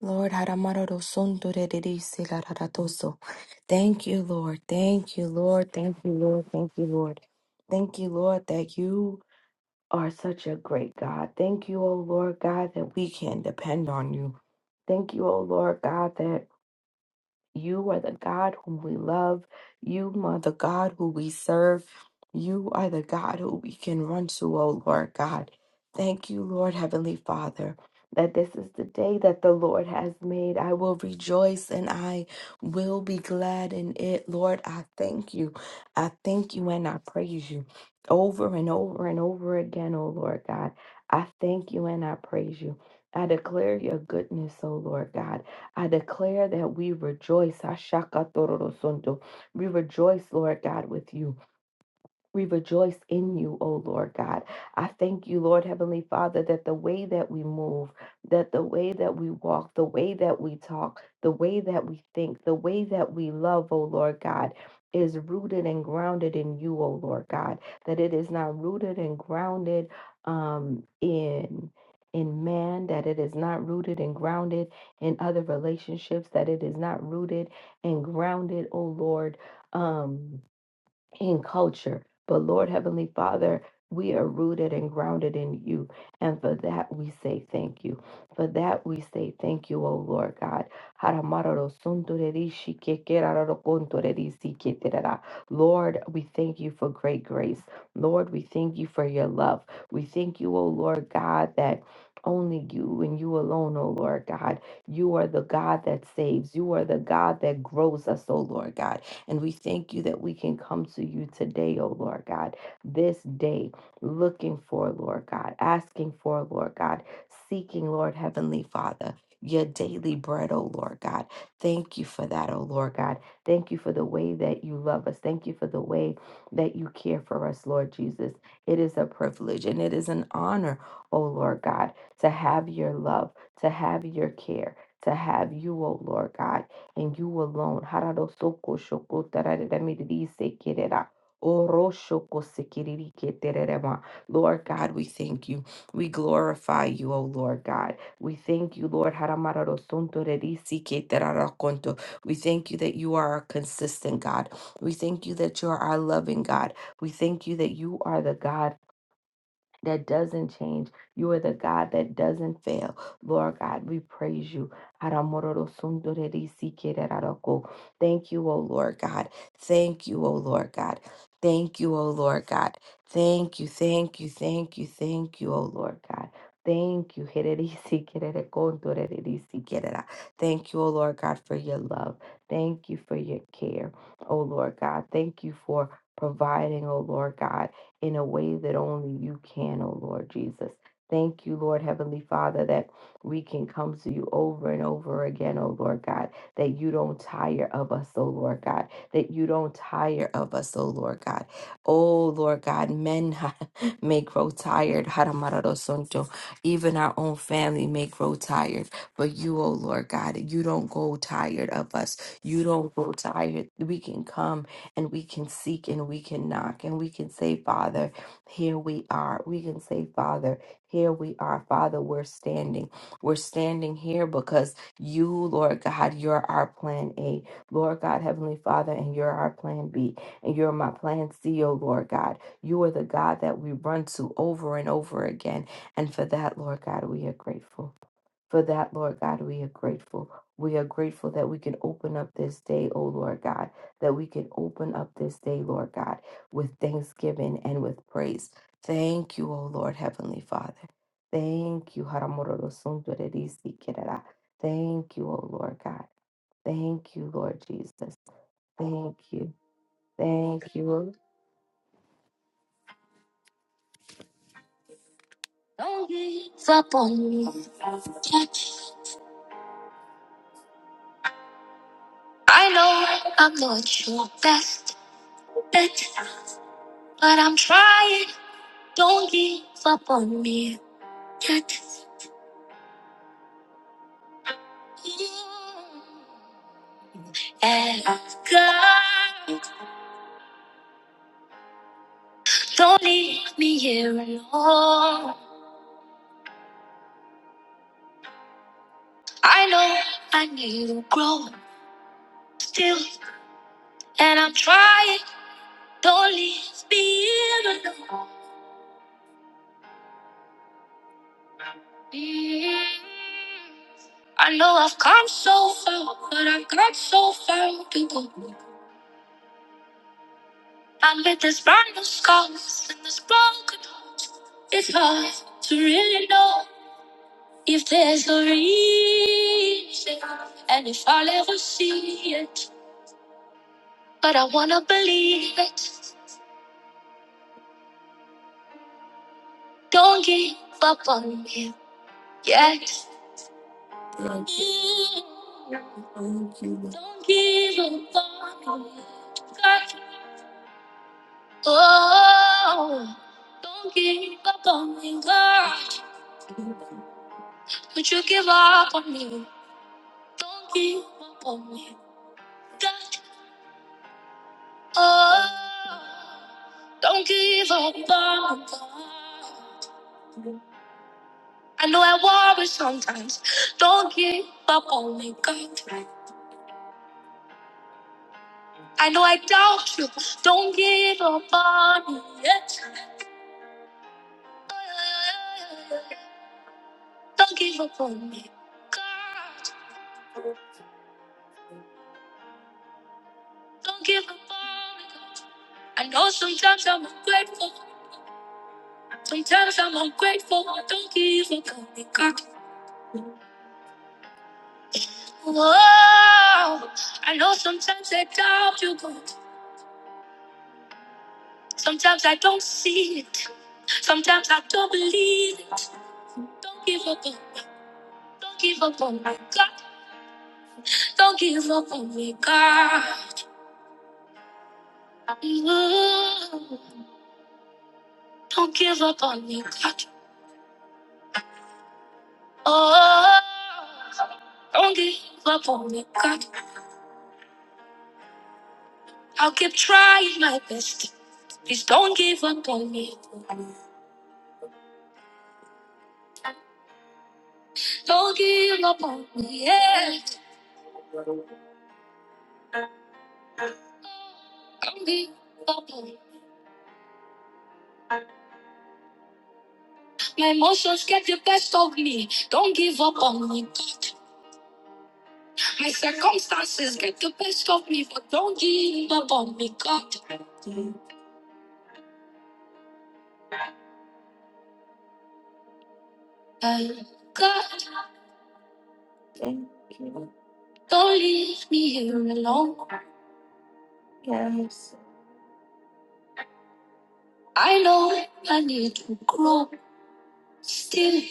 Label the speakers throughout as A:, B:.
A: Lord, Haramararo Sondore Ririsi Lararatoso. Thank you, Lord. Thank you, Lord. Thank you, Lord. Thank you, Lord. Thank you, Lord, that you are such a great God. Thank you, O Lord God, that we can depend on you. Thank you, O Lord God, that you are the God whom we love. You are the God who we serve. You are the God who we can run to, O Lord God. Thank you, Lord Heavenly Father, that this is the day that the Lord has made. I will rejoice and I will be glad in it. Lord, I thank you. I thank you and I praise you over and over and over again, O Lord God. I thank you and I praise you. I declare your goodness, O Lord God. I declare that we rejoice. Ashakatororosondo. We rejoice, Lord God, with you. We rejoice in you, O Lord God. I thank you, Lord Heavenly Father, that the way that we move, that the way that we walk, the way that we talk, the way that we think, the way that we love, O Lord God, is rooted and grounded in you, O Lord God. That it is not rooted and grounded um, in in man, that it is not rooted and grounded in other relationships, that it is not rooted and grounded, O Lord. Um, in culture. But Lord Heavenly Father, we are rooted and grounded in you. And for that, we say thank you. For that, we say thank you, O Lord God. Lord, we thank you for great grace. Lord, we thank you for your love. We thank you, O Lord God, that only you and you alone, O Lord God. You are the God that saves. You are the God that grows us, O Lord God. And we thank you that we can come to you today, oh Lord God, this day, looking for, Lord God, asking for, Lord God, seeking, Lord Heavenly Father. Your daily bread, oh Lord God. Thank you for that, oh Lord God. Thank you for the way that you love us. Thank you for the way that you care for us, Lord Jesus. It is a privilege and it is an honor, oh Lord God, to have your love, to have your care, to have you, oh Lord God and you alone. Hararosoko shoko tarareremiri sekerera. Oroshoko sekiriri ketererema. Lord God, we thank you. We glorify you, O Lord God. We thank you, Lord. Haramararosonto rerisi keterarakonto. We thank you that you are a consistent God. We thank you that you are our loving God. We thank you that you are the God that doesn't change. You are the God that doesn't fail. Lord God, we praise you. Aramororosundorerisikirararoko. Thank you, O Lord God. Thank you, O Lord God. Thank you, O Lord God. Thank you, thank you, thank you, thank you, O Lord God. Thank you. hererisikirerekondorerisikerara. Thank you, O Lord God, for your love. Thank you for your care, O Lord God. Thank you for providing, O Lord God in a way that only you can, oh Lord Jesus. Thank you, Lord Heavenly Father, that we can come to you over and over again, oh Lord God, that you don't tire of us, oh Lord God, that you don't tire of us, oh Lord God. Oh Lord God, men may grow tired, Haramarosonto. even our own family may grow tired, but you, oh Lord God, you don't go tired of us. You don't grow tired. We can come and we can seek and we can knock and we can say, Father, here we are. We can say, Father, here we are. Father, we're standing. We're standing here because you, Lord God, you're our plan A. Lord God, Heavenly Father, and you're our plan B. And you're my plan C, oh Lord God. You are the God that we run to over and over again. And for that, Lord God, we are grateful. For that, Lord God, we are grateful. We are grateful that we can open up this day, oh Lord God, that we can open up this day, Lord God, with thanksgiving and with praise. Thank you, oh Lord Heavenly Father. Thank you. Haramororosundorerisikirara. Thank you, oh Lord God. Thank you, Lord Jesus. Thank you. Thank you. Don't give up on me. I know I'm not your best bet. But I'm trying, don't give up on me yet. And God, don't leave me here alone. I know I need to grow still, and I'm trying, don't leave me here alone. Mm. I know I've come so far, but I've got so far to go. I'm with this brand new scars and this broken heart. It's hard to really know if there's a reason and if I'll ever see it. But I wanna believe it. Don't give up on me yet. Mm, Don't give up on me. God. Oh, don't give up on me, God. Would you give up on me? Don't give up on me, God. Oh, don't give up on God. I know I worry sometimes. Don't give up on me, God. I know I doubt you. Don't give up on me yet. Don't give up on me, God. Don't give up on me, God. I know sometimes I'm ungrateful. Sometimes I'm ungrateful. Don't give up on me, God. Whoa, I know sometimes I doubt you, God. Sometimes I don't see it. Sometimes I don't believe it. Don't give up on, don't give up on my God. Don't give up on me, God. Ooh, don't give up on me, God. Oh, don't give up on me, God. I'll keep trying my best. Please don't give up on me. Don't give up on me, yeah. Don't give up on me. My emotions get the best of me. Don't give up on me, God. My circumstances get the best of me, but don't give up on me, God. Uh, God, don't leave me here alone. I know I need to grow still,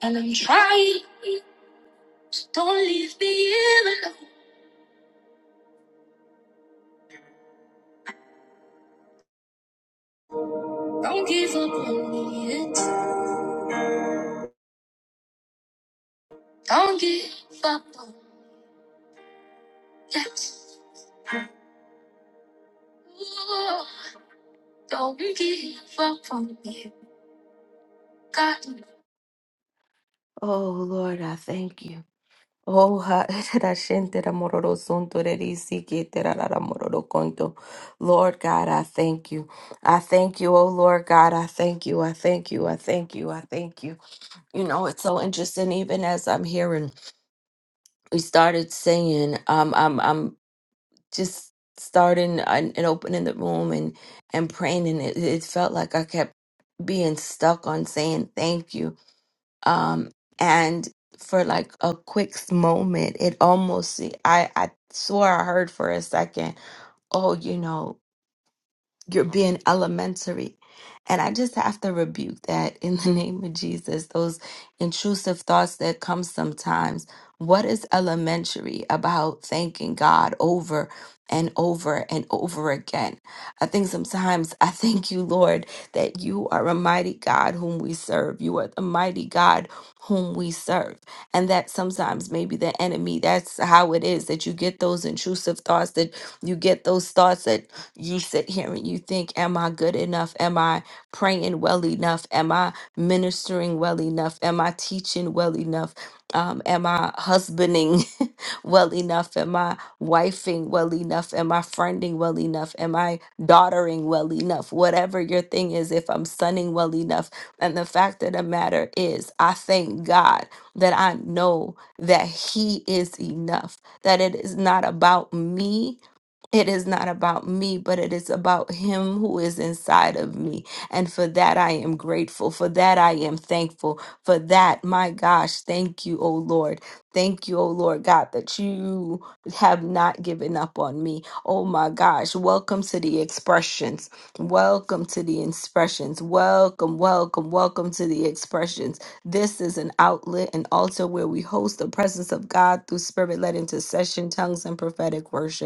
A: and I'm trying. So Don't leave me here alone. Don't give up on me yet. Don't give up on me. Don't give up on me. God. Oh Lord, I thank you. Oh, ha- da shente da mororo sunto de di si ke te ra ra ra mororo konto. Lord God, I thank you. I thank you, oh Lord God, I thank you, I thank you, I thank you, I thank you. You know, it's so interesting, even as I'm hearing, we started singing. Um, um, um, just starting and and opening the room and and praying and it, it felt like i kept being stuck on saying thank you um and for like a quick moment it almost i i swore i heard for a second oh you know you're being elementary. And I just have to rebuke that in the name of Jesus, those intrusive thoughts that come sometimes. What is elementary about thanking God over and over and over again? I think sometimes I thank you, Lord, that you are a mighty God whom we serve. You are the mighty God whom we serve. And that sometimes maybe the enemy, that's how it is that you get those intrusive thoughts, that you get those thoughts that ye sit here and you think, Am I good enough? Am I praying well enough? Am I ministering well enough? Am I teaching well enough? Um, am I husbanding well enough? Am I wifing well enough? Am I friending well enough? Am I daughtering well enough? Whatever your thing is, if I'm sunning well enough. And the fact of the matter is, I thank God that I know that He is enough, that it is not about me it is not about me, but it is about Him who is inside of me. And for that, I am grateful. For that, I am thankful. For that, my gosh, thank you, O Lord. Thank you, O Lord God, that you have not given up on me. Oh my gosh, welcome to the expressions. Welcome to the expressions. Welcome, welcome, welcome to the expressions. This is an outlet and altar where we host the presence of God through spirit led intercession, tongues, and prophetic worship.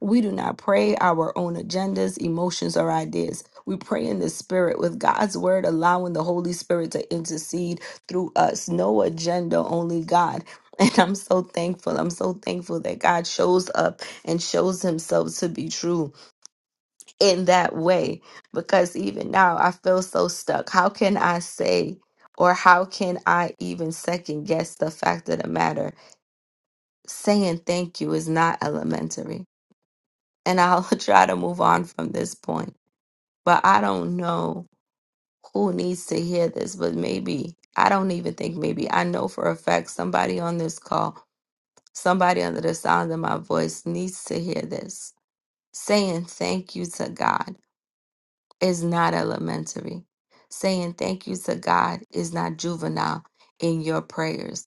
A: We do not pray our own agendas, emotions, or ideas. We pray in the Spirit with God's Word, allowing the Holy Spirit to intercede through us. No agenda, only God. And I'm so thankful. I'm so thankful that God shows up and shows himself to be true in that way. Because even now, I feel so stuck. How can I say, or how can I even second guess the fact of the matter? Saying thank you is not elementary and I'll try to move on from this point. But I don't know who needs to hear this, but maybe, I don't even think maybe, I know for a fact somebody on this call, somebody under the sound of my voice needs to hear this. Saying thank you to God is not elementary. Saying thank you to God is not juvenile in your prayers.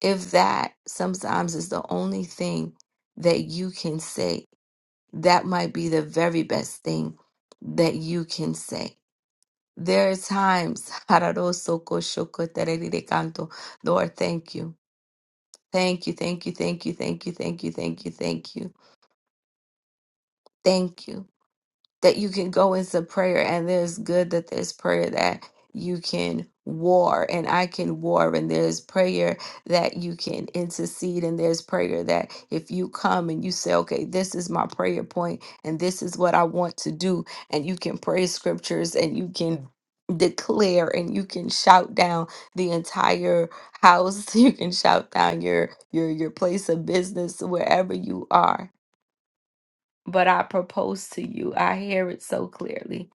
A: If that sometimes is the only thing that you can say that might be the very best thing that you can say. There are times, Hararoso koshoko tererire kanto. Lord, thank you. Thank you, thank you, thank you, thank you, thank you, thank you, thank you, thank you. that you can go into prayer and there's good that there's prayer that you can war and I can war and there's prayer that you can intercede and there's prayer that if you come and you say okay this is my prayer point and this is what I want to do and you can pray scriptures and you can declare and you can shout down the entire house you can shout down your your your place of business wherever you are but I propose to you. I hear it so clearly.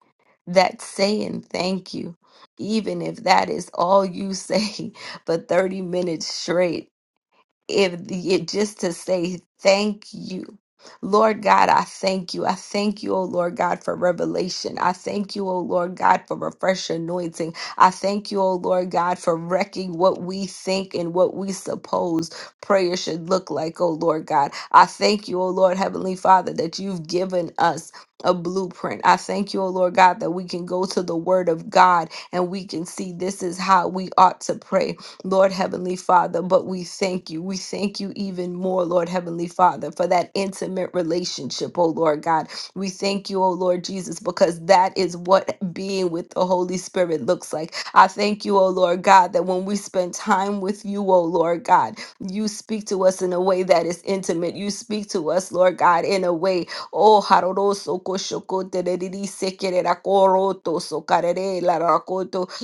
A: That's saying thank you, even if that is all you say for 30 minutes straight if it just to say thank you. Lord God, I thank you. I thank you, O Lord God, for revelation. I thank you, O Lord God, for a fresh anointing. I thank you, O Lord God, for wrecking what we think and what we suppose prayer should look like, O Lord God. I thank you, O Lord Heavenly Father, that you've given us a blueprint. I thank you, O Lord God, that we can go to the Word of God and we can see this is how we ought to pray. Lord Heavenly Father. But we thank you. We thank you even more, Lord Heavenly Father, for that intimate relationship, oh Lord God. We thank you, oh Lord Jesus, because that is what being with the Holy Spirit looks like. I thank you, oh Lord God, that when we spend time with you, oh Lord God, you speak to us in a way that is intimate. You speak to us, Lord God, in a way, oh, haroroso koshoko tereriri sekerera koroto sokarere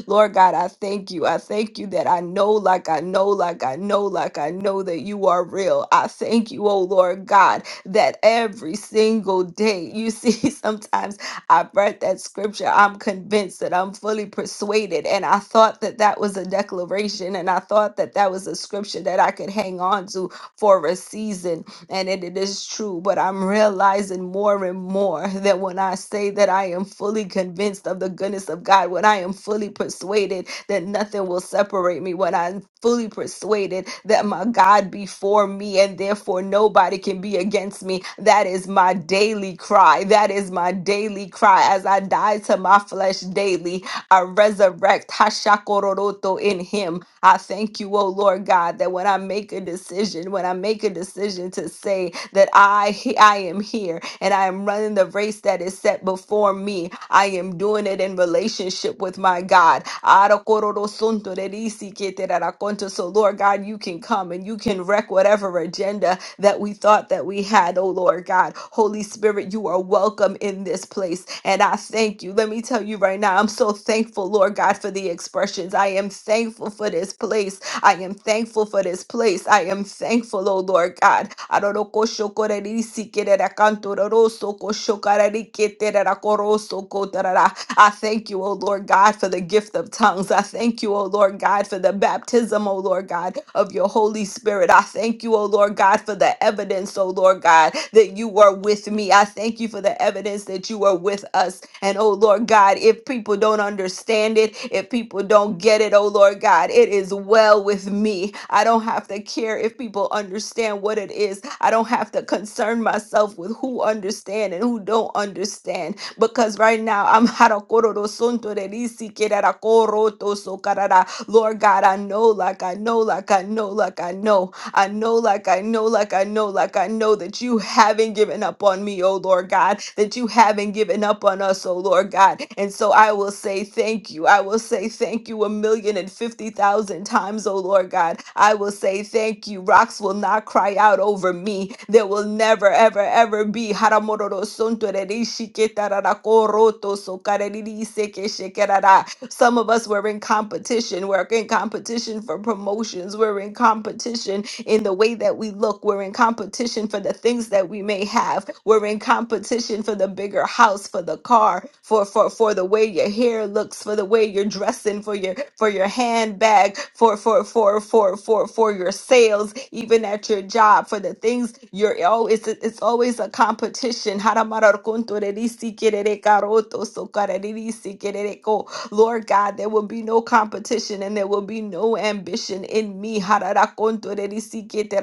A: Lord God, I thank you. I thank you that I know, like I know, like I know, like I know that you are real. I thank you, oh Lord God, that every single day, you see, sometimes I've read that scripture, I'm convinced that I'm fully persuaded. And I thought that that was a declaration, and I thought that that was a scripture that I could hang on to for a season and it it is true. But I'm realizing more and more that when I say that I am fully convinced of the goodness of God, when I am fully persuaded that nothing will separate me, when I'm fully persuaded that my God be for me and therefore nobody can be against me, that is my daily cry. That is my daily cry. As I die to my flesh daily, I resurrect Hashakororoto in Him I thank you, oh Lord God, that when I make a decision, when I make a decision to say that I he- I am here and I am running the race that is set before me, I am doing it in relationship with my God. So, Lord God, you can come and you can wreck whatever agenda that we thought that we had, oh Lord God. Holy Spirit, you are welcome in this place. And I thank you. Let me tell you right now, I'm so thankful, Lord God, for the expressions. I am thankful for this place. I am thankful for this place. I am thankful, oh Lord God. Arorokoshokorerisikererakantorosokoshokarareketererakorosokotarara. I thank you, O Lord God, for the gift of tongues. I thank you, O Lord God, for the baptism, O Lord God, of your Holy Spirit. I thank you, O Lord God, for the evidence, O Lord God, that you were with me. I thank you for the evidence that you were with us. And, O Lord God, if people don't understand it, if people don't get it, O Lord God, it is well with me. I don't have to care if people understand what it is. I don't have to concern myself with who understand and who don't understand because right now I'm harakororo sunto de risi kerara koroto so karara. Lord God, I know like I know, like I know, like I know. I know, like I know, like I know, like I know that you haven't given up on me, oh Lord God, that you haven't given up on us, oh Lord God. And so I will say thank you. I will say thank you a million and fifty thousand times, oh Lord God. I will say thank you. Rocks will not cry out over me. There will never, ever, ever be. Haramororo sonto rerishiketararakorotosokaririseke some of us were in competition. We're in competition for promotions. We're in competition in the way that we look. We're in competition for the things that we may have. We're in competition for the bigger house, for the car, for for for the way your hair looks, for the way you're dressing, for your for your handbag, for for for for for for your sales, even at your job, for the things you're oh, it's it's always a competition. Lord God, there will be no competition and there will be no ambition in me. Hararakonto rerisikiete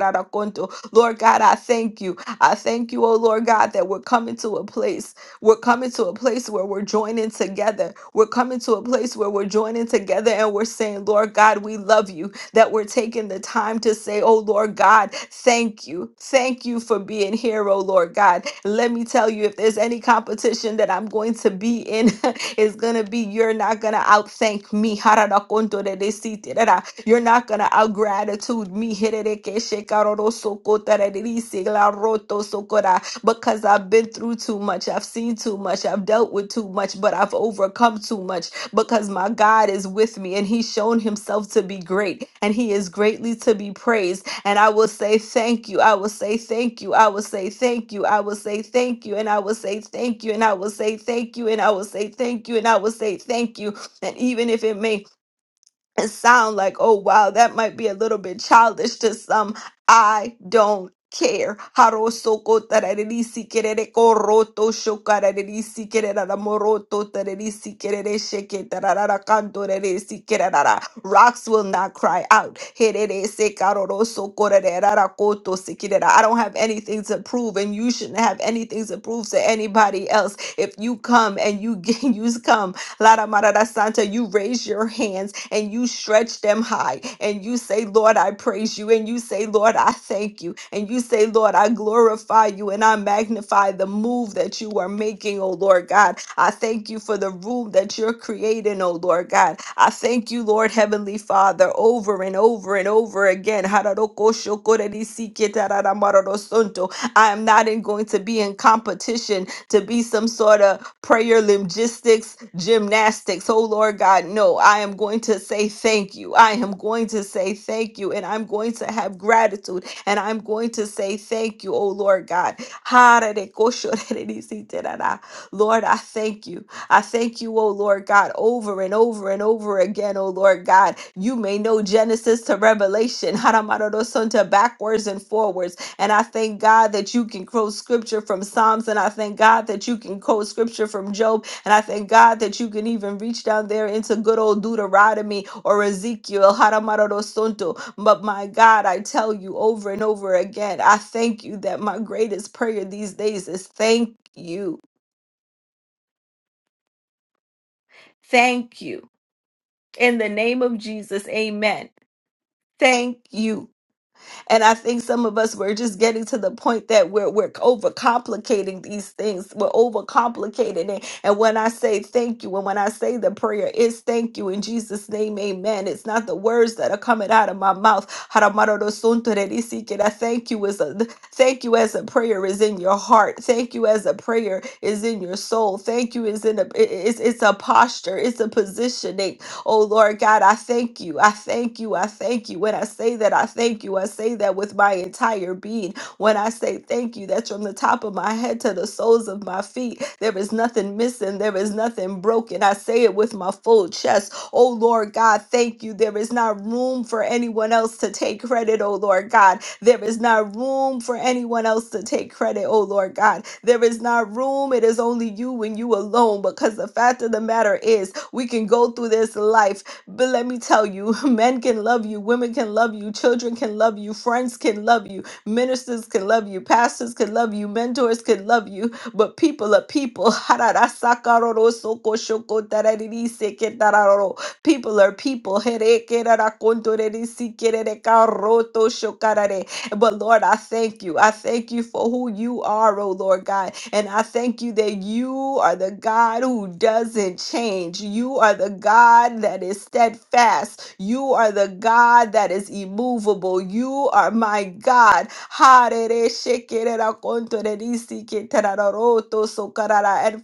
A: Lord God, I thank you. I thank you, oh Lord God, that we're coming to a place. We're coming to a place where we're joining together. We're coming to a place where we're joining together and we're saying, Lord God, we love you that we're taking the time to say, Oh Lord God, thank you. Thank you for being here, oh Lord God. Let me tell you, if there's any competition that I'm going to be in, it's gonna be you're not gonna outthank me. You're not gonna outgratitude me. Because I've been through too much, I've seen too much, I've dealt with too much, but I've overcome too much because my God is with me and he's shown himself to be great and he is greatly to be praised. And I will say thank you. I will say thank you. I will say thank you. I will say thank you. And I will say thank you. And I will say thank you. And I will say thank you. And I will say thank you. And even if it may and sound like, oh, wow, that might be a little bit childish to some. I don't care. Harosoko tararisi kerere koroto shokararisi kererara moroto tararisi kerere sheke tararara kanto reresi kererara. Rocks will not cry out. Herere se karoroso korererara koto sekirera. I don't have anything to prove, and you shouldn't have anything to prove to anybody else. If you come and you you come Lara Marada Santa, you raise your hands and you stretch them high and you say, Lord, I praise you. And you say, Lord, I thank you. And you say, Lord, I glorify you and I magnify the move that you are making, oh Lord God. I thank you for the room that you're creating, oh Lord God. I thank you, Lord Heavenly Father, over and over and over again. I am not in, going to be in competition to be some sort of prayer logistics, gymnastics. Oh Lord God, no, I am going to say thank you. I am going to say thank you, and I'm going to have gratitude, and I'm going to say thank you, oh Lord God. Lord, I thank you. I thank you, oh Lord God, over and over and over again, oh Lord God. You may know Genesis to Revelation, Haramarorosonta, backwards and forwards. And I thank God that you can quote scripture from Psalms. And I thank God that you can quote scripture from Job. And I thank God that you can even reach down there into good old Deuteronomy or Ezekiel. Haramarorosonto. But my God, I tell you over and over again, I thank you that my greatest prayer these days is thank you. Thank you. In the name of Jesus, amen. Thank you. And I think some of us we're just getting to the point that we're we're overcomplicating these things. We're overcomplicating it. And when I say thank you, and when I say the prayer is thank you in Jesus' name, amen. It's not the words that are coming out of my mouth. I thank you is a thank you as a prayer is in your heart. Thank you as a prayer is in your soul. Thank you is in a it- it's it's a posture, it's a positioning Oh Lord God, I thank you. I thank you. I thank you. When I say that, I thank you. I say that with my entire being. When I say thank you, that's from the top of my head to the soles of my feet. There is nothing missing, there is nothing broken. I say it with my full chest. Oh Lord God, thank you. There is not room for anyone else to take credit, oh Lord God. There is not room for anyone else to take credit, oh Lord God. There is not room. It is only you and you alone because the fact of the matter is, we can go through this life but let me tell you, men can love you, women can love you, children can love you, friends can love you. Ministers can love you, pastors can love you, mentors can love you, but people are people. People are people. But Lord, I thank you. I thank you for who you are, oh Lord God. And I thank you that you are the God who doesn't change. You are the God that is steadfast. You are the God that is immovable. You are my God. And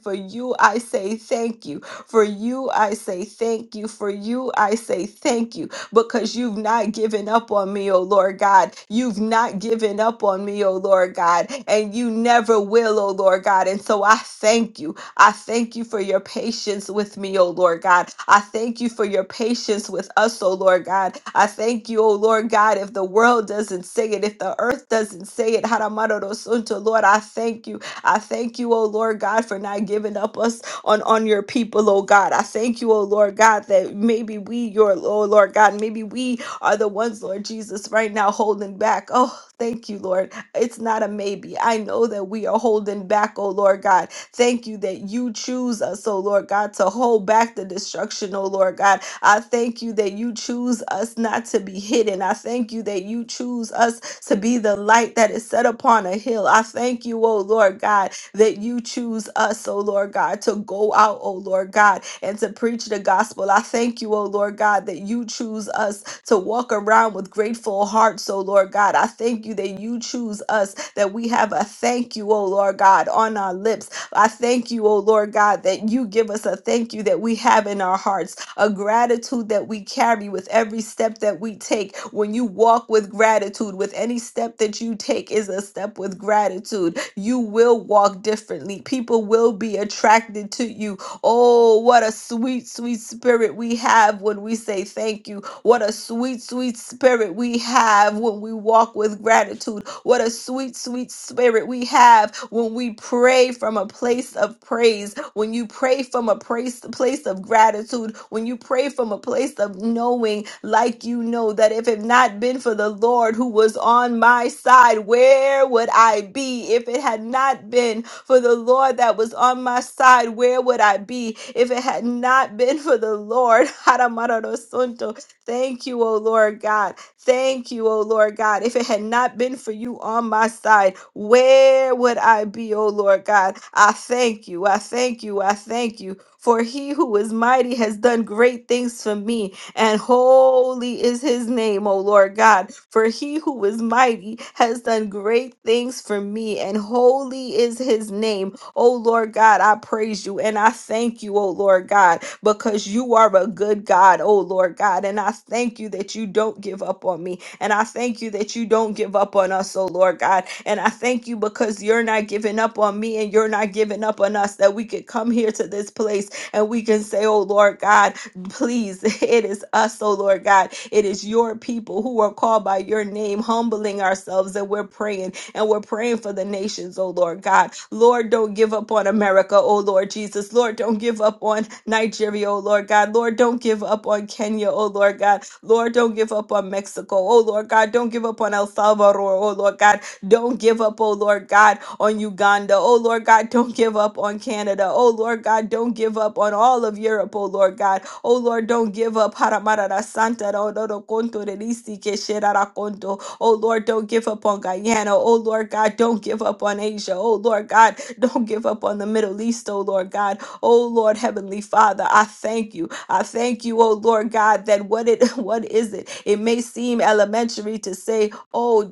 A: for you, I say thank you. For you, I say thank you. For you, I say thank you because you've not given up on me, oh Lord God. You've not given up on me, oh Lord God, and you never will, oh Lord God. And so I thank you. I thank you for your patience with me, oh Lord God. I thank you for your patience with us, oh Lord God. I thank you, oh Lord God, if the world doesn't say it, if the earth doesn't say it, Haramarorosunto, Lord, I thank you. I thank you, oh Lord God, for not giving up us on on your people, oh God. I thank you, oh Lord God, that maybe we, your oh Lord God, maybe we are the ones, Lord Jesus, right now holding back. Oh, thank you, Lord. It's not a maybe. I know that we are holding back, oh Lord God. Thank you that you choose us, oh Lord God, to hold back the destruction, oh Lord God. I thank you that you choose us not to be hidden. I thank you that you choose us to be the light that is set upon a hill. I thank you, oh Lord God, that you choose us, oh Lord God, to go out, oh Lord God, and to preach the gospel. I thank you, oh Lord God, that you choose us to walk around with grateful hearts, oh Lord God. I thank you that you choose us, that we have a thank you, oh Lord God, on our lips. I thank you, oh Lord God, that you give us a thank you that we have in our hearts a gratitude that we carry with every step that we take. When you walk with gratitude, with any step that you take is a step with gratitude. You will walk differently. People will be attracted to you Oh, what a sweet, sweet spirit we have when we say thank you. What a sweet, sweet spirit we have when we walk with gratitude. What a sweet, sweet spirit we have when we pray from a place of praise. When you pray from a place, place of gratitude. When you pray from a place of knowing, like you know, that if it not been for the Lord who was on my side, where would I be? If it had not been for the Lord that was on my side, where would I be if it had not been for the Lord? Haramarorosunto. Thank you, O Lord God. Thank you, O Lord God. If it had not been for you on my side, where would I be, O Lord God? I thank you. I thank you. I thank you. For he who is mighty has done great things for me and holy is his name, O Lord God. For he who is mighty has done great things for me, and holy is his name, O Lord God. I praise you and I thank you, O Lord God, because you are a good God, O Lord God. And I thank you that you don't give up on me, and I thank you that you don't give up on us, O Lord God. And I thank you because you're not giving up on me and you're not giving up on us that we could come here to this place and we can say, Oh Lord God, please, it is us, oh Lord God. It is your people who are called by your name, humbling ourselves, and we're praying, and we're praying for the nations, oh Lord God. Lord, don't give up on America, oh Lord Jesus. Lord, don't give up on Nigeria, oh Lord God. Lord, don't give up on Kenya, oh Lord God. Lord, don't give up on Mexico, oh Lord God. Don't give up on El Salvador, oh Lord God. Don't give up, oh Lord God, on Uganda. Oh Lord God, don't give up on Canada. Oh Lord God, don't give up on all of Europe, oh Lord God. Oh Lord, don't give up. Haramarara Santa ra ororo konto re risi ke sherara konto. Oh Lord, don't give up on Guyana. Oh Lord God, don't give up on Asia. Oh Lord God, don't give up on the Middle East, oh Lord God. Oh Lord, Heavenly Father, I thank you. I thank you, oh Lord God, that what it what is it? It may seem elementary to say, oh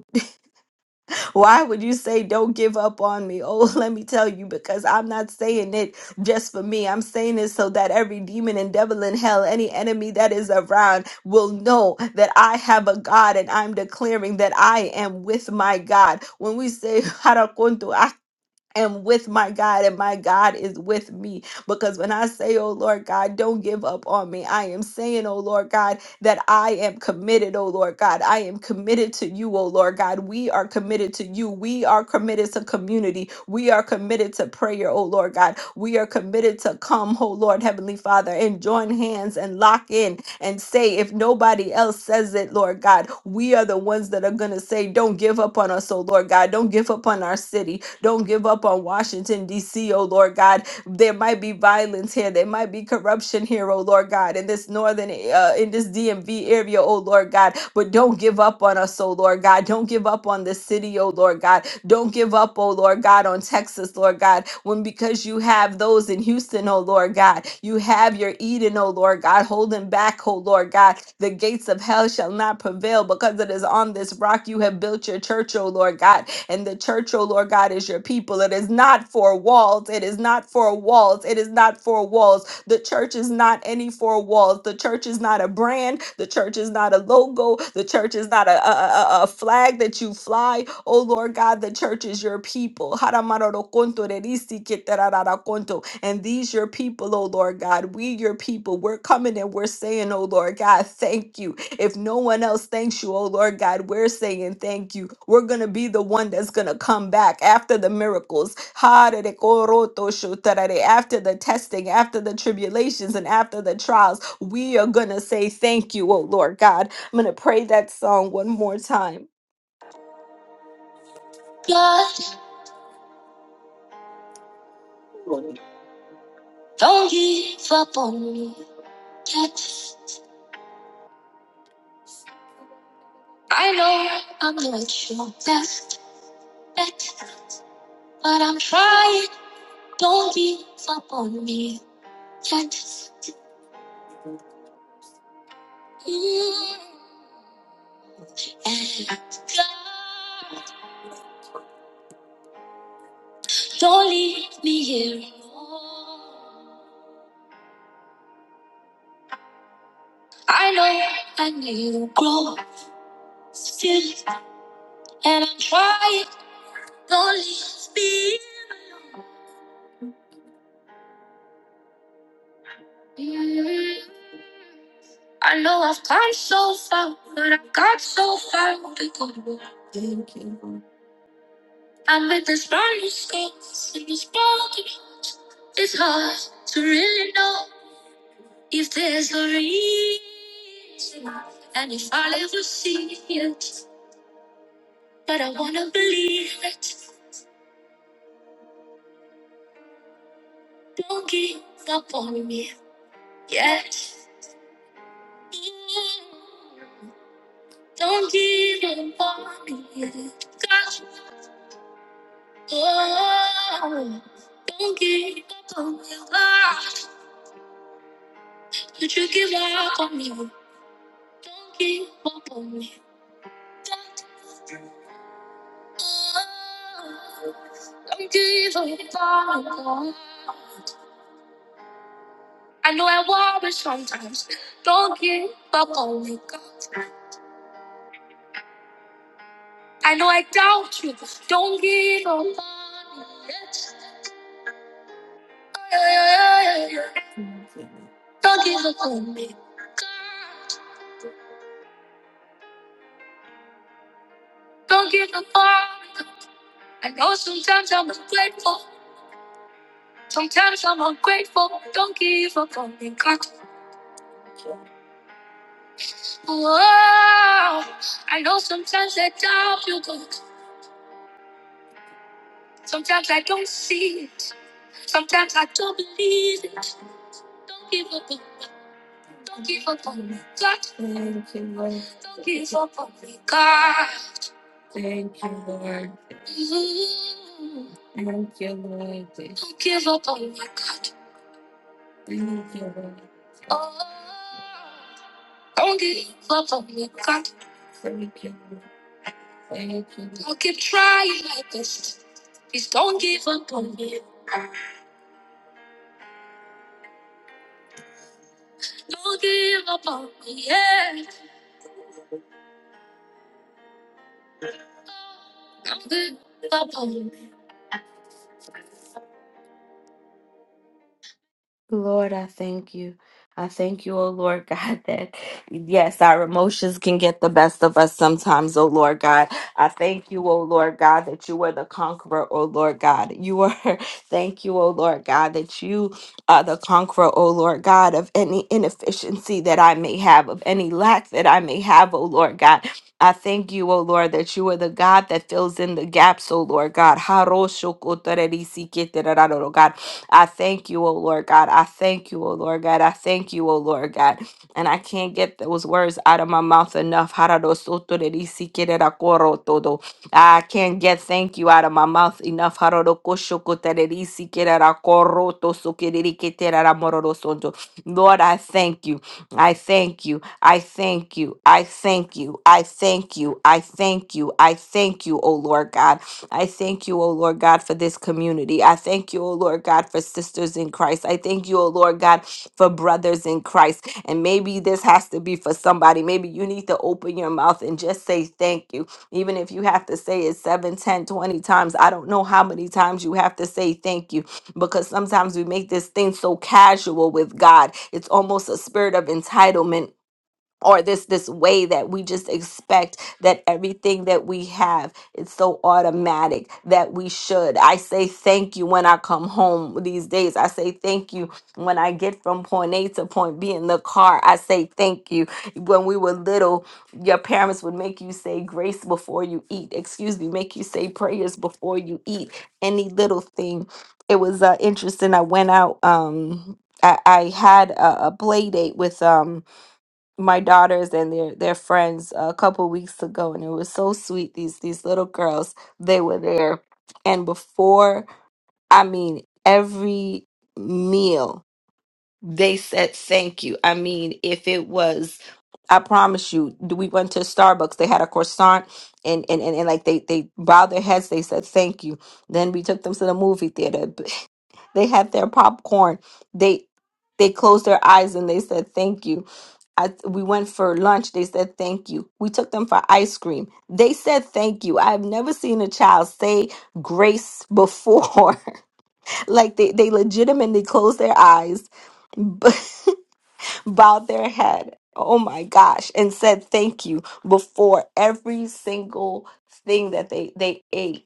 A: why would you say, Don't give up on me? Oh, let me tell you, because I'm not saying it just for me. I'm saying it so that every demon and devil in hell, any enemy that is around, will know that I have a God and I'm declaring that I am with my God. When we say, am with my God and my God is with me. Because when I say, oh Lord God, don't give up on me, I am saying, oh Lord God, that I am committed, oh Lord God. I am committed to you, oh Lord God. We are committed to you. We are committed to community. We are committed to prayer, oh Lord God. We are committed to come, oh Lord Heavenly Father, and join hands and lock in and say, if nobody else says it, Lord God, we are the ones that are going to say, don't give up on us, oh Lord God. Don't give up on our city. Don't give up on Washington, D.C., oh Lord God. There might be violence here. There might be corruption here, oh Lord God, in this northern, uh, in this DMV area, oh Lord God. But don't give up on us, oh Lord God. Don't give up on this city, oh Lord God. Don't give up, oh Lord God, on Texas, Lord God, when because you have those in Houston, oh Lord God, you have your Eden, oh Lord God, holding back, oh Lord God. The gates of hell shall not prevail because it is on this rock you have built your church, oh Lord God. And the church, oh Lord God, is your people. It is not for walls. It is not for walls. It is not for walls. The church is not any four walls. The church is not a brand. The church is not a logo. The church is not a, a, a, a- flag that you fly. Oh Lord God, the church is your people. Haramarorokonto rerisi keterararakonto. And these your people, oh Lord God. We your people. We're coming and we're saying, oh Lord God, thank you. If no one else thanks you, oh Lord God, we're saying thank you. We're going to be the one that's going to come back after the miracles, after the testing, after the tribulations, and after the trials. We are going to say thank you, oh Lord God. I'm going to pray that song one more time. God, don't give up on me yet. I know I'm not your best bet, but I'm trying. Don't give up on me. Can't mm, and God, don't leave me here alone. I know I need to grow still, and I'm trying. Don't leave me here alone. Mm, I know I've come so far, but I've got so far to go. Thank you. I'm with this burning space in this broken heart. It's hard to really know if there's a reason, and if I'll ever see it. But I wanna believe it. Don't give up on me yet. Don't give up on me yet. God, oh, don't give up on me. God, would you give up on me? Don't give up on me. Don't don't give up on me. I know I worry sometimes. Don't give up on me, God. I know I doubt you. Don't give up on me. Yes. Yeah, yeah, yeah, yeah. Don't give up on me, God. Don't give up on me. I know sometimes I'm ungrateful. Sometimes I'm ungrateful. Don't give up on me, God. Whoa, I know sometimes I doubt you, but sometimes I don't see it. Sometimes I don't believe it. Don't give up, on- me. don't give up on me, God. Don't give up on me, God. Thank you, Lord. Mm. Thank you, Lord. Don't give up on me, God. Thank you, Lord. Oh, don't give up on me, God. Thank you, Lord. Thank you. Lord. I'll keep trying my best. Please don't give up on me. Don't give up on me. Yeah. Don't give up on me. Lord, I thank you. I thank you, oh Lord God, that yes, our emotions can get the best of us sometimes, oh Lord God. I thank you, oh Lord God, that you are the conqueror, oh Lord God. You are, thank you, oh Lord God, that you are the conqueror, oh Lord God, of any inefficiency that I may have, of any lack that I may have, oh Lord God. I thank you, oh Lord, that you are the God that fills in the gaps, oh Lord God. God. I thank you, O Lord God. I thank you, O Lord God. I thank you, O Lord God. And I can't get those words out of my mouth enough. Hararosottererisikererakorotodo. I can't get thank you out of my mouth enough. Hararokoshokotererisikererakorotosokerereketeraramororosonto. Lord, I thank you. I thank you. I thank you. I thank you. I thank you. I thank you. I thank you, O Lord God. I thank you, O Lord God, for this community. I thank you, O Lord God, for sisters in Christ. I thank you, O Lord God, for brothers in Christ. And maybe this has to be for somebody. Maybe you need to open your mouth and just say thank you. Even if you have to say it 7, 10, 20 times, I don't know how many times you have to say thank you because sometimes we make this thing so casual with God. It's almost a spirit of entitlement or this this way that we just expect that everything that we have it's so automatic that we should i say thank you when i come home these days i say thank you when i get from point a to point b in the car i say thank you when we were little your parents would make you say grace before you eat excuse me make you say prayers before you eat any little thing it was uh, interesting i went out um i, I had a, a play date with um my daughters and their their friends a couple weeks ago and it was so sweet these these little girls they were there and before i mean every meal they said thank you i mean if it was i promise you d- we went to starbucks they had a croissant and and and, and like they they bowed their heads they said thank you then we took them to the movie theater they had their popcorn they they closed their eyes and they said thank you I, we went for lunch. They said thank you. We took them for ice cream. They said thank you. I've never seen a child say grace before. like they, they legitimately closed their eyes, b- bowed their head. Oh my gosh, and said thank you before every single thing that they they ate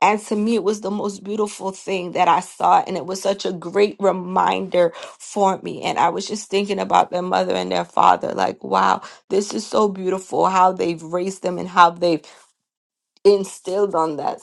A: and to me, it was the most beautiful thing that I saw. And it was such a great reminder for me. And I was just thinking about their mother and their father like, wow, this is so beautiful how they've raised them and how they've instilled on that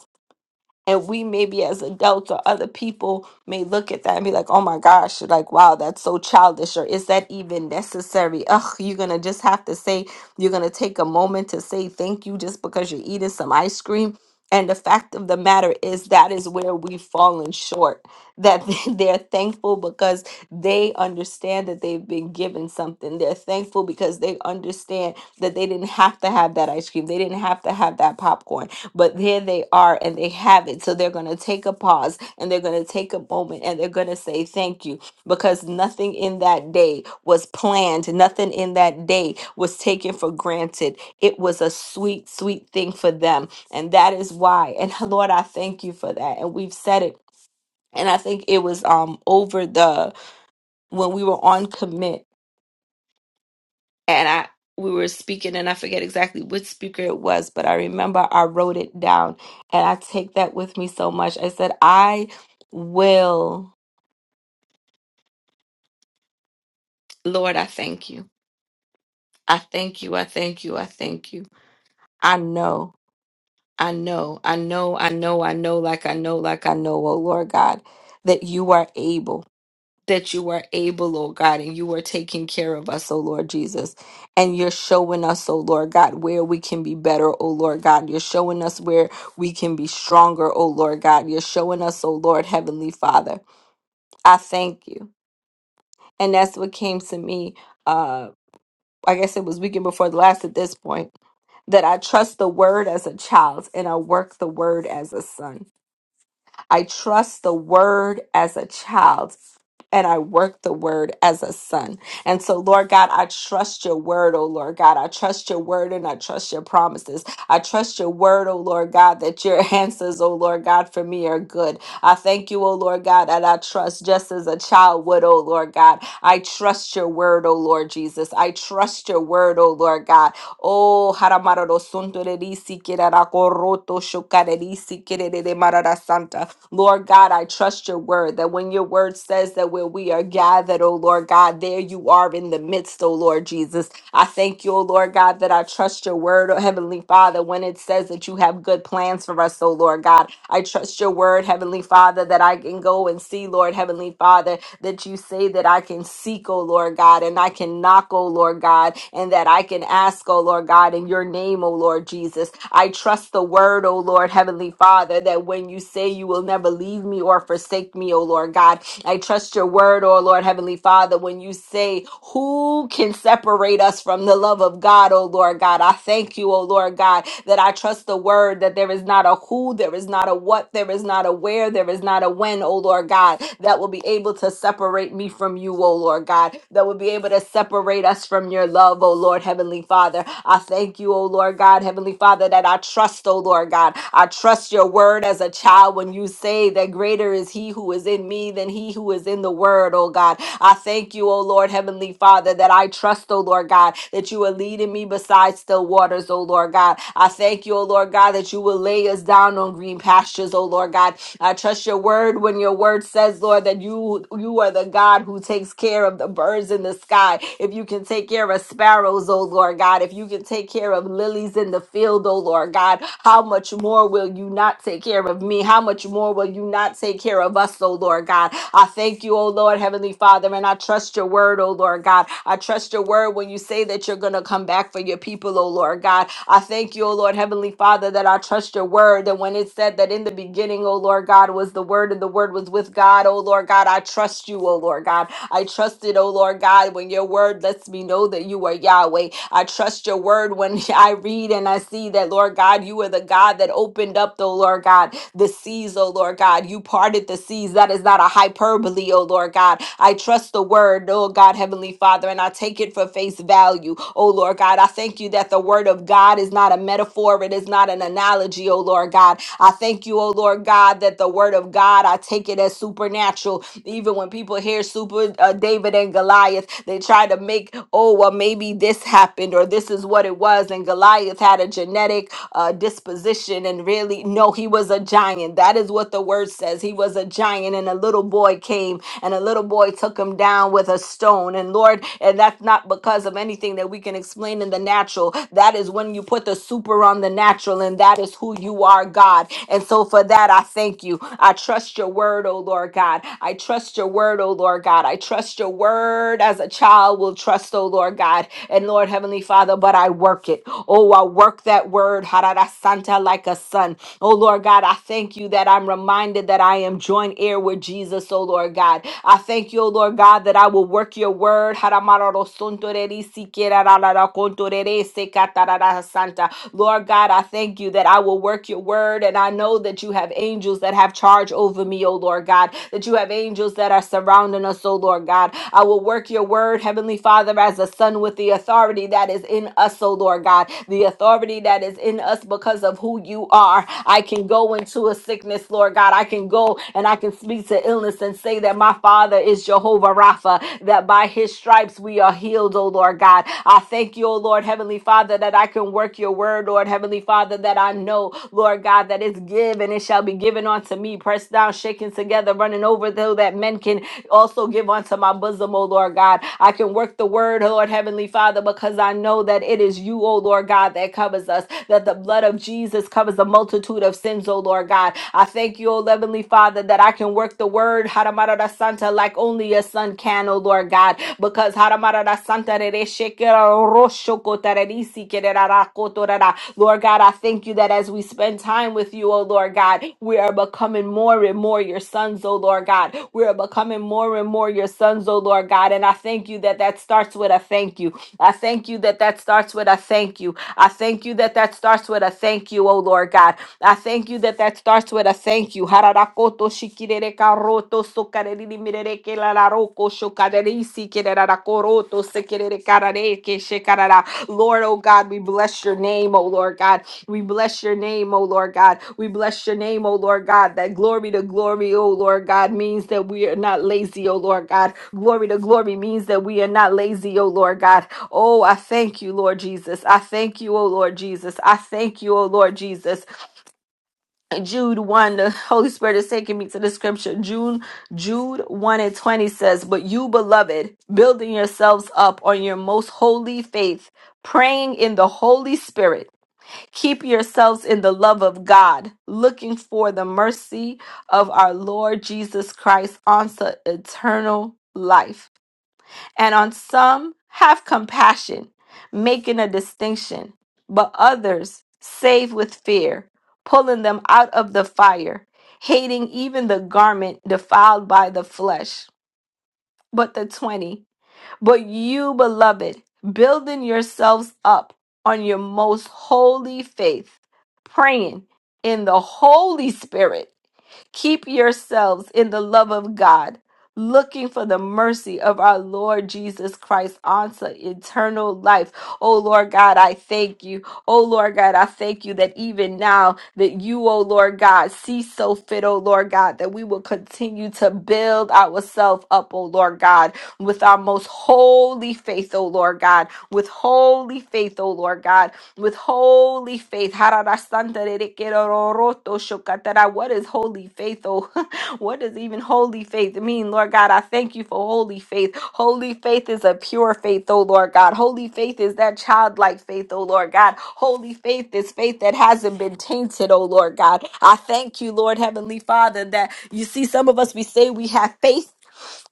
A: and we maybe as adults or other people may look at that and be like oh my gosh like wow that's so childish or is that even necessary ugh you're gonna just have to say you're gonna take a moment to say thank you just because you're eating some ice cream and the fact of the matter is that is where we've fallen short that they're thankful because they understand that they've been given something they're thankful because they understand that they didn't have to have that ice cream they didn't have to have that popcorn but there they are and they have it. So they're going to take a pause and they're going to take a moment and they're going to say thank you because nothing in that day was planned. Nothing in that day was taken for granted. It was a sweet, sweet thing for them. And that is why. And Lord, I thank you for that. And we've said it. And I think it was um over the when we were on commit and I we were speaking and I forget exactly which speaker it was, but I remember I wrote it down and I take that with me so much. I said, I will Lord, I thank you. I thank you. I thank you. I thank you. I know. I know. I know. I know. I know like I know like I know, oh Lord God, that you are able. that you are able, oh God, and you are taking care of us, oh Lord Jesus. And you're showing us, oh Lord God, where we can be better, oh Lord God. You're showing us where we can be stronger, oh Lord God. You're showing us, oh Lord Heavenly Father. I thank you. And that's what came to me. Uh, I guess it was weekend before the last at this point that I trust the word as a child and I work the word as a son. I trust the word as a child. And I work the word as a son. And so, Lord God, I trust your word, oh Lord God. I trust your word and I trust your promises. I trust your word, oh Lord God, that your answers, oh Lord God, for me are good. I thank you, oh Lord God, that I trust just as a child would, oh Lord God. I trust your word, oh Lord Jesus. I trust your word, oh Lord God. Oh, haramararo sunto de risi kirara koroto shokare risi kirere de marara santa. Lord God, I trust your word that when your word says that where we are gathered, oh Lord God, there you are in the midst, oh Lord Jesus. I thank you, oh Lord God, that I trust your word, oh Heavenly Father, when it says that you have good plans for us, oh Lord God. I trust your word, Heavenly Father, that I can go and see, Lord Heavenly Father, that you say that I can seek, O Lord God, and I can knock, O Lord God, and that I can ask, O Lord God, in your name, O Lord Jesus. I trust the word, O Lord, Heavenly Father, that when you say you will never leave me or forsake me, O Lord God, I trust your word, oh Lord, Heavenly Father, when you say, Who can separate us from the love of God, oh Lord God? I thank you, oh Lord God, that I trust the word that there is not a who, there is not a what, there is not a where, there is not a when, oh Lord God, that will be able to separate me from you, oh Lord God, that will be able to separate us from your love, oh Lord, Heavenly Father. Father. I thank you, O Lord God, Heavenly Father, that I trust, O Lord God. I trust your word as a child when you say that greater is he who is in me than he who is in the word, O God. I thank you, O Lord, Heavenly Father, that I trust, O Lord God, that you are leading me beside still waters, O Lord God. I thank you, O Lord God, that you will lay us down on green pastures, O Lord God. I trust your word when your word says, Lord, that you you are the God who takes care of the birds in the sky. If you can take care of sparrows, oh Lord God, if you can take care of lilies in the field, oh Lord God, how much more will you not take care of me? How much more will you not take care of us, oh Lord God? Lord God. I thank you, O Lord, Heavenly Father, and I trust your word, O Lord God. I trust your word when you say that you're going to come back for your people, O Lord God. I thank you, O Lord, Heavenly Father, that I trust your word. And when it said that in the beginning, O Lord God, was the word and the word was with God, O Lord God, I trust you, O Lord God. I trust it, O Lord God, when your word lets me know that you are Yahweh. I trust your word when I read and I see that, Lord God, you are the God that opened up, oh Lord God, the seas, O Lord God. You parted the seas. That is not a hyperbole, O Lord God. I trust the word, O God, Heavenly Father, and I take it for face value, O Lord God. I thank you that the word of God is not a metaphor, it is not an analogy, O Lord God. I thank you, O Lord God, that the word of God, I take it as supernatural even when people hear super uh, David and Goliath, they try to make, oh, well, maybe this happened or this is what it was. And Goliath had a genetic uh, disposition. And really, no, he was a giant. That is what the word says. He was a giant, and a little boy came and a little boy took him down with a stone. And Lord, and that's not because of anything that we can explain in the natural. That is when you put the super on the natural, and that is who you are, God. And so for that, I thank you. I trust your word, oh Lord God. I trust your word, oh Lord God. I trust your word as a child will trust, oh Lord God. And Lord, Heavenly Father, but I work it. Oh, I work that word, Harada Santa, like a son. Oh Lord God, I thank you that I'm reminded that I am joint heir with Jesus, oh Lord God. I thank you, oh Lord God, that I will work your word. Jaramarorosontorerisikerararacontorerese, catararasanta. Lord God, I thank you that I will work your word. And I know that you have angels that have charge over me, oh Lord God, that you have angels that are surrounding us, oh Lord God. I will work your word, Heavenly Father, as a son with the authority that is in us, oh Lord God, the authority that is in us because of who you are. I can go into a sickness, Lord God. I can go go and I can speak to illness and say that my Father is Jehovah Rapha, that by his stripes we are healed, O Lord God. I thank you, O Lord Heavenly Father, that I can work your word, Lord Heavenly Father, that I know, Lord God, that it's give and it shall be given unto me, pressed down, shaken together, running over, though that men can also give unto my bosom, O Lord God. I can work the word, Lord Heavenly Father, because I know that it is you, O Lord God, that covers us, that the blood of Jesus covers a multitude of sins, O Lord God. I thank you, O Heavenly Father, that I can work the word, Haramarada Santa, like only a son can, O Lord God, because Haramarada Santa, Rere Shekera Rosho Kotarerisi Kerera Rakotorara. Lord God, I thank you that as we spend time with you, oh Lord God, we are becoming more and more your sons, oh Lord God. We are becoming more and more your sons, oh Lord God. And I thank you that that starts with a thank you. I thank you that that starts with a thank you. I thank you that that starts with a thank you, oh Lord God. I thank you that that starts with a thank you. Hararakoto shikirere karoto sokareriri mirere kelararoko shokarerisi kererarakoroto sekerere karareke shekarara. Lord, oh God, we bless your name, oh Lord God. We bless your name, oh Lord God. We bless your name, oh Lord God. That glory to glory, oh Lord God, means that we are not lazy, oh Lord God. Glory to glory means that we are not lazy, oh Lord God. Oh, I thank you, Lord Jesus. I thank you, oh Lord Jesus. I thank you, oh Lord Jesus. Jude 1, the Holy Spirit is taking me to the scripture. Jude, Jude 1 and 20 says, But you, beloved, building yourselves up on your most holy faith, praying in the Holy Spirit, keep yourselves in the love of God, looking for the mercy of our Lord Jesus Christ unto eternal life and on some have compassion, making a distinction, but others save with fear, pulling them out of the fire, hating even the garment defiled by the flesh. But the 20, but you, beloved, building yourselves up on your most holy faith, praying in the Holy Spirit Keep yourselves in the love of God, looking for the mercy of our Lord Jesus Christ unto eternal life. Oh Lord God, I thank you. Oh Lord God, I thank you that even now that you, oh Lord God, see so fit, oh Lord God, that we will continue to build ourselves up, oh Lord God, with our most holy faith, oh Lord God, with holy faith, oh Lord God, with holy faith. What is holy faith? Oh, what does even holy faith mean, Lord God? I thank you for holy faith. Holy faith is a pure faith, oh Lord God. Holy faith is that childlike faith, oh Lord God. Holy faith is faith that hasn't been tainted, oh Lord God. I thank you, Lord Heavenly Father, that you see some of us, we say we have faith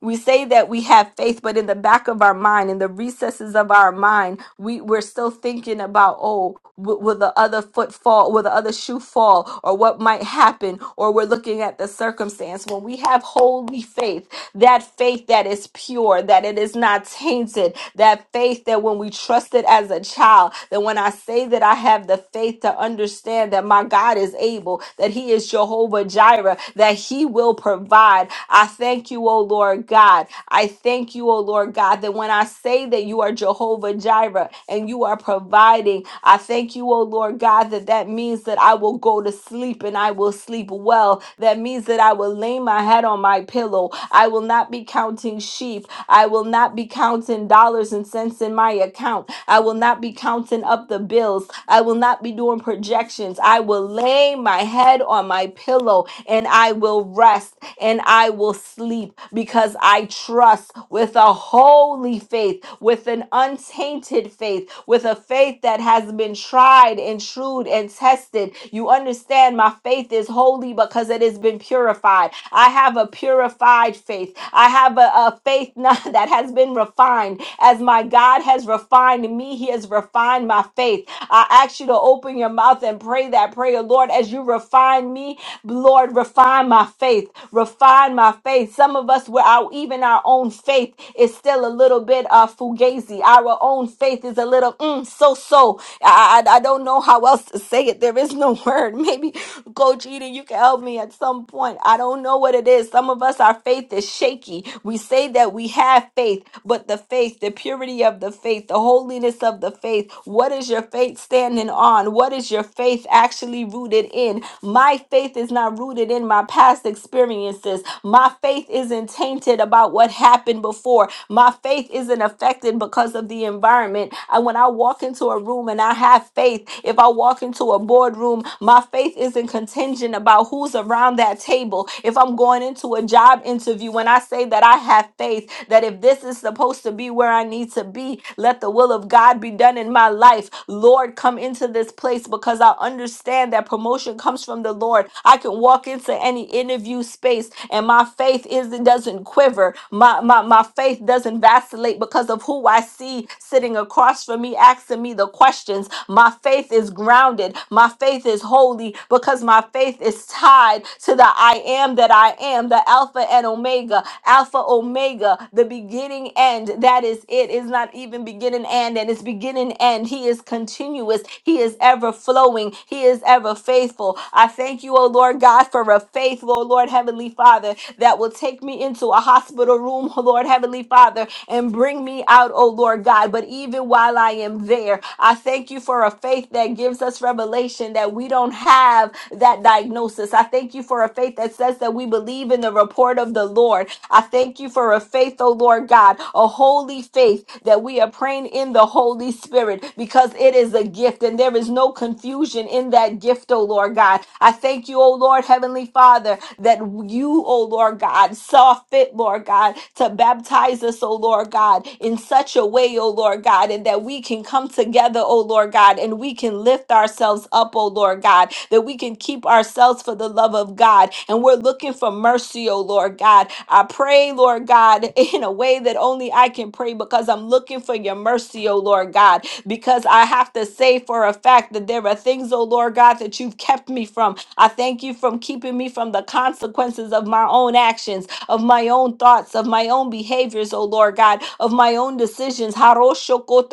A: we say that we have faith, but in the back of our mind, in the recesses of our mind, we, we're still thinking about, oh, w- will the other foot fall? Will the other shoe fall? Or what might happen? Or we're looking at the circumstance. When we have holy faith, that faith that is pure, that it is not tainted, that faith that when we trust it as a child, that when I say that I have the faith to understand that my God is able, that He is Jehovah Jireh, that He will provide. I thank you, O Lord God. I thank you, O Lord God, that when I say that you are Jehovah Jireh and you are providing, I thank you, O Lord God, that that means that I will go to sleep and I will sleep well. That means that I will lay my head on my pillow. I will not be counting sheep. I will not be counting dollars and cents in my account. I will not be counting up the bills. I will not be doing projections. I will lay my head on my pillow and I will rest and I will sleep because I trust with a holy faith, with an untainted faith, with a faith that has been tried and true and tested. You understand, my faith is holy because it has been purified. I have a purified faith. I have a, a faith not, that has been refined. As my God has refined me, He has refined my faith. I ask you to open your mouth and pray that prayer, Lord, as you refine me Lord, refine my faith. Refine my faith. Some of us, where our even our own faith is still a little bit uh, fugazi. Our own faith is a little mm, so so. I, I I don't know how else to say it. There is no word. Maybe Coach Eden, you can help me at some point. I don't know what it is. Some of us, our faith is shaky. We say that we have faith, but the faith, the purity of the faith, the holiness of the faith, what is your faith standing on? What is your faith actually rooted in? My faith is not rooted in my past experiences. My faith isn't tainted about what happened before. My faith isn't affected because of the environment. And when I walk into a room, and I have faith. If I walk into a boardroom, my faith isn't contingent about who's around that table. If I'm going into a job interview, when I say that I have faith, that if this is supposed to be where I need to be, let the will of God be done in my life. Lord, come into this place because I understand that promotion comes from the Lord. I can walk into any interview space and my faith is not doesn't quiver. My my my faith doesn't vacillate isolate because of who I see sitting across from me asking me the questions. My faith is grounded. My faith is holy because my faith is tied to the I am that I am, the Alpha and Omega, Alpha Omega, the beginning end. That is it. It's not even beginning and and it's beginning end. He is continuous. He is ever flowing. He is ever faithful. I thank you, O Lord God, for a faithful Lord Heavenly Father that will take me into a hospital room, oh Lord Heavenly Father, and bring me out, oh Lord God. But even while I am there, I thank you for a faith that gives us revelation that we don't have that diagnosis. I thank you for a faith that says that we believe in the report of the Lord. I thank you for a faith, oh Lord God, a holy faith that we are praying in the Holy Spirit because it is a gift and there is no confusion in that gift, oh Lord God. I thank you, oh Lord Heavenly Father, that you, oh Lord God, saw fit, Lord God, to baptize us, oh Lord God, God, in such a way, O Lord God, and that we can come together, O Lord God, and we can lift ourselves up, O Lord God, that we can keep ourselves for the love of God. And we're looking for mercy, O Lord God. I pray, Lord God, in a way that only I can pray because I'm looking for your mercy, O Lord God, because I have to say for a fact that there are things, O Lord God, that you've kept me from. I thank you from keeping me from the consequences of my own actions of my own thoughts, of my own behaviors, O Lord God, of my own decisions. Lord God,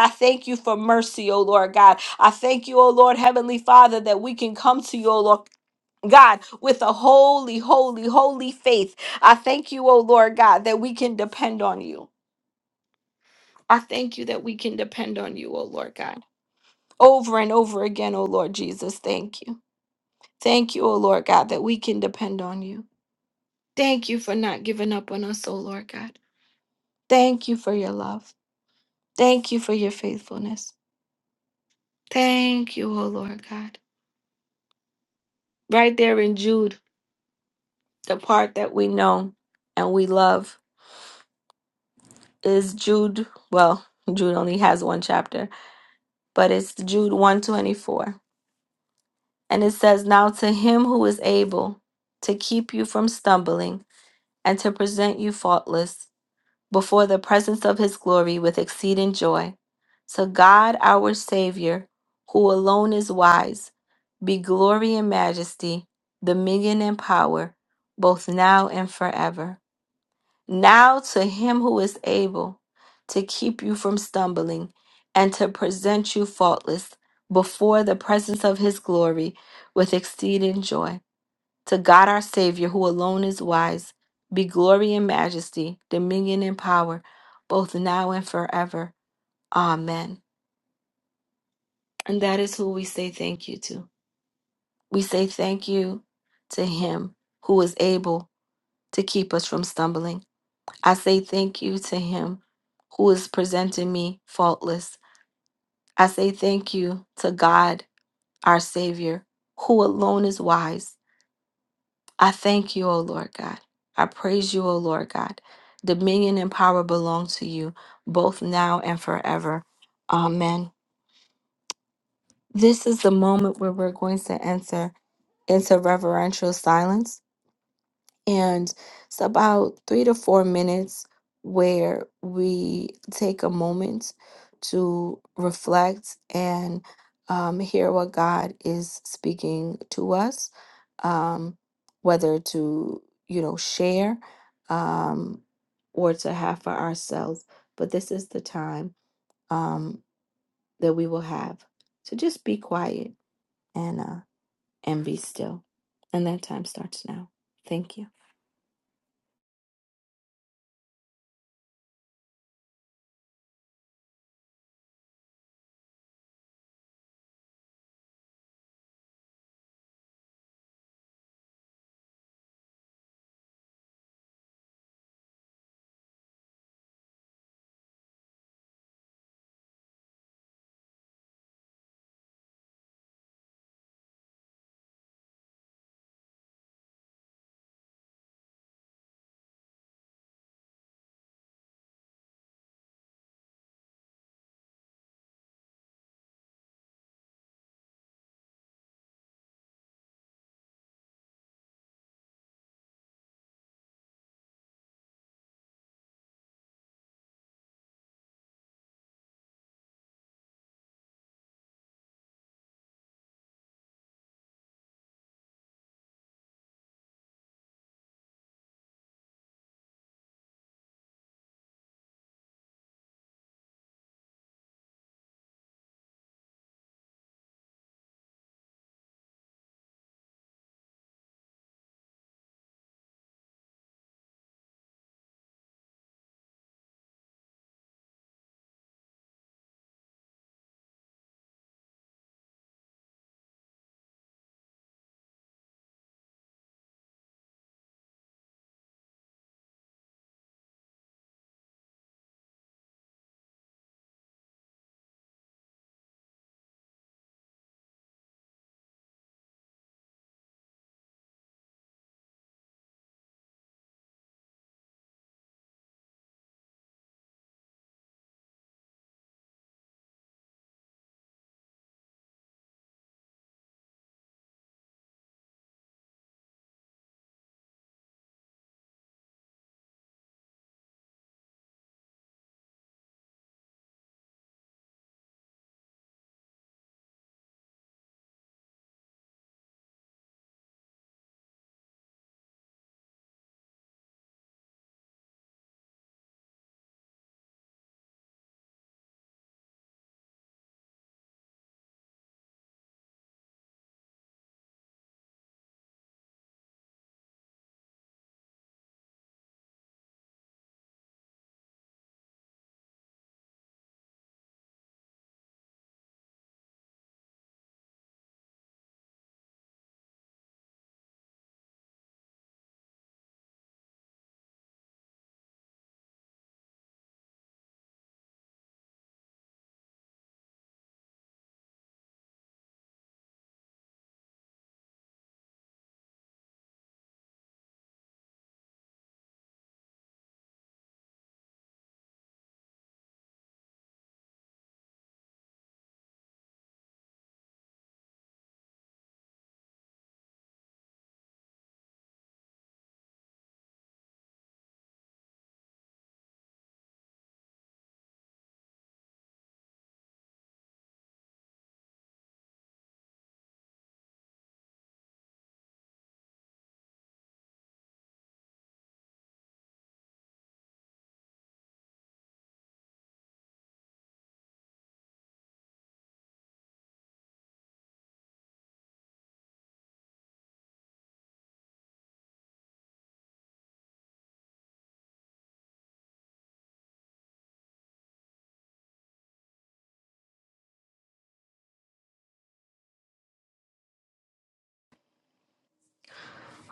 A: I thank you for mercy, O Lord God. I thank you, O Lord Heavenly Father, that we can come to you, O Lord. God, with a holy, holy, holy faith. I thank you, O Lord God, that we can depend on you. I thank you that we can depend on you, O Lord God, over and over again, O Lord Jesus. Thank you. Thank you, O Lord God, that we can depend on you. Thank you for not giving up on us, O Lord God. Thank you for your love. Thank you for your faithfulness. Thank you, O Lord God. Right there in Jude, the part that we know and we love is Jude. Well, Jude only has one chapter, but it's Jude 124. And it says, Now to him who is able to keep you from stumbling and to present you faultless before the presence of his glory with exceeding joy. To God our Savior, who alone is wise, be glory and majesty, dominion and power, both now and forever. Now to him who is able to keep you from stumbling and to present you faultless before the presence of his glory with exceeding joy. To God our Savior, who alone is wise, be glory and majesty, dominion and power, both now and forever. Amen. And that is who we say thank you to. We say thank you to Him who is able to keep us from stumbling. I say thank you to Him who is presenting me faultless. I say thank you to God, our Savior, who alone is wise I thank you, O Lord God. I praise you, O Lord God. Dominion and power belong to you, both now and forever. Amen. This is the moment where we're going to enter into reverential silence and it's about three to four minutes where we take a moment to reflect and um, hear what God is speaking to us, um, whether to, you know, share um, or to have for ourselves. But this is the time um, that we will have to just be quiet and uh, and be still. And that time starts now. Thank you.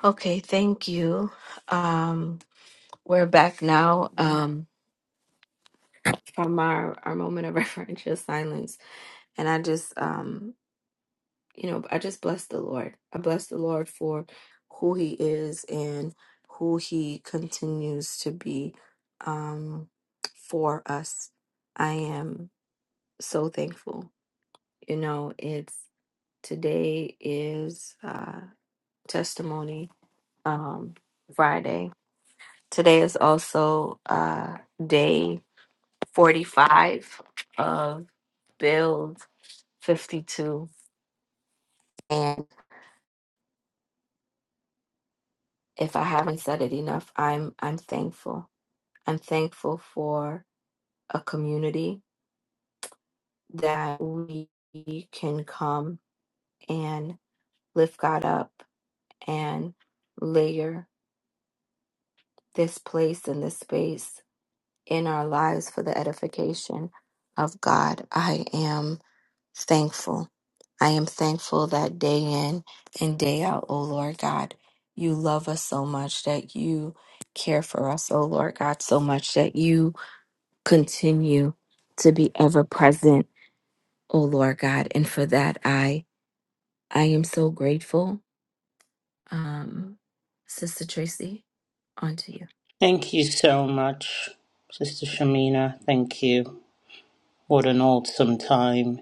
A: Okay, thank you. Um, we're back now um, from our, our moment of reverential silence. And I just, um, you know, I just bless the Lord. I bless the Lord for who he is and who he continues to be um, for us. I am so thankful. You know, it's today is uh, testimony um, Friday Today is also uh, day 45 of build 52 and if i haven't said it enough i'm i'm thankful i'm thankful for a community that we can come and lift god up and layer this place and this space in our lives for the edification of god i am thankful. I am thankful that day in and day out, O Lord God, you love us so much, that you care for us, O Lord God, so much that you continue to be ever present, O Lord God. And for that, I I am so grateful. Um, Sister Tracy, on to you.
B: Thank you so much, Sister Shamina. Thank you. What an awesome time.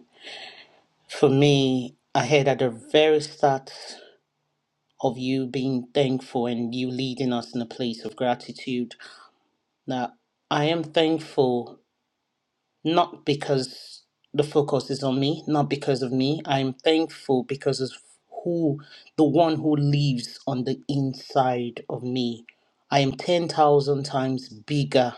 B: For me, I heard at the very start of you being thankful and you leading us in a place of gratitude that I am thankful not because the focus is on me, not because of me. I'm thankful because of who, the one who lives on the inside of me. I am 10,000 times bigger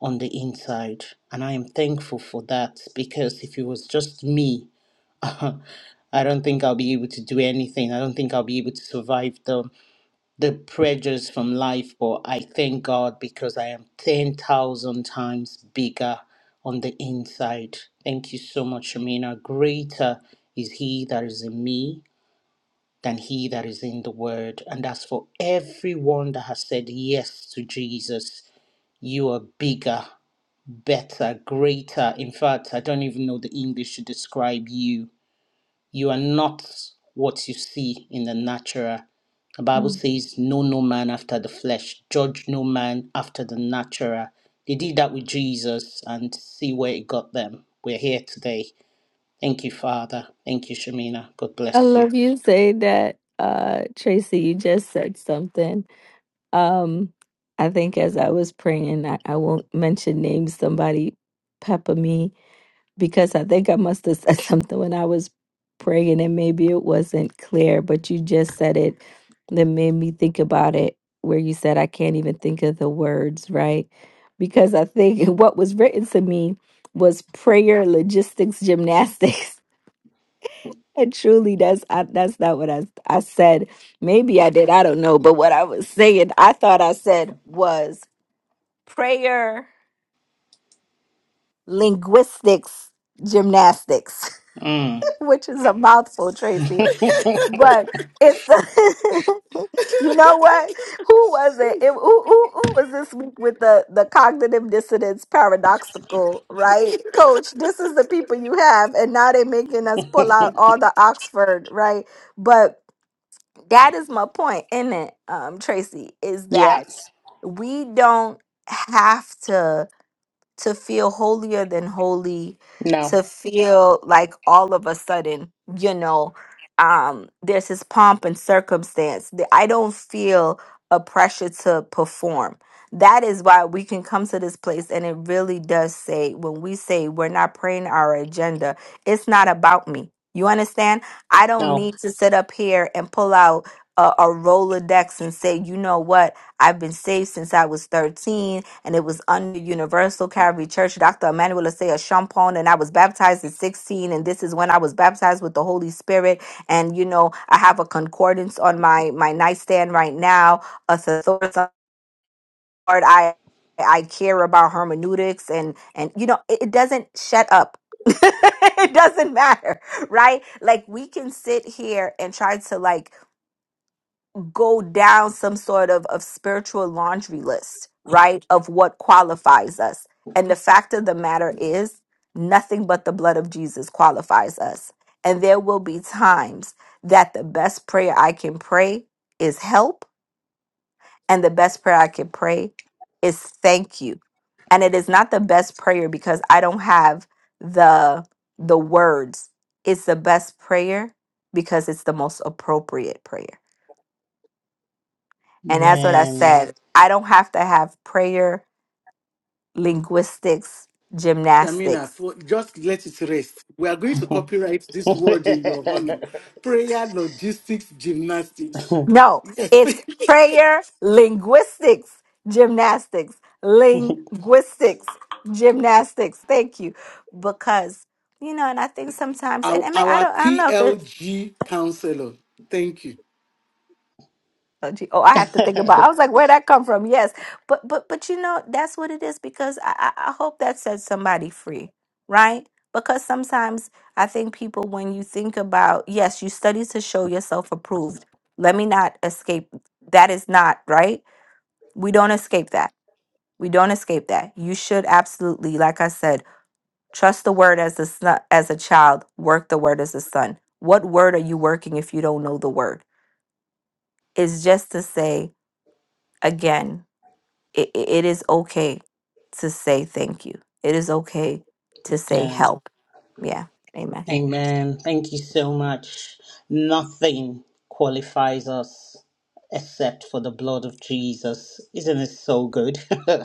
B: on the inside. And I am thankful for that because if it was just me, I don't think I'll be able to do anything. I don't think I'll be able to survive the the pressures from life, but I thank God because I am 10,000 times bigger on the inside. Thank you so much, Shamina. Greater is He that is in me than He that is in the Word. And that's for everyone that has said yes to Jesus. You are bigger, better, greater. In fact, I don't even know the English to describe you you are not what you see in the natural. The Bible
A: Mm.
B: says, Know no man after the flesh, judge no man after the natural. They did that with Jesus and see where it got them. We're here today. Thank you, Father. Thank you, Shamina. God
A: I
B: bless you.
A: love you saying that, uh, Tracy. You just said something Um, I think as I was praying, I, I won't mention names, somebody pepper me because I think I must have said something when I was praying and maybe it wasn't clear, but you just said it that made me think about it, where you said, I can't even think of the words, right? Because I think what was written to me was prayer logistics gymnastics. And truly, that's I, that's not what I I said. Maybe I did. I don't know. But what I was saying, I thought I said was prayer linguistics gymnastics,
B: Mm.
A: which is a mouthful, Tracy. But it's you know what? Who was it? it who, who, who was this week with the the cognitive dissonance paradoxical? Right, Coach. This is the people you have, and now they're making us pull out all the Oxford. Right, but. that is my point, isn't it, um, Tracy? Is
B: yeah,
A: that we don't have to to feel holier than holy,
B: no,
A: to feel like all of a sudden, you know, um, there's this pomp and circumstance. The- I don't feel a pressure to perform. That is why we can come to this place, and it really does say when we say we're not praying our agenda, it's not about me. You understand? I don't
B: no.
A: need to sit up here and pull out a, a Rolodex and say, you know what? I've been saved since I was 13, and it was under Universal Calvary Church, Dr. Emmanuel Asaya Champon, and I was baptized at 16, and this is when I was baptized with the Holy Spirit. And, you know, I have a concordance on my, my nightstand right now, a thesaurus on the word I, I care about hermeneutics, and, and you know, it, it doesn't shut up. it doesn't matter, right? Like, we can sit here and try to, like, go down some sort of, of spiritual laundry list, right? Of what qualifies us. And the fact of the matter is, nothing but the blood of Jesus qualifies us. And there will be times that the best prayer I can pray is help, and the best prayer I can pray is thank you. And it is not the best prayer because I don't have the the words. It's the best prayer because it's the most appropriate prayer. And that's what I
B: Man.
A: said. I don't have to have prayer, linguistics,
C: Shamina,
A: gymnastics.
C: for, just let it rest. We are going to copyright this word in your honor. Prayer logistics gymnastics.
A: No,
C: Yes.
A: it's prayer, linguistics, gymnastics, linguistics, gymnastics. Thank you. Because, you know, and I think sometimes, and
C: our,
A: I mean, I
C: our
A: don't, I don't know.
C: PLG counselor. Thank you.
A: Oh, gee. oh, I have to think about. I was like, where would that come from? Yes, but but but you know that's what it is because I I I hope that sets somebody free, right? Because sometimes I think people, when you think about, yes, you study to show yourself approved. Let me not escape. That is not right. We don't escape that. We don't escape that. You should absolutely, like I said, trust the word as a son, as a child. Work the word as a son. What word are you working if you don't know the word? It's just to say again it, it it is okay to say thank you. It is okay to say
B: Um,
A: help. Yeah. Amen.
B: Amen. Thank you so much. Nothing qualifies us except for the blood of Jesus. Isn't it so good?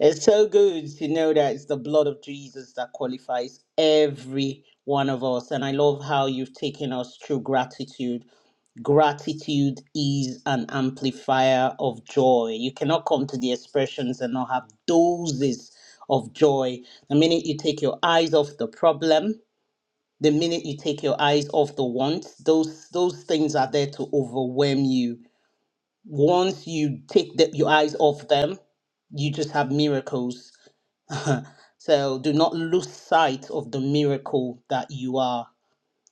B: it's so good to know that it's the blood of Jesus that qualifies every one of us. And I love how you've taken us through gratitude. Gratitude is an amplifier of joy. You cannot come to the expressions and not have doses of joy. The minute you take your eyes off the problem, the minute you take your eyes off the wants, those those things are there to overwhelm you. Once you take the, your eyes off them, you just have miracles. so do not lose sight of the miracle that you are,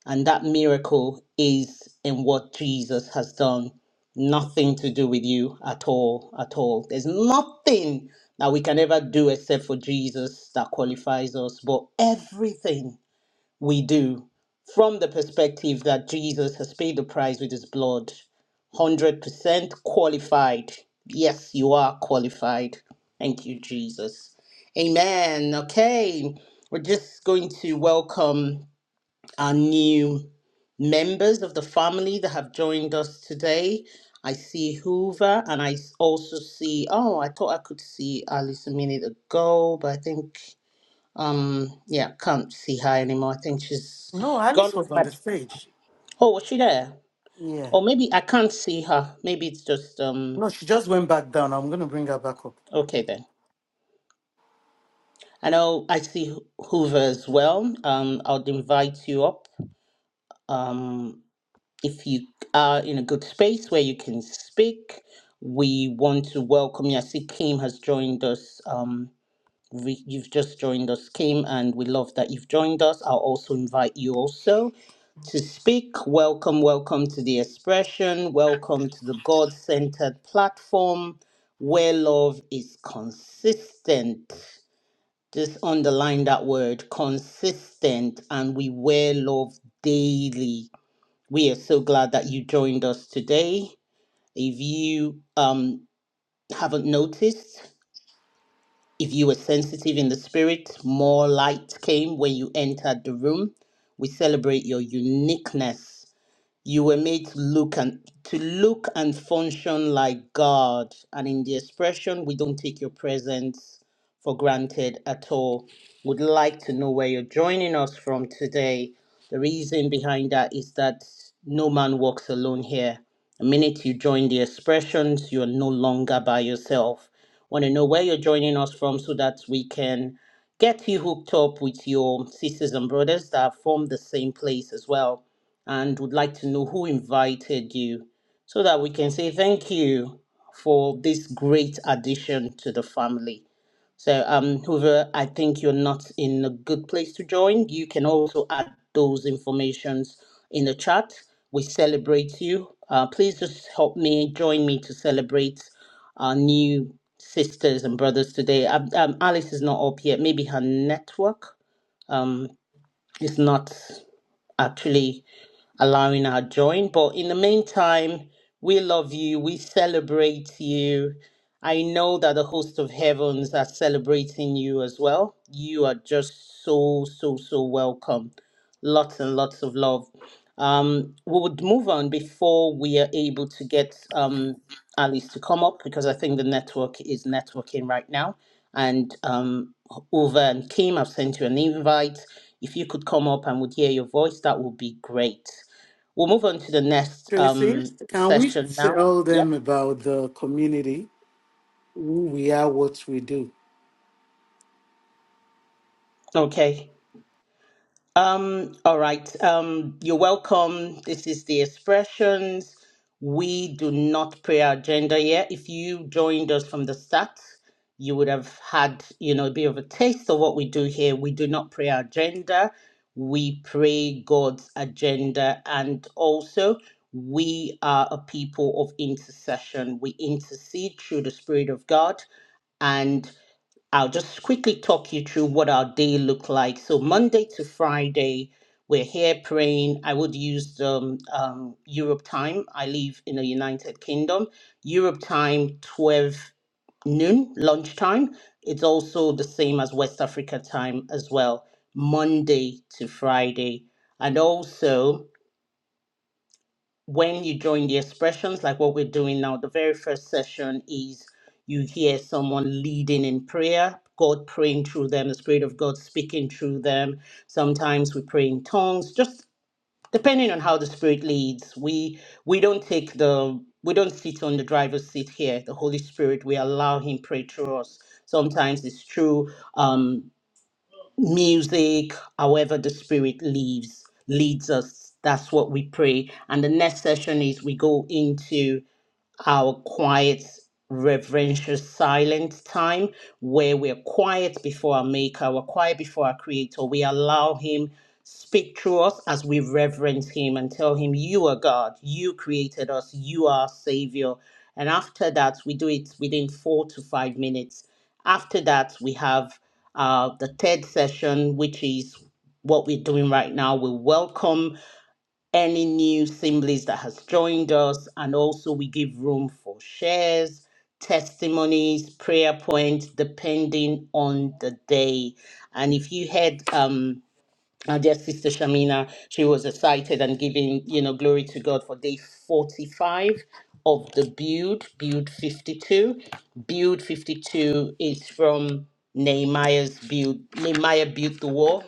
B: and that miracle is in what Jesus has done. Nothing to do with you at all, at all. There's nothing that we can ever do except for Jesus that qualifies us, but everything we do from the perspective that Jesus has paid the price with his blood. 100% qualified. Yes, you are qualified. Thank you, Jesus. Amen. Okay, we're just going to welcome our new members of the family that have joined us today. I see Hoover and I s- also see, oh, I thought I could see Alice a minute ago, but I think. Um, yeah, can't see her anymore. I think she's
C: No,
B: gone
C: Alice
B: with
C: was on
B: my.
C: the stage.
B: Oh, was she there?
C: Yeah.
B: Or maybe I can't see her. Maybe it's just um.
C: No, she just went back down. I'm going to bring her back up.
B: Okay then. I know I see Ho- Hoover as well. Um, I'll invite you up. Um, if you are in a good space where you can speak, we want to welcome you. I see Kim has joined us. Um, we, you've just joined us, Kim, and we love that you've joined us. I'll also invite you also to speak. Welcome, welcome to the expression. Welcome to the God centered platform where love is consistent. Just underline that word consistent, and we wear love daily. We are so glad that you joined us today. If you um, haven't noticed, if you were sensitive in the spirit, more light came when you entered the room. We celebrate your uniqueness you were made to look and to look and function like God. And in the expression, we don't take your presence for granted at all. Would like to know where you're joining us from today. The reason behind that is that no man walks alone here. The minute you join the expressions, you're no longer by yourself. Want to know where you're joining us from so that we can get you hooked up with your sisters and brothers that are from the same place as well and would like to know who invited you so that we can say thank you for this great addition to the family. So, um, Hoover, I think you're not in a good place to join. You can also add those informations in the chat. We celebrate you. Uh, please just help me, join me to celebrate our new sisters and brothers today. Um, um, Alice is not up yet. Maybe her network um, is not actually allowing our join. But in the meantime, we love you. We celebrate you. I know that the host of heavens are celebrating you as well. You are just so, so, so welcome. Lots and lots of love. Um, we would move on before we are able to get um, Alice to come up because I think the network is networking right now. And um, Uva and Kim, I've sent you an invite. If you could come up and would hear your voice, that would be great. We'll move on to the next
C: Tracy,
B: um,
C: can we
B: session now.
C: tell
B: Yep.
C: them about the community, who we are, what we do?
B: Okay. Um, all right. Um, you're welcome. This is the expressions. We do not pray our agenda yet. If you joined us from the start, you would have had, you know, a bit of a taste of what we do here. We do not pray our agenda. We pray God's agenda. And also, we are a people of intercession. We intercede through the Spirit of God. And I'll just quickly talk you through what our day looked like. So Monday to Friday, we're here praying. I would use the um, um, Europe time. I live in the United Kingdom. Europe time, 12 noon, lunchtime. It's also the same as West Africa time as well, Monday to Friday. And also, when you join the expressions, like what we're doing now, the very first session is you hear someone leading in prayer, God praying through them, the Spirit of God speaking through them. Sometimes we pray in tongues, just depending on how the Spirit leads. We we don't take the we don't sit on the driver's seat here. The Holy Spirit, we allow Him pray through us. Sometimes it's through um music, however the spirit leads leads us. That's what we pray. And the next session is we go into our quiet, reverential, silent time where we're quiet before our Maker, we're quiet before our Creator. We allow Him speak through us as we reverence Him and tell Him, You are God, you created us, you are our Savior. And after that, we do it within four to five minutes. After that, we have uh, the third session, which is what we're doing right now. We welcome any new assemblies that has joined us and also we give room for shares testimonies prayer points depending on the day and if you had um our dear sister shamina she was excited and giving you know glory to god for day 45 of the build build 52 build 52 is from nehemiah's build nehemiah built the wall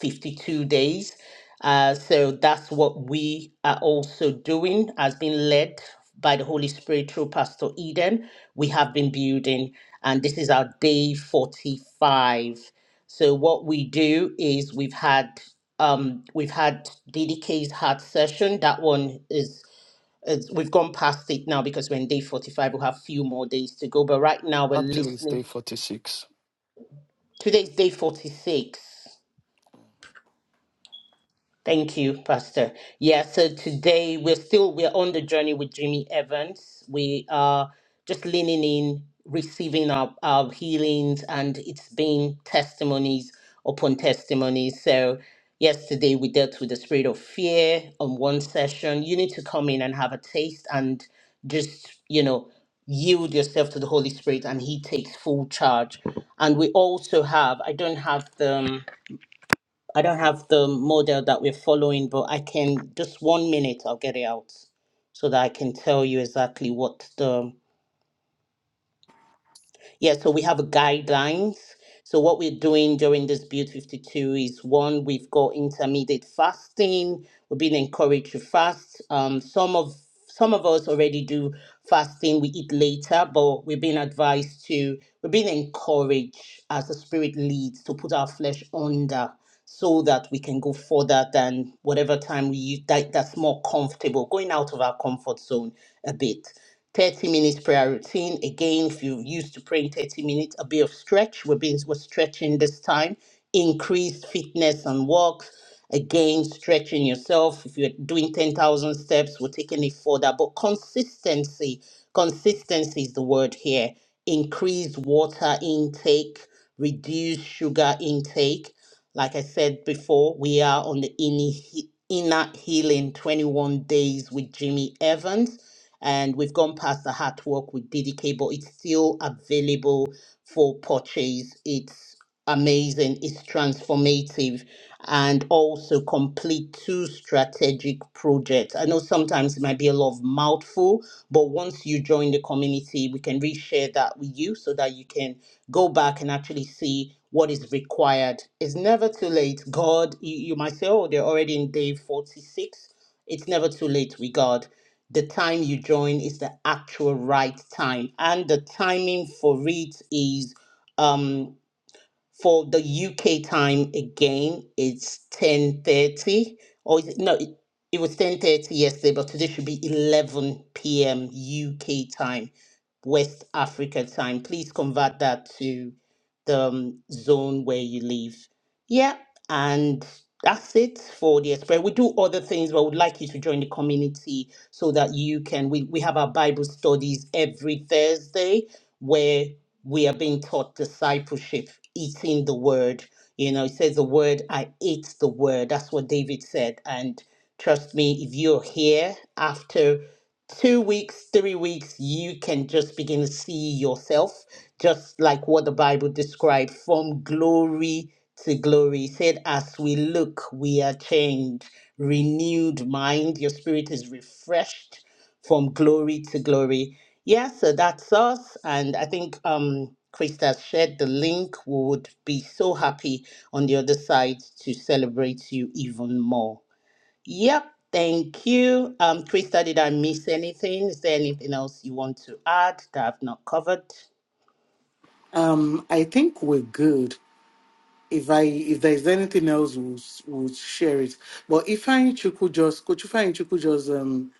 B: 52 days. Uh, so that's what we are also doing, has been led by the Holy Spirit through Pastor Eden. We have been building, and this is our day 45. So what we do is we've had um, we've had DDK's heart session. That one is, is we've gone past it now because we're in day 45. We'll have a few more days to go. But right now we're
D: Actually, it's
B: listening.
D: day 46.
B: Today's day 46. Thank you, Pastor. Yeah, so today we're still we're on the journey with Jimmy Evans. We are just leaning in, receiving our, our healings, and it's been testimonies upon testimonies. So yesterday we dealt with the spirit of fear on one session. You need to come in and have a taste and just, you know, yield yourself to the Holy Spirit and He takes full charge. And we also have, I don't have them I don't have the model that we're following, but I can just one minute I'll get it out so that I can tell you exactly what the yeah, so we have guidelines. So what we're doing during this Build 52 is one, we've got intermediate fasting. We've been encouraged to fast. Um, some of some of us already do fasting. We eat later, but we've been advised to. We've been encouraged as the Spirit leads to put our flesh under, so that we can go further than whatever time we use that, that's more comfortable, going out of our comfort zone a bit. 30 minutes prayer routine. Again, if you're used to praying 30 minutes, a bit of stretch. We're, being, we're stretching this time. Increased fitness and walks. Again, stretching yourself. If you're doing 10,000 steps, we're taking it further. But consistency, consistency is the word here. Increased water intake, reduced sugar intake. Like I said before, we are on the inner he- inner healing 21 days with Jimmy Evans and we've gone past the artwork with DDK, but it's still available for purchase. It's amazing, it's transformative, and also complete two strategic projects. I know sometimes it might be a lot of mouthful, but once you join the community, we can reshare that with you so that you can go back and actually see what is required. It's never too late. God, you, you might say, oh, they're already in day 46. It's never too late with God the time you join is the actual right time and the timing for it is um for the UK time again, it's ten thirty. Or is it, no, it, it was ten thirty yesterday, but today should be eleven p.m. UK time, West Africa time. Please convert that to the um, zone where you live. Yeah, and that's it for the express. We do other things, but we'd like you to join the community so that you can. We we have our Bible studies every Thursday, where we are being taught discipleship, eating the word. You know, it says the word, I ate the word. That's what David said. And trust me, if you're here after two weeks, three weeks, you can just begin to see yourself, just like what the Bible described from glory to glory. It said, as we look, we are changed, renewed mind, your spirit is refreshed from glory to glory. Yeah, so that's us. And I think um, Krista shared the link. We would be so happy on the other side to celebrate you even more. Yep, thank you. Um, Krista, did I miss anything? Is there anything else you want to add that I've not covered?
C: Um, I think we're good. if I if there's anything else, we'll, s- we'll share it. But Ifeanyi Chuku just Coach Ifeanyi Chuku just um,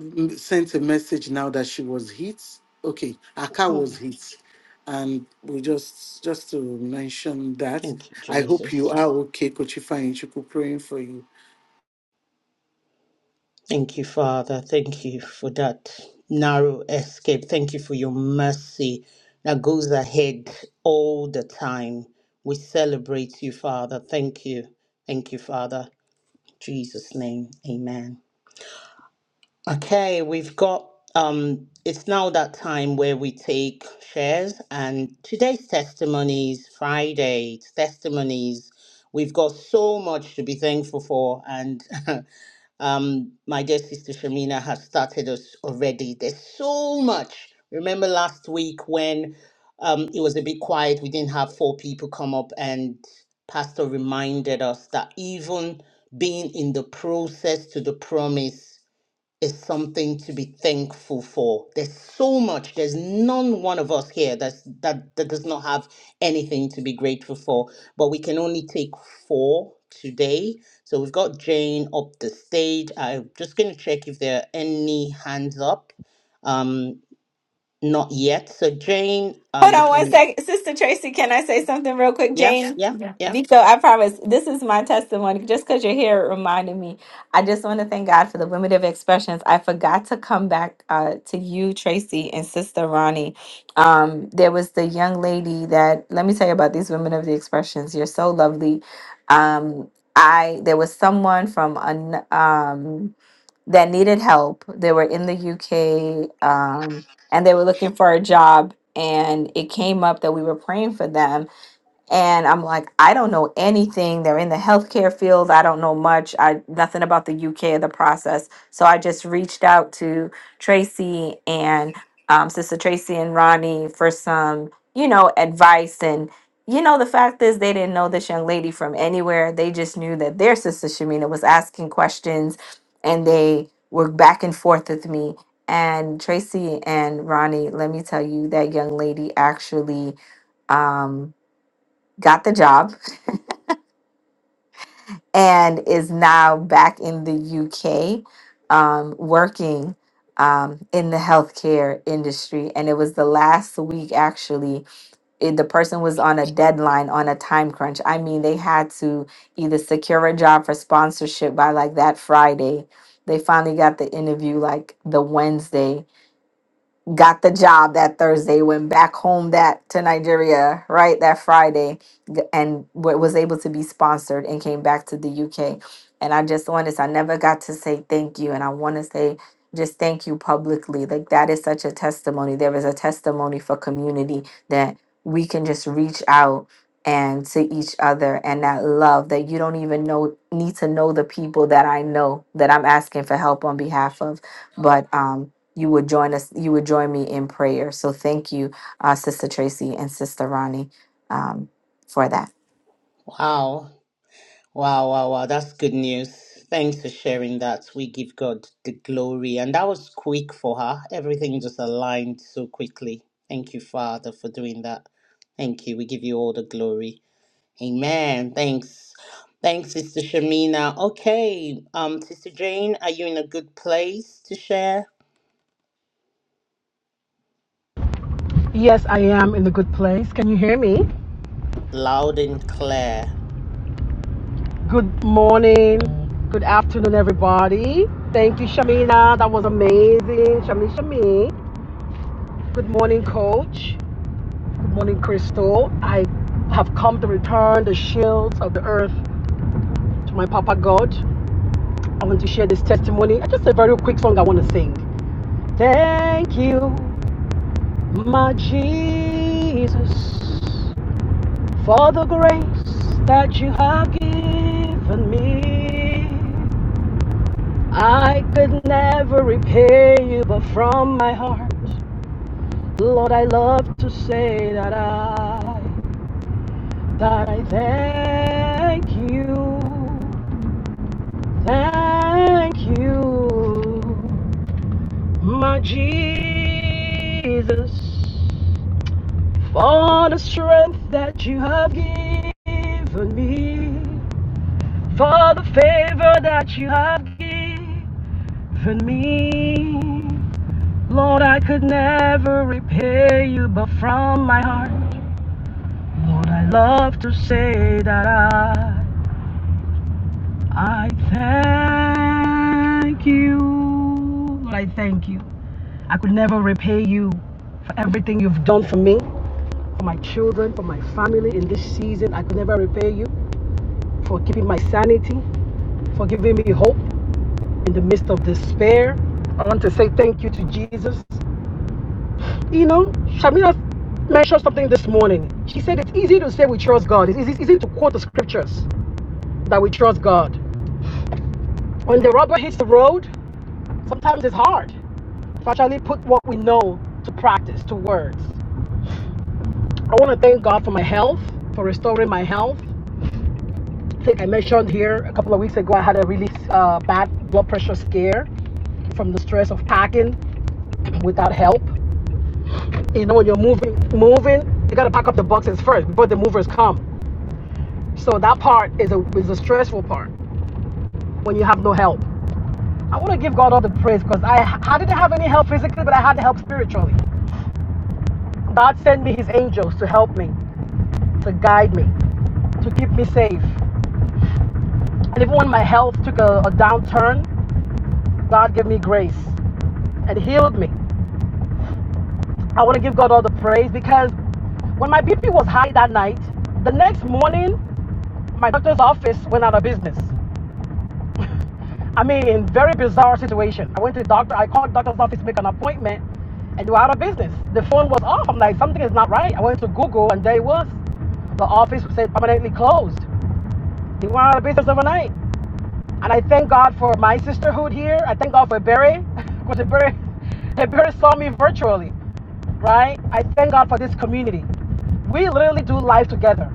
C: m- sent a message now that she was hit. Okay, her car was
B: Mm,
C: hit, and we just just to mention that.
B: thank you,
C: I hope
B: Jesus.
C: you are okay, Coach Ifeanyi Chuku. Praying for you.
B: Thank you, Father. Thank you for that narrow escape. Thank you for your mercy that goes ahead all the time. We celebrate you, Father. Thank you. Thank you, Father. In Jesus' name. Amen. Okay, we've got um it's now that time where we take shares and today's testimonies, Friday testimonies. We've got so much to be thankful for and Um, my dear sister Shamina has started us already. There's so much. Remember last week when um, it was a bit quiet, we didn't have four people come up, and Pastor reminded us that even being in the process to the promise is something to be thankful for. There's so much. There's none one of us here that's that that does not have anything to be grateful for. But we can only take four today. So we've got Jane up the stage. I'm just gonna check if there are any hands up. Um, not yet. So Jane, uh,
A: Hold
B: you
A: on one
B: can.
A: sec. Sister Tracy, can I say something real quick?
B: Yeah,
A: Jane,
B: yeah,
A: Yeah.
B: yeah.
A: Vico, I promise this is my testimony. Just because you're here, it reminded me. I just want to thank God for the limited expressions. I forgot to come back uh, to you, Tracy, and Sister Ronnie. Um, there was the young lady that, let me tell you about these women of the expressions. You're so lovely. Um, I There was someone from an, um, that needed help. They were in the UK um, and they were looking for a job. And it came up that we were praying for them and I'm like, I don't know anything. They're in the healthcare field. I don't know much. I nothing about the UK or the process. So I just reached out to Tracy and um, Sister Tracy and Ronnie for some, you know, advice. And you know, the fact is, they didn't know this young lady from anywhere. They just knew that their sister Shamina was asking questions, and they were back and forth with me. And Tracy and Ronnie, let me tell you, that young lady actually. Um, got the job and is now back in the UK um, working um, in the healthcare industry. And it was the last week, actually, it, the person was on a deadline, on a time crunch. I mean, they had to either secure a job for sponsorship by like that Friday. They finally got the interview like the Wednesday got the job that Thursday, went back home that to Nigeria, right? That Friday, g- and wa- was able to be sponsored and came back to the UK. And I just want to say, I never got to say thank you. And I want to say just thank you publicly. Like that is such a testimony. There is a testimony for community that we can just reach out and to each other and that love that you don't even know need to know the people that I know that I'm asking for help on behalf of. But um you would join us you would join me in prayer so thank you uh, sister tracy and sister ronnie um, for that
B: Wow. Wow, wow, wow. That's good news. Thanks for sharing that. We give God the glory. And that was quick for her. Everything just aligned so quickly. Thank you, Father, for doing that. Thank you. We give you all the glory. Amen. Thanks. Thanks, Sister Shamina. Okay. Um, Sister Jane, are you in a good place to share?
E: Yes, I am in a good place. Can you hear me?
B: Loud and clear.
E: Good morning. Good afternoon, everybody. Thank you, Shamina. That was amazing. Shami Shami. Good morning, coach. Good morning, Crystal. I have come to return the shields of the earth to my Papa God. I want to share this testimony. I Just a very quick song I want to sing. Thank you, my Jesus, for the grace that you have given me. I could never repay you, but from my heart, Lord, I love to say that I, that I thank you, thank you, my Jesus, for the strength that you have given me, for the favor that you have given me. Lord, I could never repay you, but from my heart, Lord, I love to say that I, I thank you. Lord, I thank you. I could never repay you for everything you've done for me, for my children, for my family in this season. I could never repay you for keeping my sanity, for giving me hope in the midst of despair. I want to say thank you to Jesus You know, Shamina mentioned something this morning. She said it's easy to say we trust God. It's easy, it's easy to quote the scriptures that we trust God. When the rubber hits the road, sometimes it's hard to actually put what we know to practice, to words. I want to thank God for my health, for restoring my health. I think I mentioned here a couple of weeks ago I had a really uh, bad blood pressure scare from the stress of packing without help. You know, when you're moving, moving, you gotta pack up the boxes first before the movers come. So that part is a is a stressful part when you have no help. I want to give God all the praise because I, I didn't have any help physically, but I had help spiritually. God sent me His angels to help me, to guide me, to keep me safe. And even when my health took a, a downturn, God gave me grace and healed me. I want to give God all the praise because when my BP was high that night, the next morning, my doctor's office went out of business. I mean, in very bizarre situation. I went to the doctor. I called the doctor's office, to make an appointment, and they were out of business. The phone was off. I'm like, something is not right. I went to Google, and there it was. The office said permanently closed. They went out of business overnight. And I thank God for my sisterhood here. I thank God for Barry, because Barry, Barry saw me virtually, right? I thank God for this community. We literally do life together,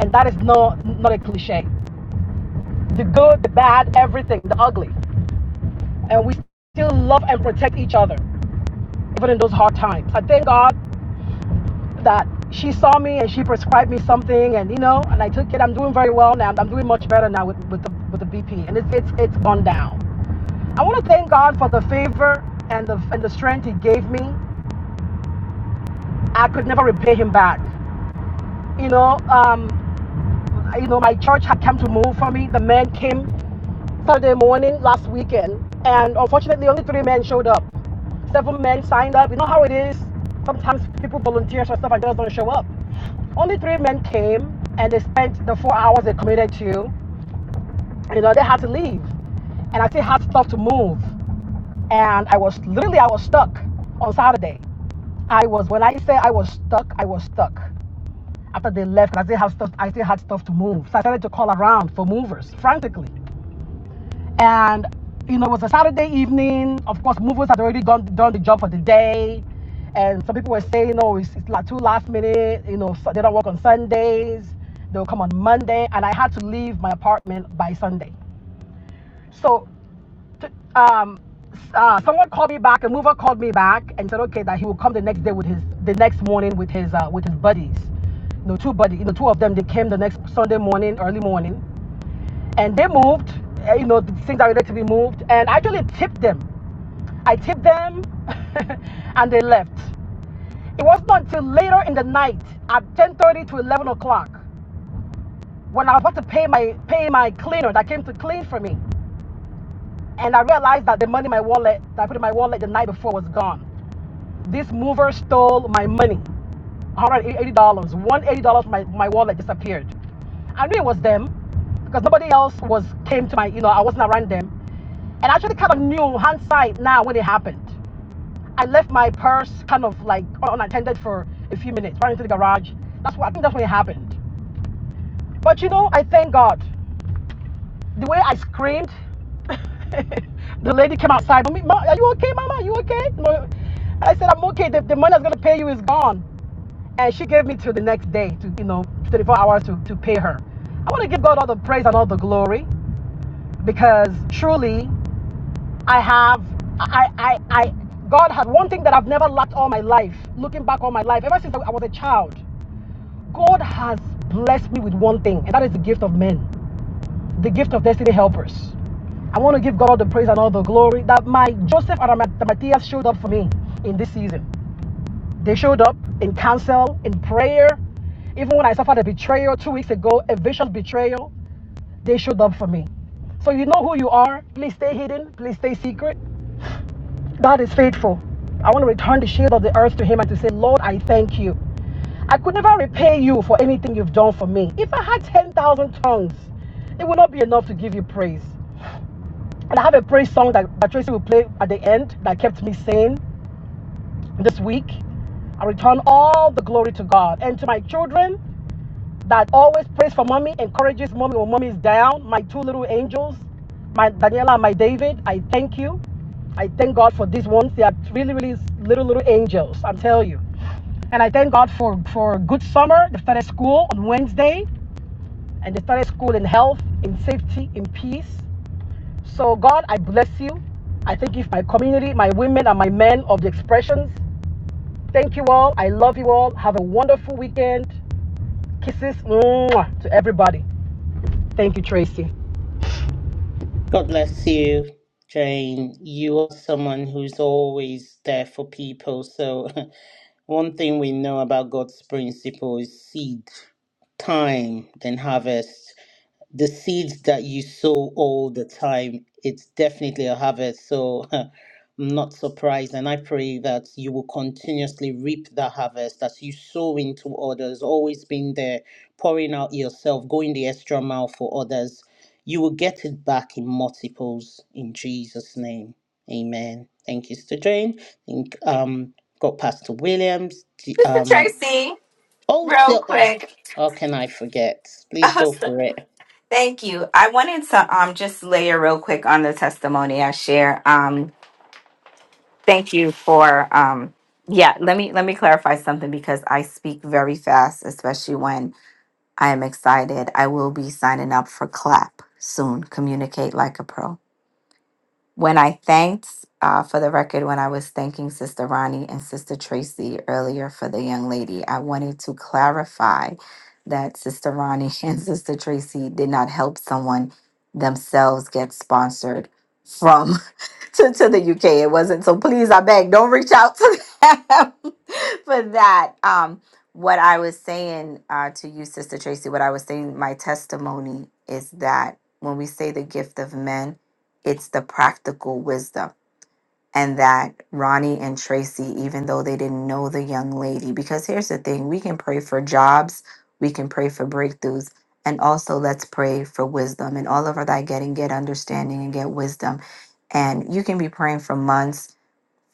E: and that is no not a cliche. The good, the bad, everything, the ugly and we still love and protect each other, even in those hard times. I thank God that she saw me and she prescribed me something, and you know, and I took it. I'm doing very well now. I'm doing much better now with, with the with the BP, and it's it's it's gone down. I want to thank God for the favor and the and the strength He gave me. I could never repay Him back. You know, um, you know, my church had come to move for me. The men came Saturday morning last weekend, and unfortunately, only three men showed up. Seven men signed up. You know how it is. Sometimes people volunteer for stuff and just don't show up. Only three men came, and they spent the four hours they committed to. You know, they had to leave, and I still had stuff to move. And I was literally I was stuck on Saturday. I was when I say I was stuck, I was stuck. After they left. I still had stuff. I still had stuff to move, so I started to call around for movers frantically and you know it was a Saturday evening. Of course, movers had already done done the job for the day, and some people were saying, "No, it's, it's like too last minute. You know, so they don't work on Sundays. They'll come on Monday." And I had to leave my apartment by Sunday. So, t- um, uh, someone called me back. A mover called me back and said, "Okay, that he will come the next day with his the next morning with his uh, with his buddies." You know, two buddies. You know, two of them. They came the next Sunday morning, early morning and they moved. uh, You know, the things that needed to be moved, and I actually tipped them. I tipped them, and they left. It wasn't until later in the night, at 10:30 to 11 o'clock, when I was about to pay my pay my cleaner that came to clean for me, and I realized that the money in my wallet that I put in my wallet the night before was gone. This mover stole my money, $180, $180 my, my wallet disappeared. I knew it was them because nobody else was came to my, you know, I wasn't around them. And I actually kind of knew hindsight now when it happened. I left my purse kind of like unattended for a few minutes, ran into the garage. That's what I think that's when it happened. But you know, I thank God the way I screamed, the lady came outside. are you okay, Mama? Are you okay? And I said, I'm okay. The, the money I was going to pay you is gone. And she gave me till the next day, to, you know, 24 hours to, to pay her. I want to give God all the praise and all the glory because truly I have, I, I, I, God had one thing that I've never lacked all my life, looking back all my life, ever since I was a child. God has blessed me with one thing, and that is the gift of men the gift of destiny helpers. I want to give God all the praise and all the glory that my Joseph and my Matthias showed up for me in this season. They showed up in counsel, in prayer. Even when I suffered a betrayal two weeks ago, a vicious betrayal, they showed up for me. So you know who you are. Please stay hidden. Please stay secret. God is faithful. I want to return the shield of the earth to Him and to say, Lord, I thank you. I could never repay you for anything you've done for me. If I had 10,000 tongues, it would not be enough to give you praise. And I have a praise song that that Tracy will play at the end that kept me sane this week. I return all the glory to God and to my children that always prays for mommy, encourages mommy when mommy is down. My two little angels, my Daniela and my David, I thank you. I thank God for these ones. They are really, really little, little angels, I'm telling you. And I thank God for, for a good summer. They started school on Wednesday and they started school in health, in safety, in peace. So, God, I bless you. I thank you for my community, my women, and my men of the expressions. Thank you all. I love you all. Have a wonderful weekend. Kisses mwah, to everybody. Thank you, Tracy.
B: God bless you, Jane. You are someone who's always there for people. So One thing we know about God's principle is seed, time, then harvest the seeds that you sow all the time, it's definitely a harvest. So I'm not surprised. And I pray that you will continuously reap that harvest as you sow into others, always being there, pouring out yourself, going the extra mile for others. You will get it back in multiples in Jesus' name. Amen. Thank you, Sister Jane. Thank um got Pastor Williams. the- Um
A: tracy
B: oh,
A: real
B: so, oh
A: quick
B: how can I forget? Please go
A: awesome.
B: for it.
A: thank you i wanted to um, just layer real quick on the testimony i share um, thank you for um, yeah let me let me clarify something because i speak very fast especially when i am excited i will be signing up for clap soon communicate like a pro When I thanked, uh, for the record, when I was thanking Sister Ronnie and Sister Tracy earlier for the young lady, I wanted to clarify that Sister Ronnie and Sister Tracy did not help someone themselves get sponsored from to, to the UK. It wasn't. So please, I beg, don't reach out to them for that. Um, what I was saying uh, to you, Sister Tracy, what I was saying, my testimony is that when we say the gift of men, it's the practical wisdom and that Ronnie and Tracy, even though they didn't know the young lady, because here's the thing we can pray for jobs, we can pray for breakthroughs, and also let's pray for wisdom and all over thy getting, get understanding and get wisdom. And you can be praying for months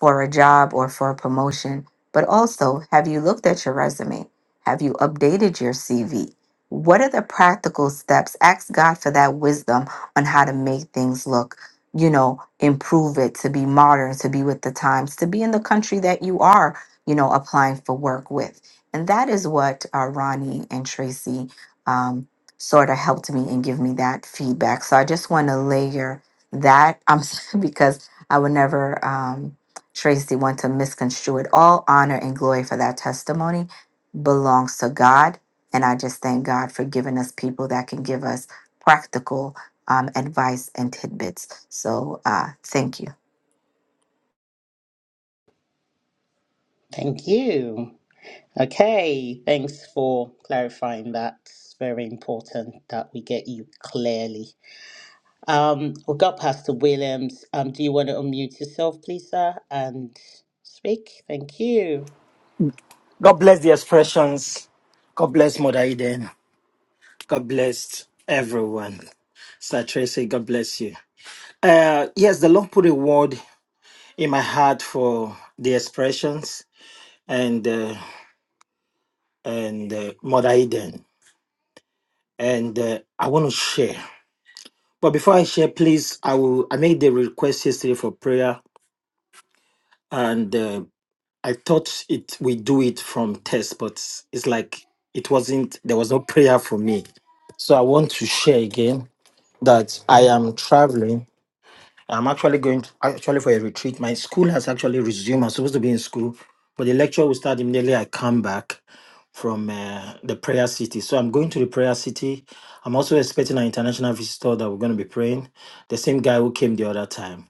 A: for a job or for a promotion, but also have you looked at your resume? Have you updated your CV? What are the practical steps? Ask God for that wisdom on how to make things look, you know, improve it, to be modern, to be with the times, to be in the country that you are, you know, applying for work with. And that is what uh, Ronnie and Tracy um, sort of helped me and give me that feedback. So I just want to layer that um, because I would never. Um, Tracy want to misconstrue it. All honor and glory for that testimony belongs to God. And I just thank God for giving us people that can give us practical um, advice and tidbits. So uh, thank you.
B: Thank you. Okay, thanks for clarifying that. It's very important that we get you clearly. Um, we've got Pastor Williams. Um, do you want to unmute yourself, please, sir, and speak? Thank you.
F: God bless the expressions. God bless Mother Eden. God bless everyone. Sir Tracy, God bless you. Uh, yes, the Lord put a word in my heart for the expressions and uh, and uh, Mother Eden, and uh, I want to share. But before I share, please, I will. I made the request yesterday for prayer, and uh, I thought it we do it from test, but it's like it wasn't. There was no prayer for me, so I want to share again that I am traveling. I'm actually going to, actually for a retreat. My school has actually resumed. I'm supposed to be in school, but the lecture will start immediately. I come back from uh, the prayer city, so I'm going to the prayer city. I'm also expecting an international visitor that we're going to be praying. The same guy who came the other time,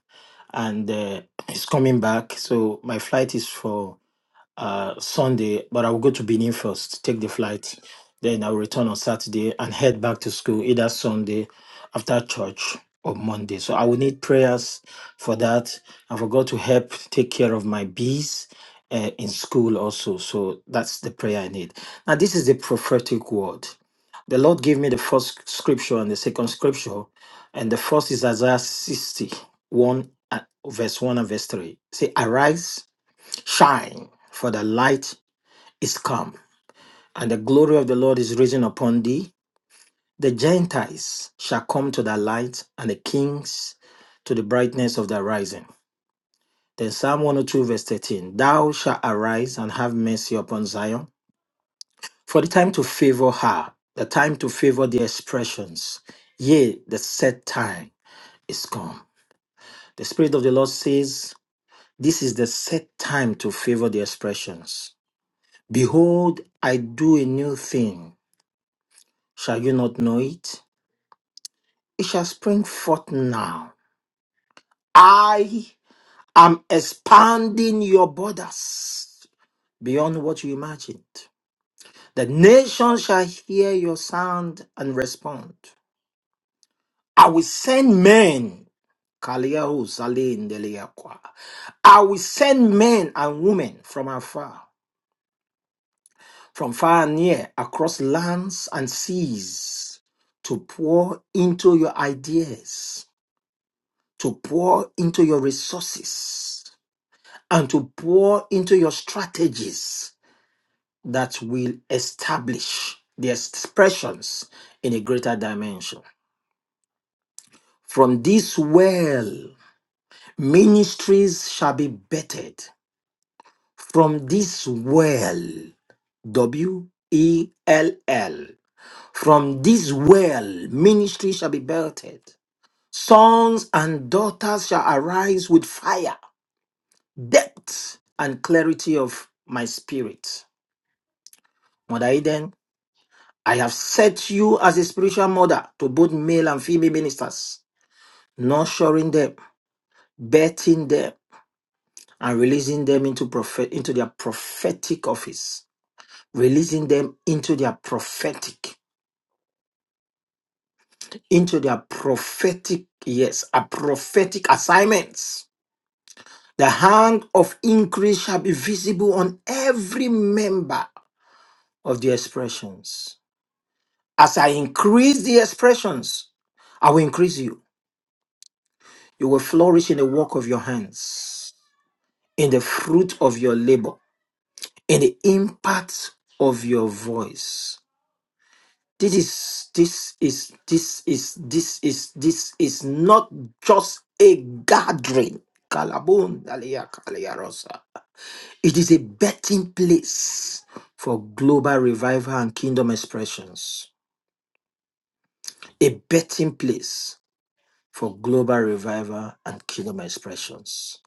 F: and uh, he's coming back. So my flight is for uh, Sunday, but I will go to Benin first, take the flight. Then I'll return on Saturday and head back to school either Sunday after church or Monday. So I will need prayers for that and for God to help take care of my bees uh, in school also. So that's the prayer I need. Now, this is the prophetic word. The Lord gave me the first scripture and the second scripture, and the first is Isaiah 60, one, and verse 1 and verse 3. Say, Arise Shine, for the light is come, and the glory of the Lord is risen upon thee. The Gentiles shall come to thy light, and the kings to the brightness of thy rising. Then Psalm 102, verse 13 Thou shalt arise and have mercy upon Zion, for the time to favor her, the time to favor the expressions. Yea, the set time is come. The Spirit of the Lord says, This is the set time to favor the expressions. Behold, I do a new thing. Shall you not know it? It shall spring forth now. I am expanding your borders beyond what you imagined. The nations shall hear your sound and respond. I will send men. Kaliahu Zalin Deliakwa. I will send men and women from afar, from far and near, across lands and seas to pour into your ideas to pour into your resources and to pour into your strategies that will establish the expressions in a greater dimension. From this well, ministries shall be bettered. From this well, W E L L. From this well, ministry shall be belted. Sons and daughters shall arise with fire depth and clarity of my spirit. Mother Eden, I have set you as a spiritual mother to both male and female ministers, nurturing them, birthing them, and releasing them into prophet into their prophetic office, releasing them into their prophetic, into their prophetic, yes, a prophetic assignments. The hand of increase shall be visible on every member of the expressions. As I increase the expressions, I will increase you. You will flourish in the work of your hands, in the fruit of your labor, in the impact of your voice. This is this is this is this is this is not just a gathering. Kalabun, dalia, kalia, It is a betting place for global revival and kingdom expressions. A betting place for global revival and kingdom expressions.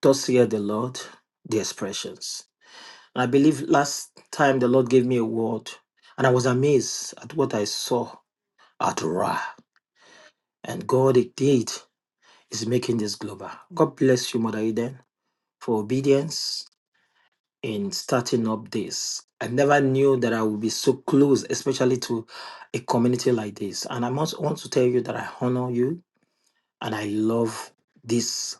F: Thus hear the Lord, the expressions. I believe last time the Lord gave me a word, and I was amazed at what I saw at Ra. And God indeed is making this global. God bless you, Mother Eden, for obedience in starting up this. I never knew that I would be so close, especially to a community like this. And I must want to tell you that I honor you and I love this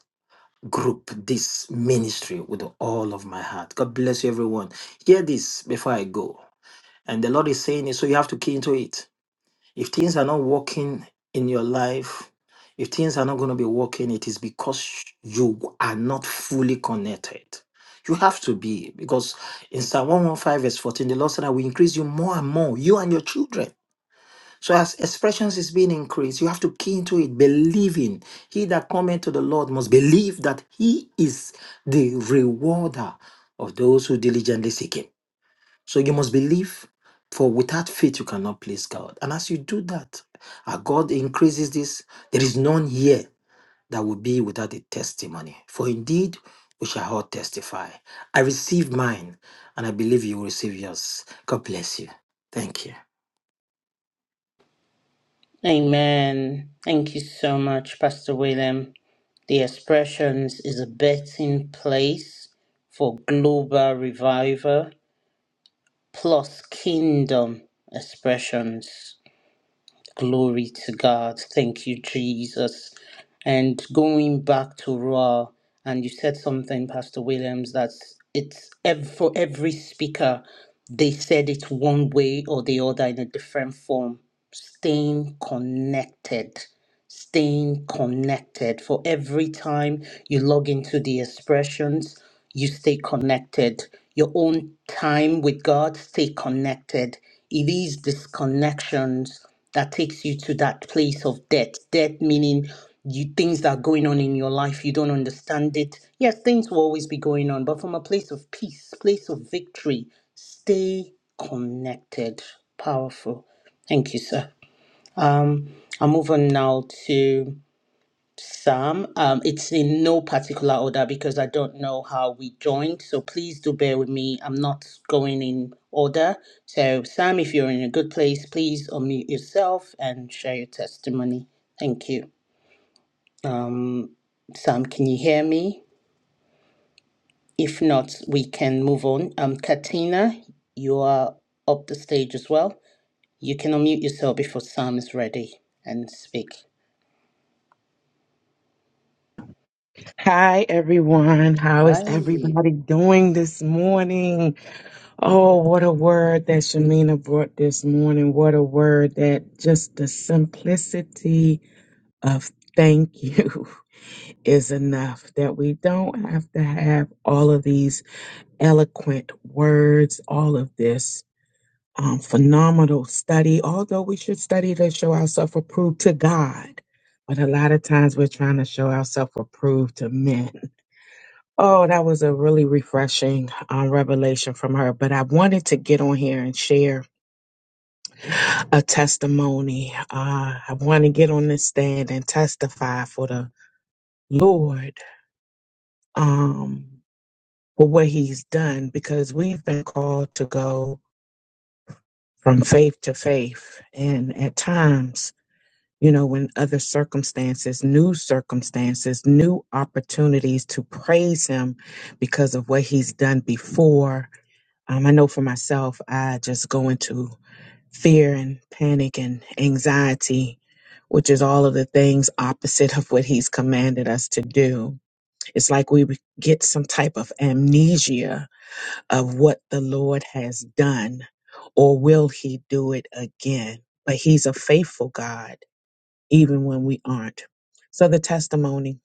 F: group, this ministry with all of my heart. God bless you, everyone. Hear this before I go. And the Lord is saying it, so you have to key into it. If things are not working in your life, if things are not going to be working, it is because you are not fully connected. You have to be, because in Psalm 115, verse 14, the Lord said, I will increase you more and more, you and your children. So as expressions is being increased, you have to key into it, believing. He that cometh to the Lord must believe that he is the rewarder of those who diligently seek him. So you must believe, for without faith you cannot please God. And as you do that, our God increases this. There is none here that will be without a testimony. For indeed, we shall all testify. I received mine, and I believe you will receive yours. God bless you. Thank you.
B: Amen. Thank you so much, Pastor William. The expressions is a betting place for global revival plus kingdom expressions. Glory to God. Thank you, Jesus. And going back to Ra, and you said something, Pastor Williams, that it's ev- for every speaker, they said it one way or the other in a different form. Staying connected staying connected. For every time you log into the expressions, you stay connected. Your own time with God, stay connected. It is disconnections that takes you to that place of death. Death meaning you things that are going on in your life, you don't understand it. Yes, things will always be going on, but from a place of peace, place of victory, stay connected. Powerful. Thank you, sir. Um, I'm moving now to Sam. Um, it's in no particular order because I don't know how we joined. So please do bear with me. I'm not going in order. So, Sam, if you're in a good place, please unmute yourself and share your testimony. Thank you. Um, Sam, can you hear me? If not, we can move on. Um, Katina, you are up the stage as well. You can unmute yourself before Sam is ready and speak.
G: Hi, everyone. How is
B: Hi.
G: everybody doing this morning? Oh, what a word that Shamina brought this morning. What a word that just the simplicity of thank you is enough, that we don't have to have all of these eloquent words, all of this. Um, phenomenal study, although we should study to show ourselves approved to God. But a lot of times we're trying to show ourselves approved to men Oh, that was a really refreshing um, revelation from her. But I wanted to get on here and share a testimony. Uh, I want to get on this stand and testify for the Lord um, for what He's done because we've been called to go from faith to faith. And at times, you know, when other circumstances, new circumstances, new opportunities to praise Him because of what He's done before Um, I know for myself, I just go into fear and panic and anxiety, which is all of the things opposite of what he's commanded us to do. It's like we would get some type of amnesia of what the Lord has done, or will he do it again? But he's a faithful God, even when we aren't. So the testimony.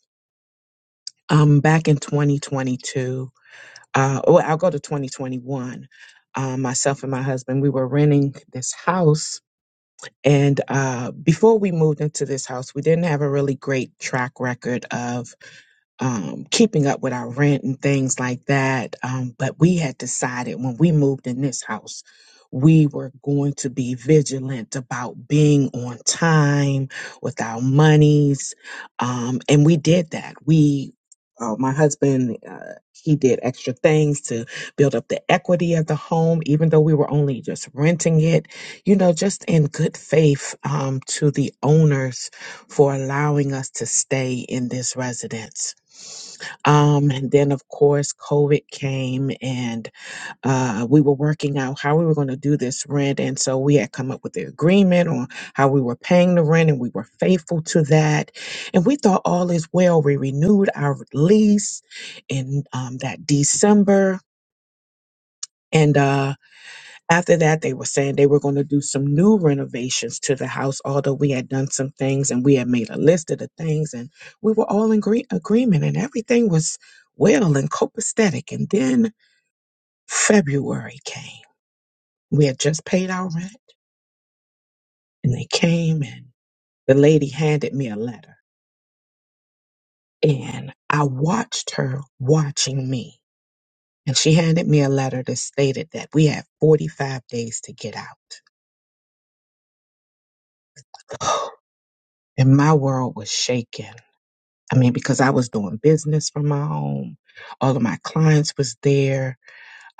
G: Um, back in 2022, uh, well, I'll go to 2021. Uh, myself and my husband, we were renting this house. And uh, before we moved into this house, we didn't have a really great track record of um, keeping up with our rent and things like that. Um, but we had decided when we moved in this house, we were going to be vigilant about being on time with our monies. Um, and we did that. We, uh, my husband, uh, he did extra things to build up the equity of the home, even though we were only just renting it, you know, just in good faith um, to the owners for allowing us to stay in this residence. Um, and then, of course, COVID came and uh, we were working out how we were going to do this rent. And so we had come up with the agreement on how we were paying the rent and we were faithful to that. And we thought all is well. We renewed our lease in um, that December. And uh, after that, they were saying they were going to do some new renovations to the house, although we had done some things and we had made a list of the things and we were all in gre- agreement and everything was well and copacetic. And then February came. We had just paid our rent and they came and the lady handed me a letter and I watched her watching me. And she handed me a letter that stated that we had 45 days to get out. And my world was shaken I mean, because I was doing business from my home, all of my clients was there.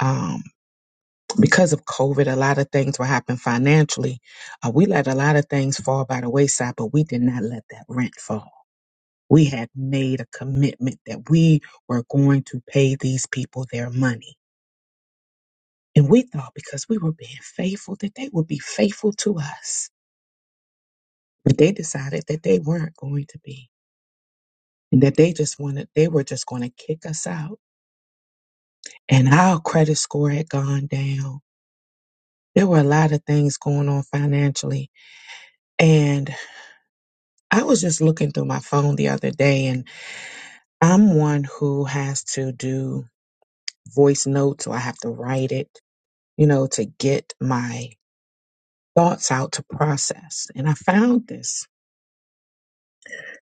G: Um, because of COVID, a lot of things were happening financially. Uh, we let a lot of things fall by the wayside, but we did not let that rent fall. We had made a commitment that we were going to pay these people their money. And we thought because we were being faithful that they would be faithful to us. But they decided that they weren't going to be and that they just wanted, they were just going to kick us out and our credit score had gone down. There were a lot of things going on financially. And I was just looking through my phone the other day, and I'm one who has to do voice notes or I have to write it, you know, to get my thoughts out to process. And I found this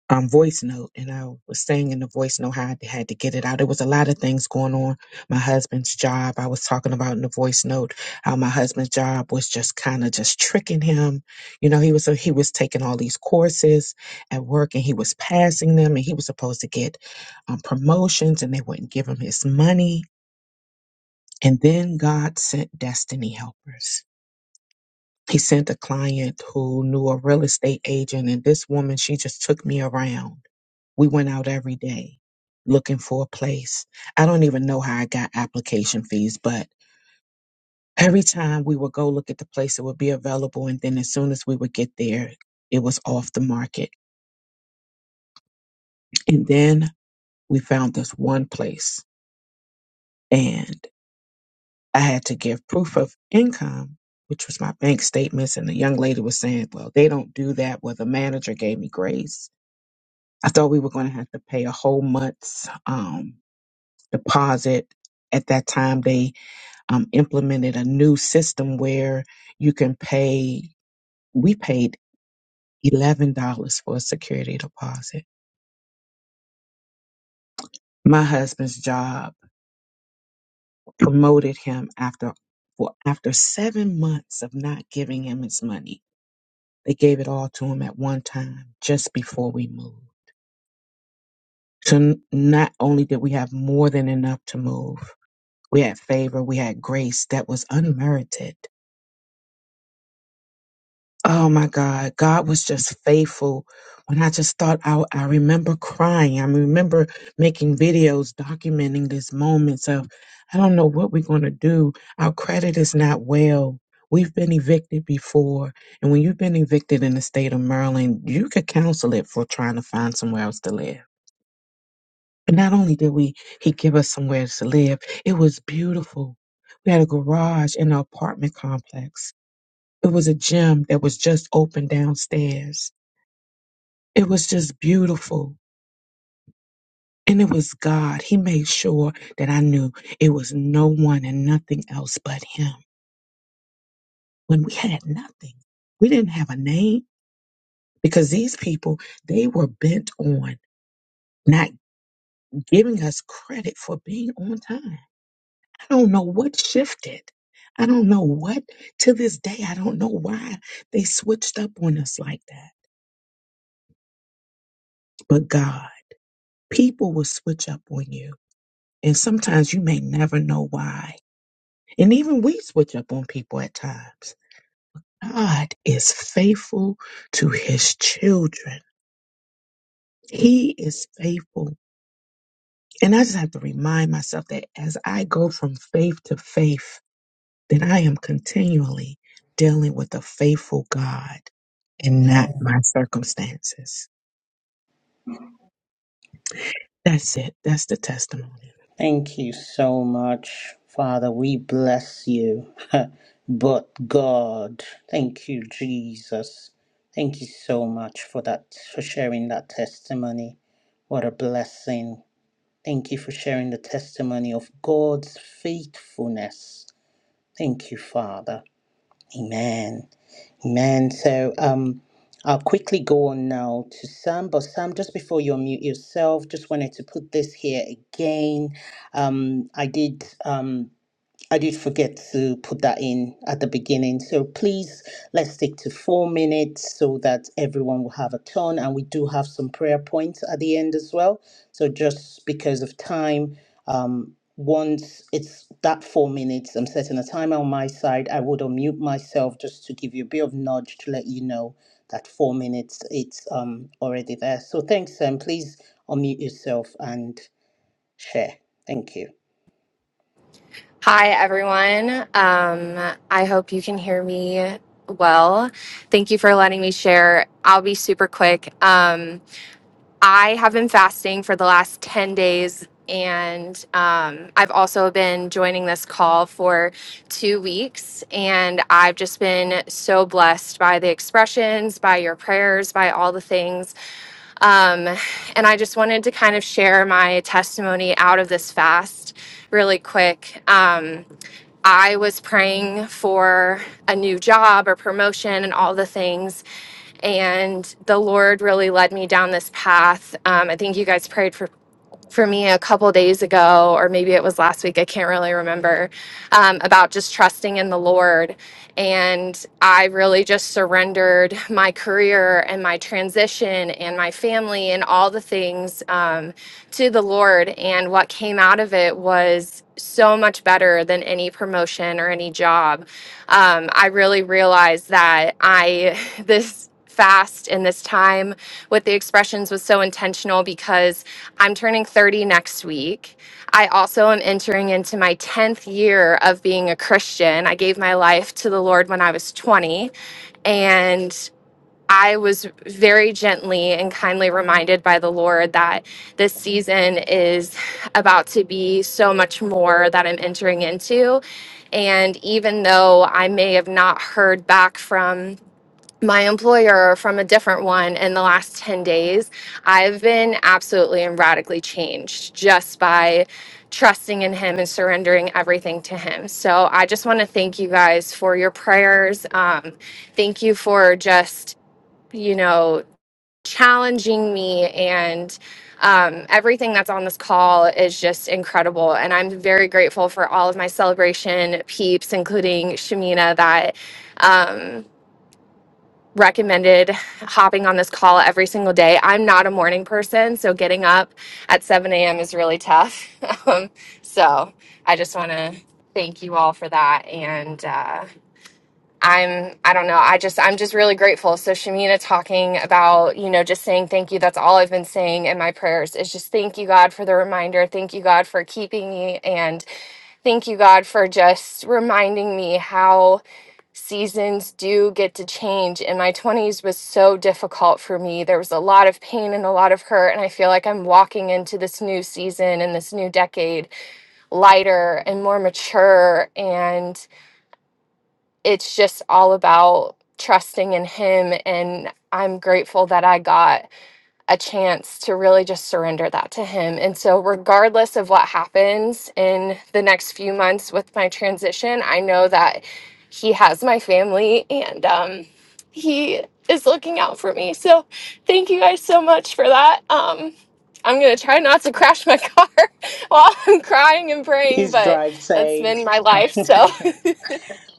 G: um, voice note, and I was saying in the voice note how I had to get it out. There was a lot of things going on. My husband's job, I was talking about in the voice note, how my husband's job was just kind of just tricking him. You know, he was so he was taking all these courses at work, and he was passing them, and he was supposed to get um, promotions, and they wouldn't give him his money. And then God sent destiny helpers. He sent a client who knew a real estate agent, and this woman, she just took me around we went out every day looking for a place. I don't even know how I got application fees, but every time we would go look at the place that would be available. And then as soon as we would get there, it was off the market. And then we found this one place and I had to give proof of income, which was my bank statements. And the young lady was saying, well, they don't do that. Well, the manager gave me grace. I thought we were going to have to pay a whole month's um, deposit. At that time, they um, implemented a new system where you can pay. We paid eleven dollars for a security deposit. My husband's job promoted him after well, after seven months of not giving him his money. They gave it all to him at one time just before we moved. So n- not only did we have more than enough to move, we had favor, we had grace that was unmerited Oh my God, God was just faithful. When I just thought out, I remember crying. I remember making videos documenting these moments of, I don't know what we're going to do. Our credit is not well. We've been evicted before. And when you've been evicted in the state of Maryland, you could counsel it for trying to find somewhere else to live. But not only did we, he give us somewhere to live, it was beautiful. We had a garage in an apartment complex it was a gym that was just open downstairs. It was just beautiful. And it was God. He made sure that I knew it was no one and nothing else but Him. When we had nothing, we didn't have a name because these people, they were bent on not giving us credit for being on time. I don't know what shifted. I don't know what to this day. I don't know why they switched up on us like that. But God, people will switch up on you And sometimes you may never know why. And even we switch up on people at times. God is faithful to his children. He is faithful. And I just have to remind myself that as I go from faith to faith, that I am continually dealing with a faithful God and not
B: Amen.
G: my circumstances. That's it. That's the testimony.
B: Thank you so much, Father. We bless you. but God, thank you, Jesus. Thank you so much for that, for sharing that testimony. What a blessing. Thank you for sharing the testimony of God's faithfulness. Thank you, Father. Amen. Man, so um, I'll quickly go on now to Sam. But Sam, just before you unmute yourself, just wanted to put this here again. Um, I did. Um, I did forget to put that in at the beginning. So please, let's stick to four minutes so that everyone will have a turn. And we do have some prayer points at the end as well. So just because of time, um, once it's that four minutes, I'm setting a timer on my side. I would unmute myself just to give you a bit of nudge to let you know that four minutes it's um already there. So thanks, Sam. Please unmute yourself and share. Thank you.
H: Hi, everyone. Um, I hope you can hear me well. Thank you for letting me share. I'll be super quick. Um, I have been fasting for the last 10 days, and um, I've also been joining this call for two weeks. And I've just been so blessed by the expressions, by your prayers, by all the things. Um, and I just wanted to kind of share my testimony out of this fast really quick. Um, I was praying for a new job or promotion and all the things. And the Lord really led me down this path. Um, I think you guys prayed for for me a couple days ago, or maybe it was last week, I can't really remember, um, about just trusting in the Lord. And I really just surrendered my career and my transition and my family and all the things um, to the Lord. And what came out of it was so much better than any promotion or any job. Um, I really realized that I, this, fast and this time with the expressions was so intentional because I'm turning 30 next week. I also am entering into my 10th year of being a Christian. I gave my life to the Lord when I was 20, and I was very gently and kindly reminded by the Lord that this season is about to be so much more that I'm entering into. And even though I may have not heard back from my employer from a different one in the last 10 days, I've been absolutely and radically changed just by trusting in him and surrendering everything to him. So I just want to thank you guys for your prayers. Um, thank you for just, you know, challenging me and um, everything that's on this call is just incredible. And I'm very grateful for all of my celebration peeps, including Shamina, that. Um, recommended hopping on this call every single day. I'm not a morning person, so getting up at 7 a.m. is really tough. Um, so I just want to thank you all for that. And, uh, I'm I don't know. I just I'm just really grateful. So Shamina talking about, you know, just saying thank you. That's all I've been saying in my prayers is just thank you God for the reminder. Thank you God for keeping me and thank you God for just reminding me how seasons do get to change. And my 20s was so difficult for me. There was a lot of pain and a lot of hurt and I feel like I'm walking into this new season and this new decade lighter and more mature and it's just all about trusting in him and I'm grateful that I got a chance to really just surrender that to him. And so regardless of what happens in the next few months with my transition, I know that he has my family and um he is looking out for me. So thank you guys so much for that. Um I'm going to try not to crash my car while I'm crying and praying,
B: Please
H: but
B: drive
H: that's
B: safe.
H: been my life. So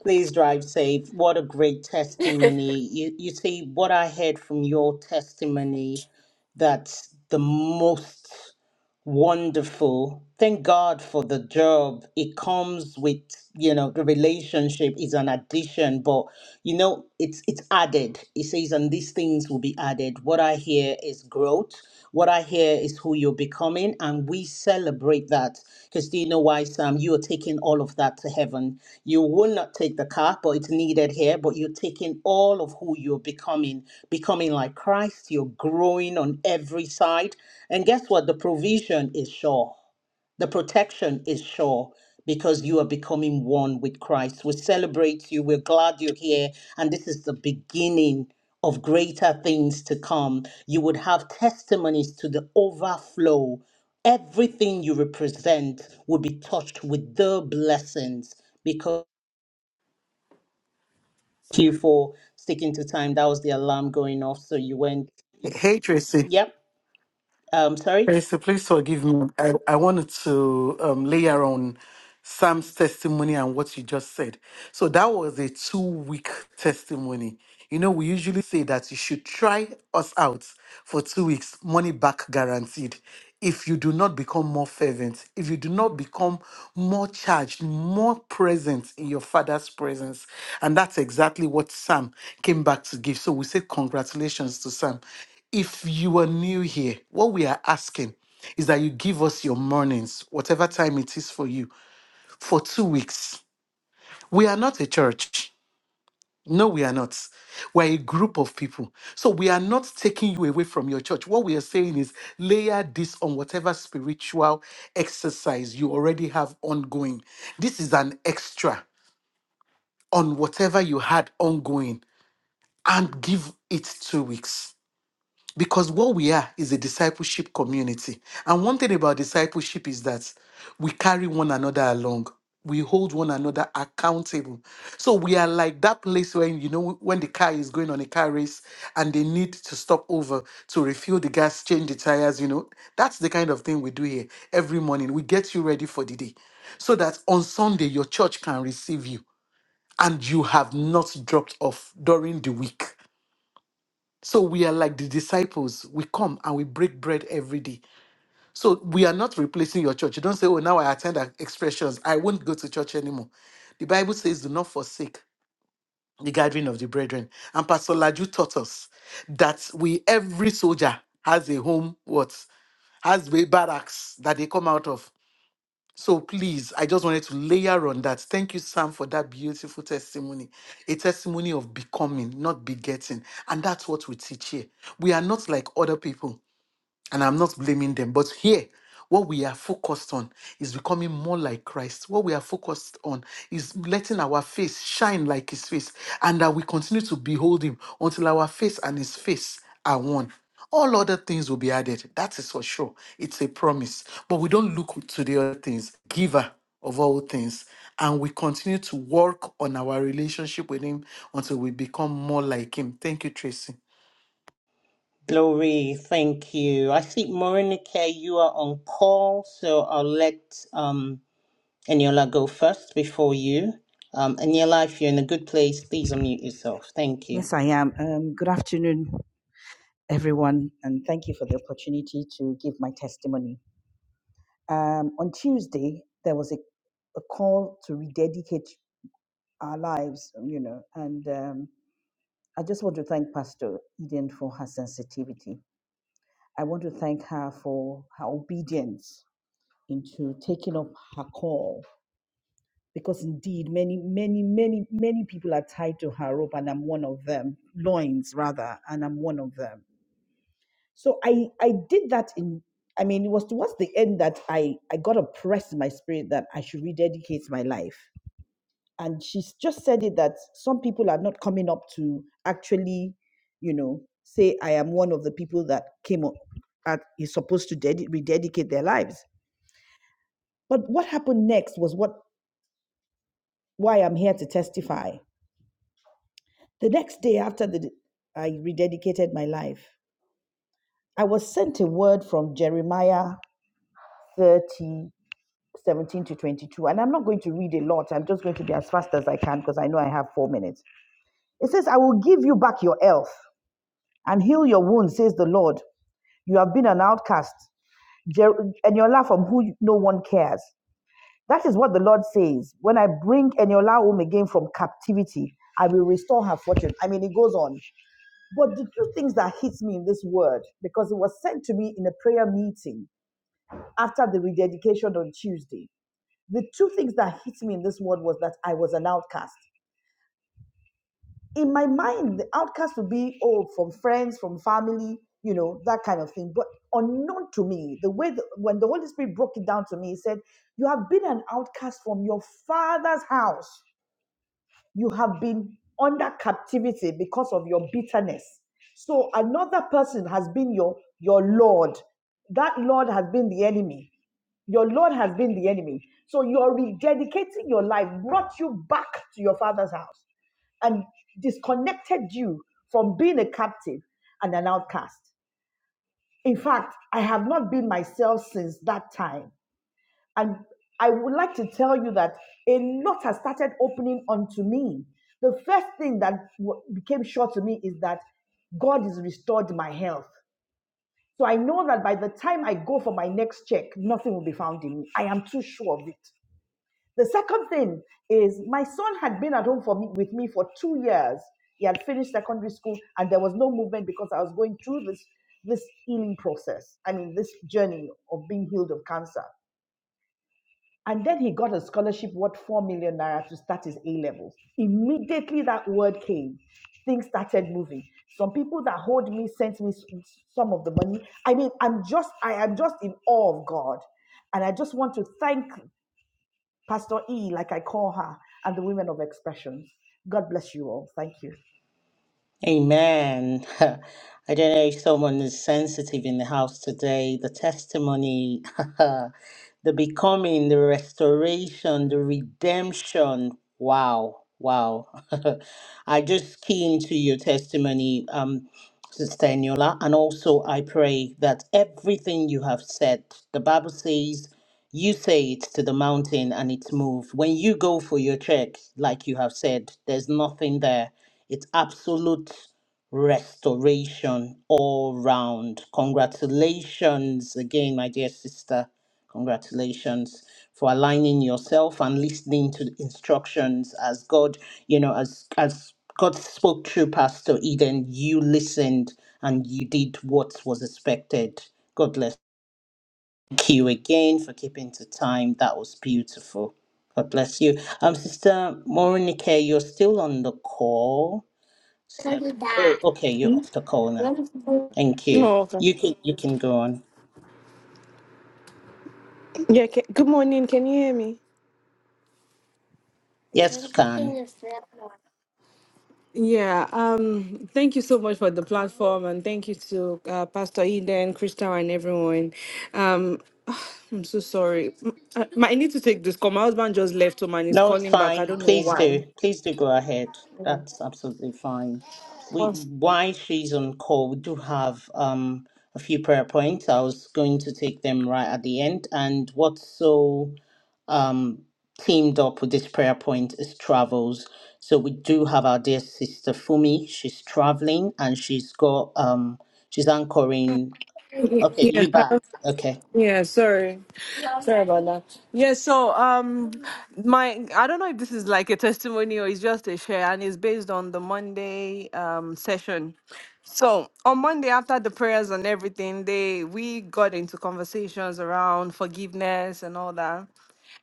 B: Please drive safe. What a great testimony. You, you see, what I heard from your testimony that's the most wonderful. Thank God for the job. It comes with, you know, the relationship is an addition, but you know, it's it's added. It says, and these things will be added. What I hear is growth. What I hear is who you're becoming, and we we celebrate that. Because do you know why, Sam? You are taking all of that to heaven. You will not take the car, but it's needed here. But you're taking all of who you're becoming, becoming like Christ. You're growing on every side. And guess what? The provision is sure. The protection is sure because you are becoming one with Christ. We celebrate you. We're glad you're here. And this is the beginning of greater things to come. You would have testimonies to the overflow. Everything you represent will be touched with the blessings because you for sticking to time. That was the alarm going off. So you went,
C: Hey Tracy.
B: yep. Um, sorry.
C: Pastor, please forgive me. I, I wanted to um, layer on Sam's testimony and what you just said. So that was a two week testimony. You know, we usually say that you should try us out for two weeks, money back guaranteed. If you do not become more fervent, if you do not become more charged, more present in your father's presence. And that's exactly what Sam came back to give. So we say congratulations to Sam if you are new here, what we are asking is that you give us your mornings, whatever time it is for you, for two weeks. We are not a church. No, we are not. We're a group of people. So we are not taking you away from your church. What we are saying is layer this on whatever spiritual exercise you already have ongoing. This is an extra on whatever you had ongoing and give it two weeks. because what we are is a discipleship community. And one thing about discipleship is that we carry one another along. We hold one another accountable. So we are like that place when you know when the car is going on a car race and they need to stop over to refuel the gas, change the tires, you know. That's the kind of thing we do here every morning. We get you ready for the day so that on Sunday your church can receive you and you have not dropped off during the week. So we are like the disciples. We come and we break bread every day. So we are not replacing your church. You don't say, oh, now I attend our expressions. I won't go to church anymore. The Bible says, do not forsake the gathering of the brethren. And Pastor Laju taught us that we, every soldier has a home, what? Has a barracks that they come out of. So please, I just wanted to layer on that. Thank you, Sam, for that beautiful testimony. A testimony of becoming, not begetting. And that's what we teach here. We are not like other people. And I'm not blaming them. But here, what we are focused on is becoming more like Christ. What we are focused on is letting our face shine like his face, and that we continue to behold him until our face and his face are one. All other things will be added. That is for sure. It's a promise. But we don't look to the other things. Giver of all things. And we continue to work on our relationship with him until we become more like him. Thank you, Tracy.
B: Glory, thank you. I see, Morinike, you are on call, so I'll let um, Eniola go first before you. Um, Eniola, if you're in a good place, please unmute yourself. Thank you.
I: Yes, I am. Um, good afternoon, everyone, and thank you for the opportunity to give my testimony. Um, on Tuesday, there was a, a call to rededicate our lives, you know, and um, I just want to thank Pastor Eden for her sensitivity. I want to thank her for her obedience into taking up her call because indeed many many many many people are tied to her rope and i'm one of them loins rather and i'm one of them So I I did that in I mean it was towards the end that I I got oppressed in my spirit that I should rededicate my life. And she s- just said it that some people are not coming up to actually, you know, say I am one of the people that came up at is supposed to dedi- rededicate their lives. But what happened next was what why I'm here to testify. The next day after the I rededicated my life, I was sent a word from Jeremiah 30 17 to 22. And I'm not going to read a lot. I'm just going to be as fast as I can because I know I have four minutes. It says, I will give you back your health and heal your wounds, says the Lord. You have been an outcast, Jer- Eniola from who no one cares. That is what the Lord says. When I bring Eniola home again from captivity, I will restore her fortune. I mean, it goes on. But the two things that hits me in this word, because it was sent to me in a prayer meeting after the rededication on Tuesday. the two things that hit me in this world was that I was an outcast. In my mind, the outcast would be, oh, from friends, from family, you know, that kind of thing. But unknown to me, the way the, when the Holy Spirit broke it down to me, he said, You have been an outcast from your father's house you have been under captivity because of your bitterness so another person has been your your lord that lord has been the enemy your lord has been the enemy so you're rededicating your life brought you back to your father's house and disconnected you from being a captive and an outcast in fact i have not been myself since that time and I would like to tell you that a lot has started opening unto me. The first thing that w- became sure to me is that God has restored my health. So I know that by the time I go for my next check, nothing will be found in me. I am too sure of it. The second thing is my son had been at home for me, with me for two years. He had finished secondary school and there was no movement because I was going through this, this healing process. I mean, this journey of being healed of cancer. And then he got a scholarship worth 4 million naira to start his A levels. Immediately that word came, things started moving. Some people that hold me sent me s- some of the money. I mean, I'm just, I am just in awe of God. And I just want to thank Pastor E, like I call her, and the women of expressions. God bless you all. Thank you.
B: Amen. I don't know if someone is sensitive in the house today. The testimony, the becoming, the restoration, the redemption. Wow, wow. I just key into your testimony, um, Sister Eniola, and also I pray that everything you have said, the Bible says, you say it to the mountain and it's moved. When you go for your check, like you have said, there's nothing there it's absolute restoration all round. Congratulations again, my dear sister. Congratulations for aligning yourself and listening to the instructions as God, you know, as as God spoke through Pastor Eden, you listened and you did what was expected. God bless you again for keeping to time. That was beautiful. God bless you. Um, Sister Morinike, you're still on the call. So, oh, okay, you're off the call now. Thank you.
J: Oh, okay.
B: You can you can go on.
J: Yeah. Can, good morning. Can you hear me?
B: Yes, can.
J: Yeah. Um. Thank you so much for the platform, and thank you to uh, Pastor Eden, Crystal, and everyone. Um. I'm so sorry. Mm, I I need to take this call. My husband just left home and he's
B: No, it's
J: calling back. I
B: fine.
J: don't know
B: Please
J: why.
B: do. Please do go ahead. That's absolutely fine. We
J: Oh,
B: while she's on call, we do have um a few prayer points. I was going to take them right at the end. And what's so um teamed up with this prayer point is travels. So we do have our dear sister Fumi. She's traveling and she's got um she's anchoring Okay,
J: Yeah.
B: you back. Okay.
J: Yeah. Sorry. Sorry about that. Yeah, so um my I don't know if this is like a testimony or it's just a share and it's based on the Monday um session. So on Monday after the prayers and everything, they we got into conversations around forgiveness and all that.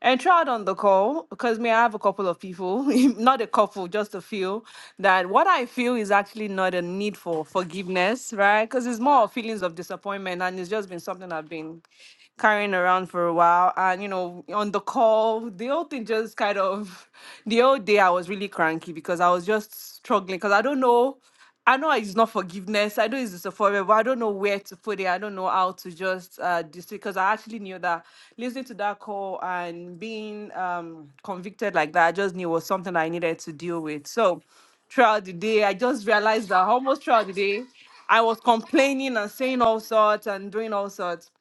J: And throughout on the call, because may I have a couple of people, not a couple, just a few, that what I feel is actually not a need for forgiveness, right? Because it's more of feelings of disappointment, and it's just been something I've been carrying around for a while. And, you know, on the call, the whole thing just kind of, the whole day I was really cranky because I was just struggling because I don't know. I know it's not forgiveness. I know it's disappointment, but I don't know where to put it. I don't know how to just uh dis because I actually knew that listening to that call and being um convicted like that, I just knew was something I needed to deal with. So throughout the day, I just realized that almost throughout the day, I was complaining and saying all sorts and doing all sorts.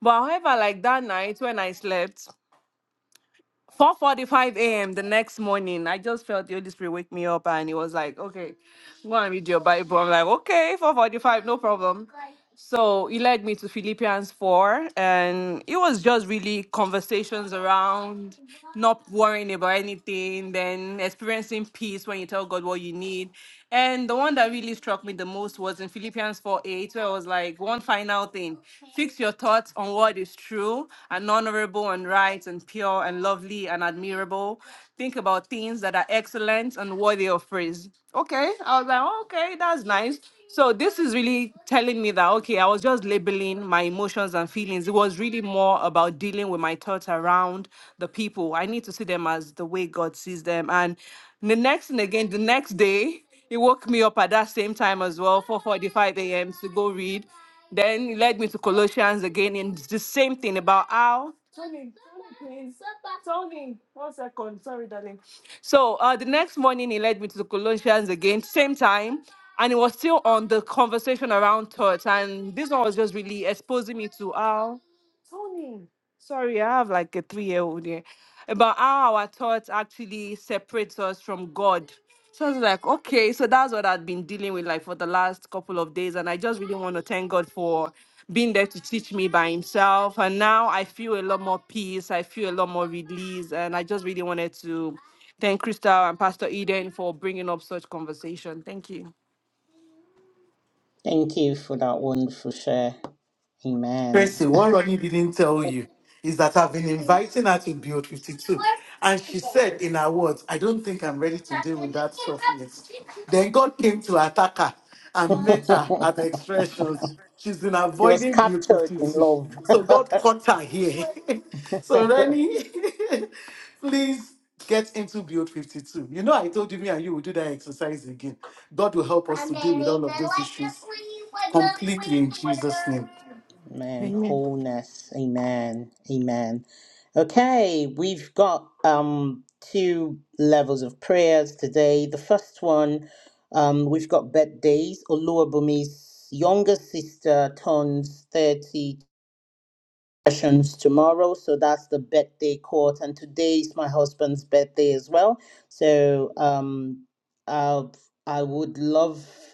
J: But however, like that night when I slept, 4:45 a.m. the next morning, I just felt the Holy Spirit wake me up and it was like, okay, go and read your Bible. I'm like, okay, 4:45, no problem. So he led me to Philippians 4, and it was just really conversations around not worrying about anything, then experiencing peace when you tell God what you need. And the one that really struck me the most was in Philippians 4 8, where it was like, one final thing fix your thoughts on what is true and honorable and right and pure and lovely and admirable. Think about things that are excellent and worthy of praise. Okay. I was like, "Oh, okay, that's nice. So this is really telling me that okay, I was just labeling my emotions and feelings. It was really more about dealing with my thoughts around the people. I need to see them as the way God sees them. And the next thing again, the next day, he woke me up at that same time as well, 4:45 a.m. to go read. Then he led me to Colossians again, and it's the same thing about how. Tony, Tony, please. Tony, one second. Sorry, darling. So uh, the next morning, he led me to the Colossians again, same time. And it was still on the conversation around thoughts. And this one was just really exposing me to how Sorry, I have like a three year old here. About how our thoughts actually separates us from God. So I was like, okay, so that's what I've been dealing with like for the last couple of days. And I just really want to thank God for being there to teach me by himself. And now I feel a lot more peace. I feel a lot more release. And I just really wanted to thank Crystal and Pastor Eden for bringing up such conversation. Thank you.
B: Thank you for that wonderful share. Amen.
C: Tracy, what Ronnie didn't tell you is that I've been inviting her to Build 52. And she said, in her words, I don't think I'm ready to deal with that stuff yet. Then God came to attack her
B: she
C: and met her at the expressions. She's been
B: was
C: avoiding Build
B: captured in
C: 52.
B: love.
C: So God caught her here. so, Ronnie, please get into Build 52. You know, I told you, me and you will do that exercise again. God will help us to deal with all of those issues completely in Jesus' name.
B: Man, wholeness. Amen. Amen. Okay, we've got um two levels of prayers today. The first one, um, we've got birthdays. Oluwabumi's younger sister turns thirty. sessions tomorrow. So that's the birthday court. And today is my husband's birthday as well. So um, I'll, I would love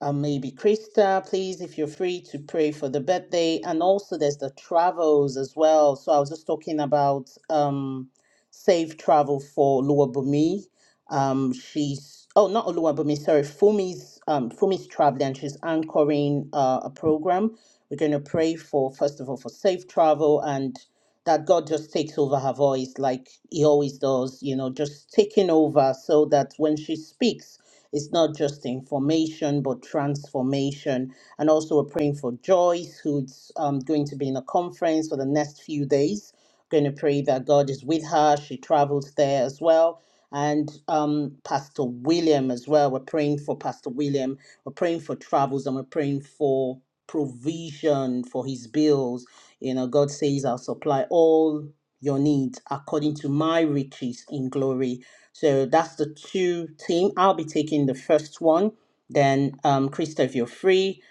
B: and maybe Krista, please, if you're free to pray for the birthday. And also there's the travels as well. So I was just talking about um safe travel for Oluwabumi. Um she's oh not Oluwabumi, sorry, Fumi's um Fumi's traveling and she's anchoring uh, a program. We're gonna pray for first of all for safe travel and that God just takes over her voice like he always does, you know, just taking over so that when she speaks it's not just information, but transformation. And also, we're praying for Joyce, who's um, going to be in a conference for the next few days. Going to pray that God is with her. She travels there as well. And um, Pastor William as well. We're praying for Pastor William. We're praying for travels and we're praying for provision for his bills. You know, God says, I'll supply all your needs according to my riches in glory so that's the two team. I'll be taking the first one. Then, um, Krista, if you're free,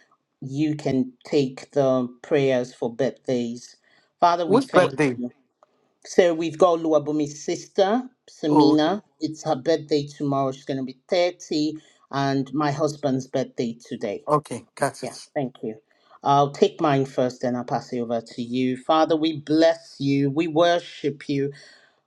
B: you can take the prayers for birthdays. Father, we
C: Whose
B: thank
C: birthday?
B: you. So we've got Luabumi's sister,
C: Oh, okay.
B: Samina. It's her birthday tomorrow. She's going to be 30, and my husband's birthday today.
C: Okay, got
B: Yeah,
C: it.
B: thank you. I'll take mine first, then I'll pass it over to you. Father, we bless you. We worship you.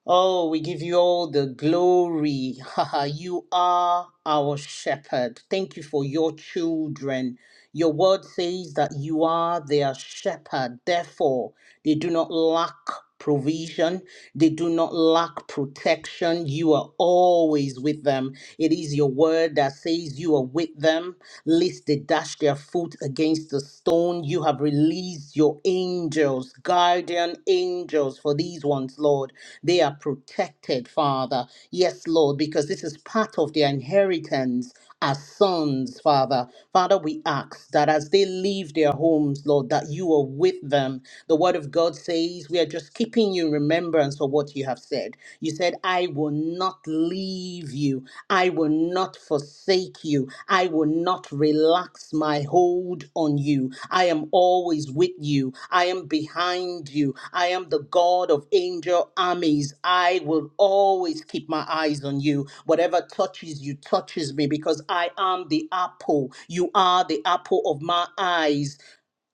B: Oh, we give you all the glory. you are our shepherd. Thank you for your children. Your word says that you are their shepherd. Therefore, they do not lack provision, they do not lack protection. You are always with them. It is your word that says you are with them lest they dash their foot against the stone. You have released your angels, guardian angels for these ones, Lord. They are protected, Father. Yes, Lord, because this is part of their inheritance as sons, Father. Father, we ask that as they leave their homes, Lord, that you are with them. The word of God says we are just keeping you in remembrance for what you have said. You said, I will not leave you. I will not forsake you. I will not relax my hold on you. I am always with you. I am behind you. I am the God of angel armies. I will always keep my eyes on you. Whatever touches you touches me because I am the apple. You are the apple of my eyes.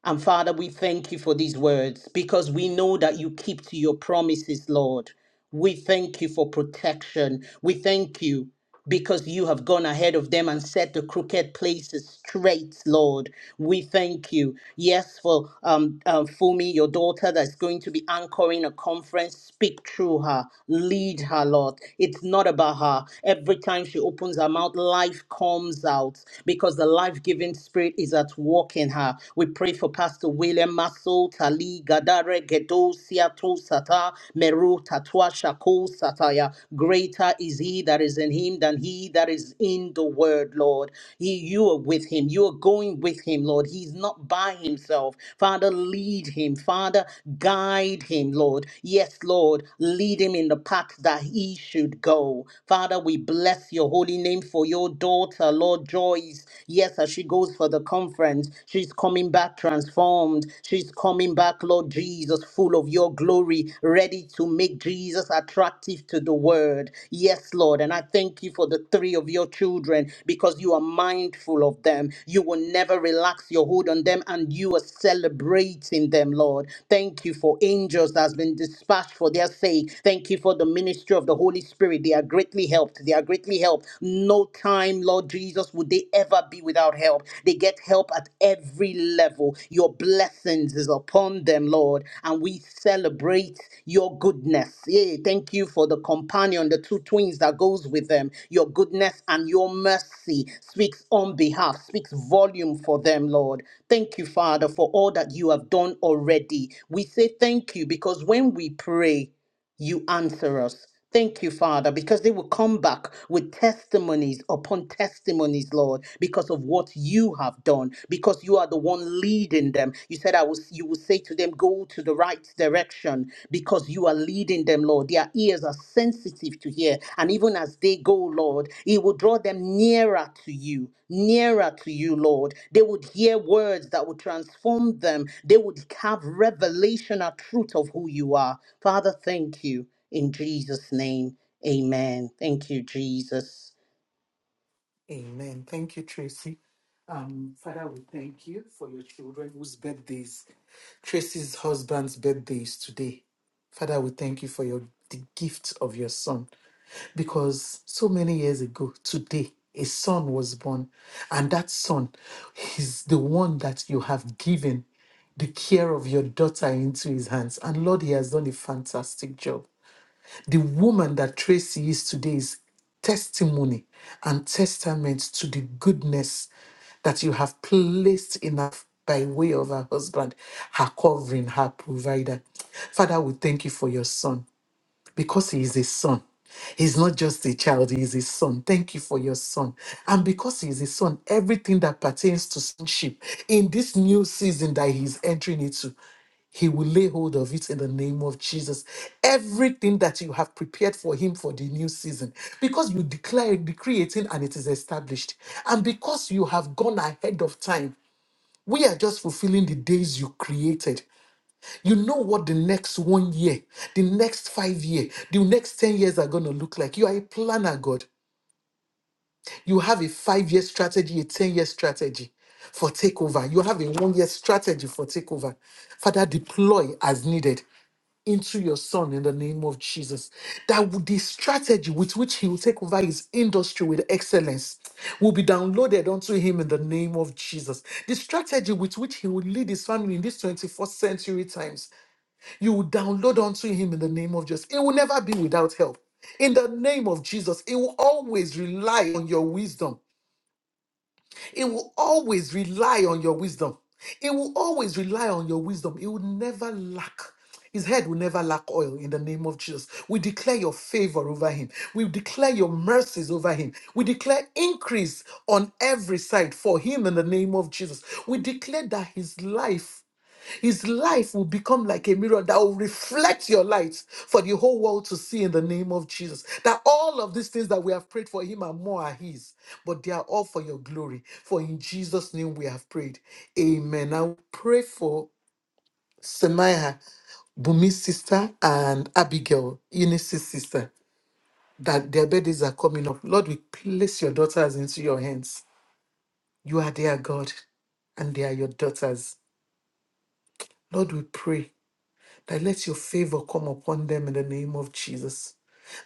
B: And Father, we thank you for these words because we know that you keep to your promises, Lord. We thank you for protection. We thank you because you have gone ahead of them and set the crooked places straight, Lord. We thank you. Yes, for um, um, Fumi, your daughter that's going to be anchoring a conference, speak through her, lead her, Lord. It's not about her. Every time she opens her mouth, life comes out because the life giving spirit is at work in her. We pray for Pastor William Masoul Tali Gadare Gedosia Tosata Meru Tatwa Shako Sataya. Greater is he that is in him than he that is in the word, Lord. He, you are with him. You are going with him, Lord. He's not by himself. Father, lead him. Father, guide him, Lord. Yes, Lord, lead him in the path that he should go. Father, we bless your holy name for your daughter, Lord Joyce. Yes, as she goes goes for the conference. She's coming back transformed. She's coming back, Lord Jesus, full of your glory, ready to make Jesus attractive to the world. Yes, Lord. And I thank you for the three of your children because you are mindful of them. You will never relax your hold on them and you are celebrating them, Lord. Thank you for angels that has been dispatched for their sake. Thank you for the ministry of the Holy Spirit. They are greatly helped. They are greatly greatly helped. No time, Lord Jesus, would they ever be without help. They get help at every level. Your blessings is upon them, Lord, and we celebrate your goodness. Yea, thank you for the companion, the two twins that goes with them. Your goodness and your mercy speaks on behalf, speaks volume for them, Lord. Thank you, Father, for all that you have done already. We say thank you because when we pray, you answer us. Thank you, Father, because they will come back with testimonies upon testimonies, Lord, because of what you have done, because you are the one leading them. You said, I will, you will say to them, go to the right direction because you are leading them, Lord. Their ears are sensitive to year. And even as they go, Lord, it will draw them nearer to you, nearer to you, Lord. They would hear words that would transform them. They would have revelation or truth of who you are. Father, thank you. In Jesus' name, amen. Thank you, Jesus.
C: Amen. Thank you, Tracy. Um, Father, we thank you for your children whose birthdays, Tracy's husband's birthday is today. Father, we thank you for your the gift of your son. Because so many years ago, today, a son was born, and that son is the one that you have given the care of your daughter into his hands. And Lord, he has done a fantastic job. The woman that Tracy is today is testimony and testament to the goodness that you have placed in her by way of her husband, her covering, her provider. Father, we thank you for your son because he is a son. He's not just a child, he is a son. Thank you for your son. And because he is a son, everything that pertains to sonship in this new season that he is entering into. He will lay hold of it in the name of Jesus. Everything that you have prepared for him for the new season, because you declare, decree it in and it is established. And because you have gone ahead of time, we are just fulfilling the days you created. You know what the next one year, the next five year, the next 10 years are going to look like. You are a planner, God. You have a five year strategy, a 10 year strategy for takeover. You have a one year strategy for takeover. Father, deploy as needed into your son in the name of Jesus. That would- the strategy with which he will take over his industry with excellence will be downloaded onto him in the name of Jesus. The strategy with which he will lead his family in these 21st century times, you will download onto him in the name of Jesus. It will never be without help. In the name of Jesus, it will always rely on your wisdom it will always rely on your wisdom. It will always rely on your wisdom. It will never lack. His head will never lack oil in the name of Jesus. We declare your favor over him. We declare your mercies over him. We declare increase on every side for him in the name of Jesus. We declare that his life his life will become like a mirror that will reflect your light for the whole world to see in the name of Jesus. That all of these things that we have prayed for him and more are his, but they are all for your glory. For in Jesus' name we have prayed. Amen. I will pray for Semaya, Bumi's sister, and Abigail, Eunice's sister, that their birthdays are coming up. Lord, we place your daughters into your hands. You are their God, and they are your daughters. Lord, we pray that let your favor come upon them in the name of Jesus.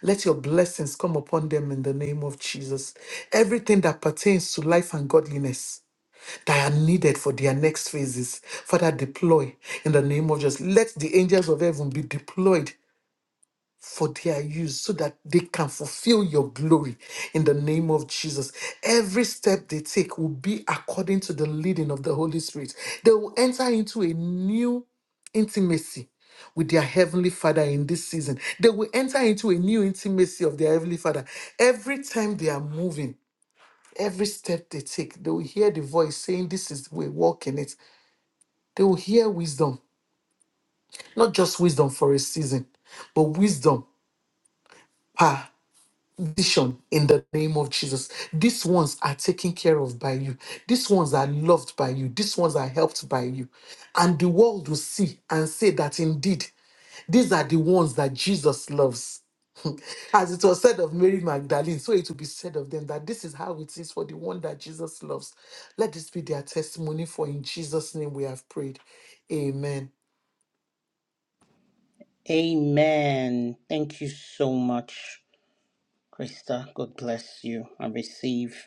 C: Let your blessings come upon them in the name of Jesus. Everything that pertains to life and godliness that are needed for their next phases, Father, deploy in the name of Jesus. Let the angels of heaven be deployed for their use so that they can fulfill your glory in the name of Jesus. Every step they take will be according to the leading of the Holy Spirit. They will enter into a new intimacy with their heavenly father in this season. They will enter into a new intimacy of their heavenly father. Every time they are moving, every step they take, they will hear the voice saying, This is the way, walk in it. They will hear wisdom, not just wisdom for a season, but wisdom Vision in the name of Jesus. These ones are taken care of by you. These ones are loved by you. These ones are helped by you. And the world will see and say that indeed these are the ones that Jesus loves. As it was said of Mary Magdalene, so it will be said of them that this is how it is for the one that Jesus loves. Let this be their testimony, for in Jesus' name we have prayed. Amen.
B: Amen. Thank you so much, Krista. God bless you and receive.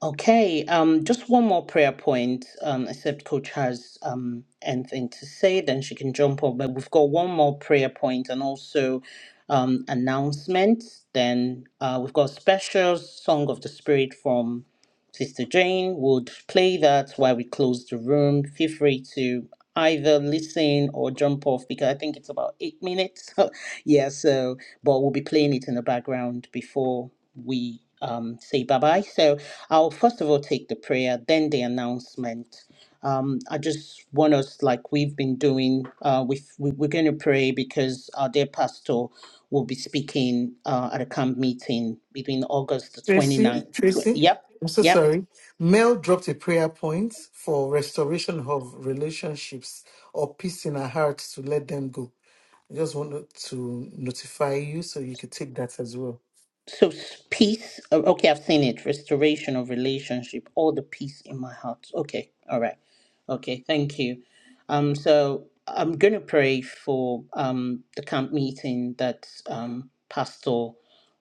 B: Okay, um, just one more prayer point, um, except Coach has um, anything to say, then she can jump up. But we've got one more prayer point and also um, announcement. Then uh, we've got special Song of the Spirit from Sister Jane. Would play that while we close the room. Feel free to either listen or jump off because I think it's about eight minutes. yeah, so, but we'll be playing it in the background before we um, say bye bye. So, I'll first of all take the prayer, then the announcement. Um, I just want us, like we've been doing, uh, we've, we, we're going to pray because our dear pastor will be speaking uh, at a camp meeting between August the
C: Tracy,
B: 29th. Tw-
C: Tracy,
B: yep,
C: I'm so
B: yep.
C: sorry. Mel dropped a prayer point for restoration of relationships or peace in her heart to let them go. I just wanted to notify you so you could take that as well.
B: So s- peace. uh, Okay, I've seen it. Restoration of relationship. All the peace in my heart. Okay, all right. Okay, thank you. Um, so I'm gonna pray for um the camp meeting that um Pastor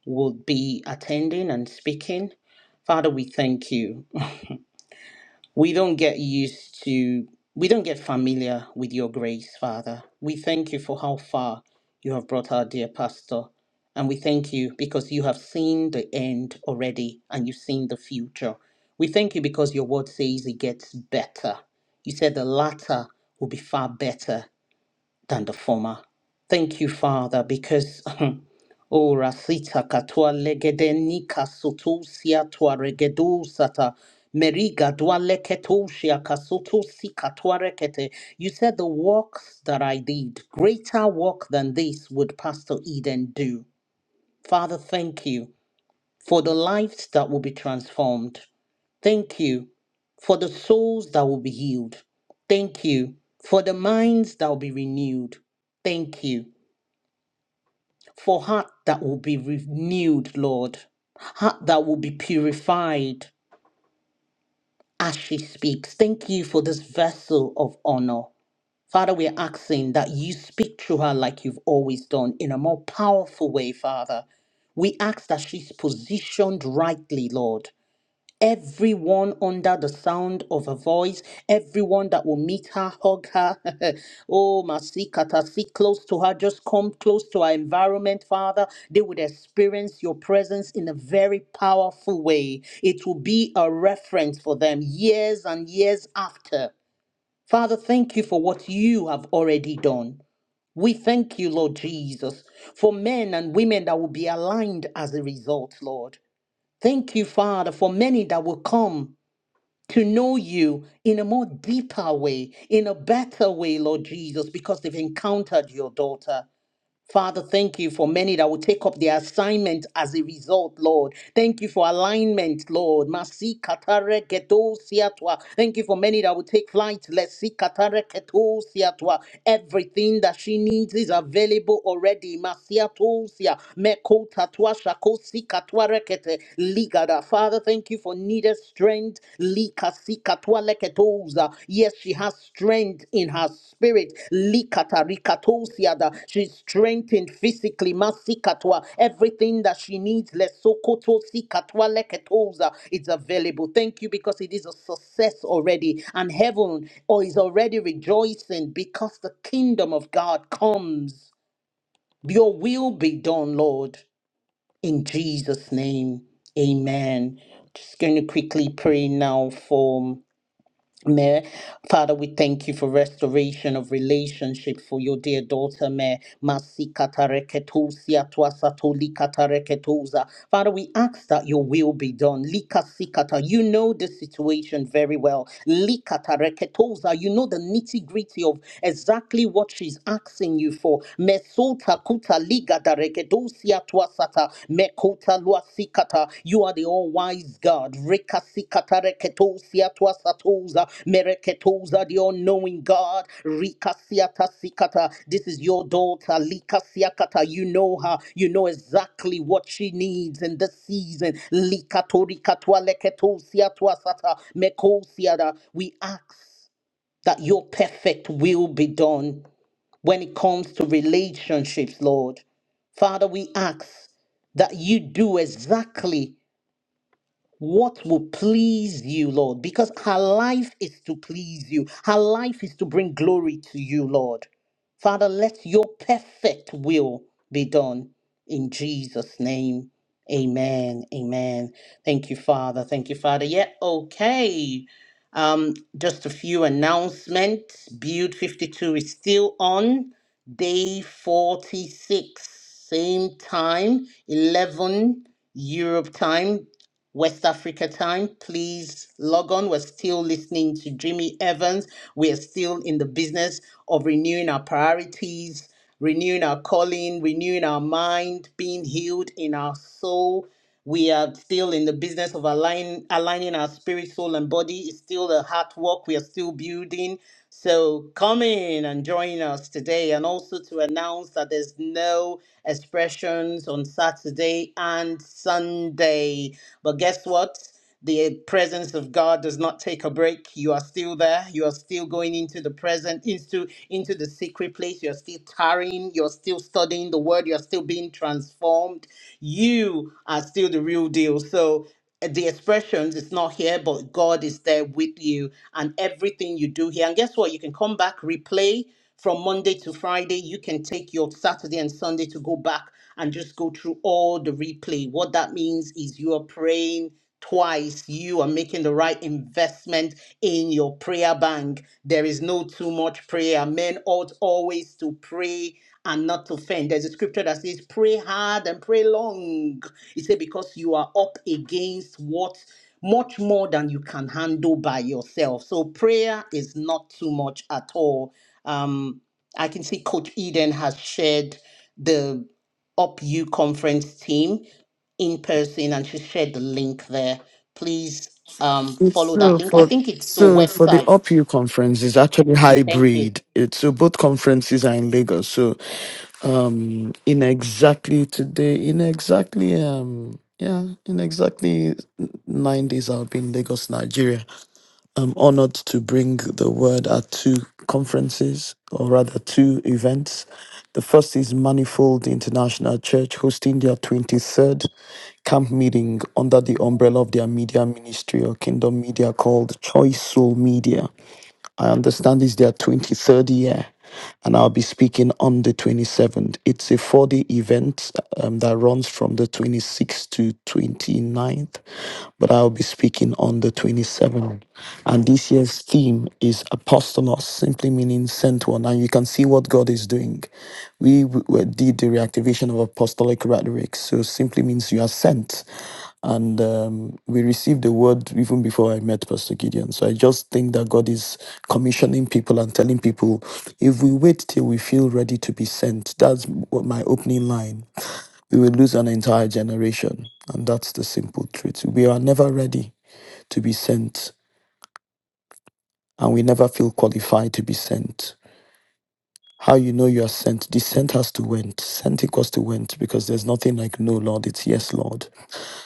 B: will be attending and speaking. Father, we thank you. We don't get used to, we don't get familiar with your grace, Father. We thank you for how far you have brought our dear pastor. And we thank you because you have seen the end already and you've seen the future. We thank you because your word says it gets better. You said the latter will be far better than the former. Thank you, Father, because oh Rasita Katua Legedenika Sotusia Tua Regedu Sata Meriga Dua Leketosia Kasutusi Katua Rekete. You said the works that I did, greater work than this would Pastor Eden do. Father, thank you for the lives that will be transformed. Thank you for the souls that will be healed. Thank you for the minds that will be renewed. Thank you for heart that will be renewed, Lord. Heart that will be purified as she speaks. Thank you for this vessel of honor. Father, we're asking that you speak through her like you've always done in a more powerful way, Father. We ask that she's positioned rightly, Lord. Everyone under the sound of her voice, everyone that will meet her, hug her. oh, Masikata, sit close to her, just come close to her environment, Father. They would experience your presence in a very powerful way. It will be a reference for them years and years after. Father, thank you for what you have already done. We thank you, Lord Jesus, for men and women that will be aligned as a result, Lord. Thank you, Father, for many that will come to know you in a more deeper way, in a better way, Lord Jesus, because they've encountered your daughter. Father, thank you for many that will take up their assignment as a result, Lord. Thank you for alignment, Lord. Masi katare keto siatwa. Thank you for many that will take flight. Let's see katare keto siatwa. Everything that she needs is available already. Masiato sia meko tatwa shako si katwa rekete ligada. Father, thank you for needed strength Lika sika tua leketoza. Yes, she has strength in her spirit. Likata rikatosiada. She's strengthened physically. Masika Everything that she needs. Lesokoto sika tua leketoza. It's available. Thank you because it is a success already. And heaven or is already rejoicing because the kingdom of God comes. Your will be done, Lord. In Jesus' name. Amen. Just going to quickly pray now for Mayor, Father, we thank you for restoration of relationship for your dear daughter, Mayor. Masi katareketusia tuasato likatareketuza. Father, we ask that your will be done. Lika sikata, you know the situation very well. Likatareketuza, you know the nitty gritty of exactly what she's asking you for. Mesota kuta liga Tuasata, Mekuta Luasikata. You are the all wise God. Rikasikata Reketosia Tuasatoza, Mereketosa, the all knowing God. Rikasiata Sikata. This is your daughter, Likasiakata. You know her. You know exactly what she needs in this season. Likatorikatua Leketosia Tuasata, Mekosiada. We ask that your perfect will be done when it comes to relationships, Lord. Father, we ask that you do exactly what will please you, Lord, because her life is to please you. Her life is to bring glory to you, Lord. Father, let your perfect will be done in Jesus' name. Amen. Amen. Thank you, Father. Thank you, Father. Yeah, okay. Um, just a few announcements. Build 52 is still on day 46, same time, 11 Europe time, West Africa time. Please log on. We're still listening to Jimmy Evans. We are still in the business of renewing our priorities, renewing our calling, renewing our mind, being healed in our soul, we are still in the business of align, aligning our spirit, soul, and body. It's still a hard work. We are still building. So come in and join us today. And also to announce that there's no expressions on Saturday and Sunday. But guess what? The presence of God does not take a break. You are still there. You are still going into the present, into, into the secret place. You're still tarrying. You're still studying the word. You're still being transformed. You are still the real deal. So uh, the expressions is not here, but God is there with you and everything you do here. And guess what? You can come back, replay from Monday to Friday. You can take your Saturday and Sunday to go back and just go through all the replay. What that means is you are praying twice. You are making the right investment in your prayer bank. There is no too much prayer. Men ought always to pray and not to faint. There's a scripture that says, Pray hard and pray long. It said, Because you are up against what much more than you can handle by yourself. So prayer is not too much at all. Um, I can see Coach Eden has shared the Up You conference team in person and she shared the link there. Please um, follow that
D: So
B: link. I
D: for
B: think it's to a
D: so for the
B: website.
D: OPU conference is actually
B: Thank you.
D: hybrid. It's so both conferences are in Lagos. So um in exactly today, in exactly um yeah, in exactly nine days I'll be in Lagos, Nigeria. I'm honored to bring the word at two conferences, or rather, two events. The first is Manifold International Church hosting their 23rd camp meeting under the umbrella of their media ministry or kingdom media called Choice Soul Media. I understand it's their 23rd year, and I'll be speaking on the 27th. It's a four day event um, that runs from the 26th to 29th, but I'll be speaking on the 27th. And this year's theme is Apostolos, simply meaning sent one. And you can see what God is doing. We, we did the reactivation of apostolic rhetoric, so simply means you are sent. And um, we received the word even before I met Pastor Gideon. So I just think that God is commissioning people and telling people if we wait till we feel ready to be sent, that's what my opening line, we will lose an entire generation. And that's the simple truth. We are never ready to be sent, and we never feel qualified to be sent. How you know you are sent? The sent has to went. Sent equals to went because there's nothing like no, Lord. It's yes, Lord.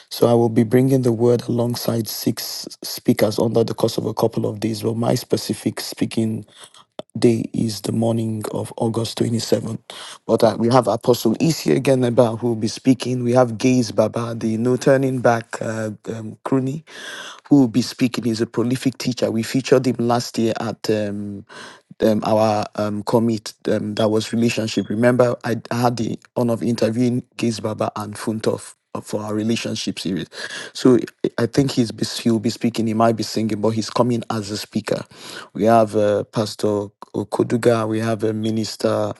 D: So I will be bringing the word alongside six speakers under the course of a couple of days. Well, my specific speaking day is the morning of August 27th. But uh, we have Apostle Isi again about who will be speaking. We have Gaze Baba, the No Turning Back uh, um, crony who will be speaking. He's a prolific teacher. We featured him last year at um, um, our um, commit um, that was relationship. Remember, I I had the honor of interviewing Gaze Baba and Funtov for our relationship series. So I I think he's be, he'll be speaking. He might be singing, but he's coming as a speaker. We have uh, Pastor Okoduga. We have a minister.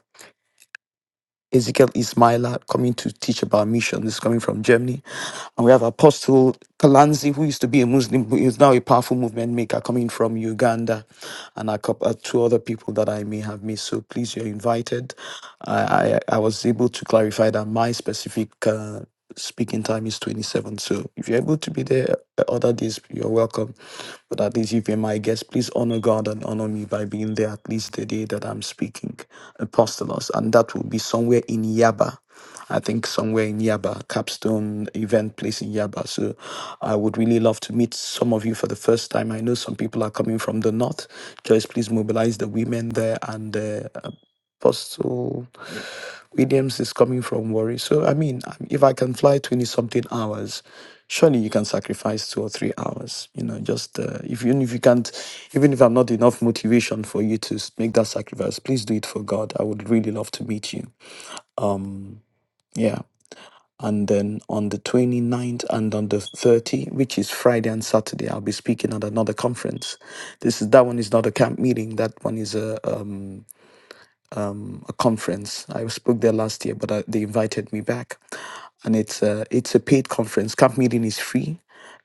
D: Ezekiel Ismaila coming to teach about mission. This is coming from Germany. And we have Apostle Kalanzi, who used to be a Muslim, who is now a powerful movement maker coming from Uganda, and a couple, uh, two other people that I may have missed. So please, you're invited. I, I, I was able to clarify that my specific uh, Speaking time is 27. So if you're able to be there uh, other days, you're welcome. But at least if you're my guest, please honor God and honor me by being there at least the day that I'm speaking, Apostolos. And that will be somewhere in Yaba. I think somewhere in Yaba, capstone event place in Yaba. So I would really love to meet some of you for the first time. I know some people are coming from the north. Joyce, please mobilize the women there and uh, Apostle. Williams is coming from worry, So, I mean, um, if I can fly 20 something hours, surely you can sacrifice two or three hours. You know, just uh, if, even if you can't, even if I'm not enough motivation for you to s- make that sacrifice, please do it for God. I would really love to meet you. Yeah. And then on the 29th and on the 30th, which is Friday and Saturday, I'll be speaking at another conference. This is that one is not a camp meeting. That one is a um, a conference. I spoke there last year, but uh they invited me back, and it's a it's a paid conference. Camp meeting is free.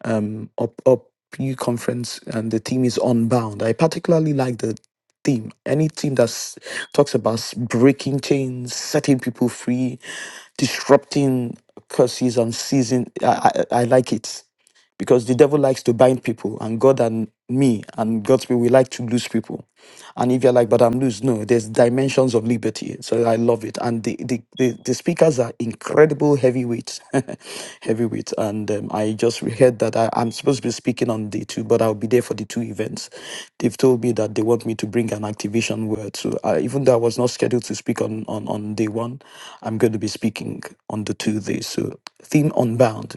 D: Um, up up U conference, and the theme is unbound. I particularly like the theme. Any theme that talks about s- breaking chains, setting people free, disrupting curses and season. I, I I like it because the devil likes to bind people, and God and me and God's people, we like to lose people. And if you're like, but I'm loose, no, there's dimensions of liberty. So I love it. And the the, the, the speakers are incredible heavyweights, heavyweights. And um, I just heard that I, I'm supposed to be speaking on day two, but I'll be there for the two events. They've told me that they want me to bring an activation word. So I, even though I was not scheduled to speak on, on on day one, I'm going to be speaking on the two days. So theme unbound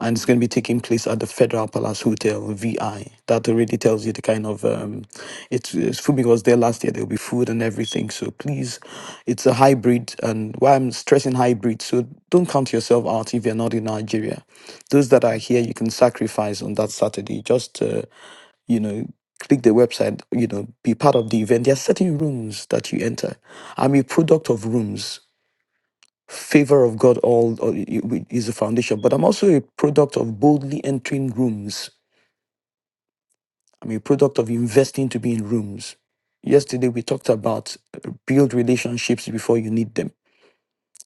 D: and it's going to be taking place at the Federal Palace Hotel VI. That already tells you the kind of um, it's, it's Fumi was there last year. There will be food and everything. So please, it's a hybrid, and why I'm stressing hybrid. So don't count yourself out if you're not in Nigeria. Those that are here, you can sacrifice on that Saturday. Just uh, you know. Click the website, you know, be part of the event. There are certain rooms that you enter. I'm a product of rooms favor of God all all i- i- is the foundation. But I'm also a product of boldly entering rooms. I'm a product of investing to be in rooms. Yesterday we talked about uh, build relationships before you need them.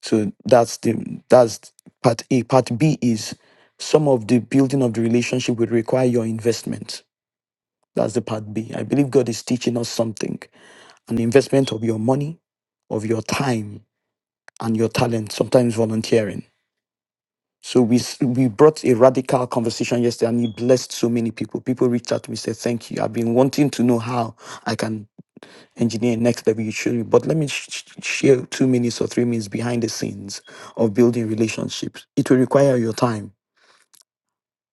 D: So that's the that's part A. Part B is some of the building of the relationship will require your investment. That's the part B. I believe God is teaching us something. An investment of your money, of your time, and your talent, sometimes volunteering So we s- we brought a radical conversation yesterday, and it blessed so many people. People reached out to me, said, "Thank you. I've been wanting to know how I can engineer next level. You showed me, but let me sh- sh- share two minutes or three minutes behind the scenes of building relationships. It will require your time,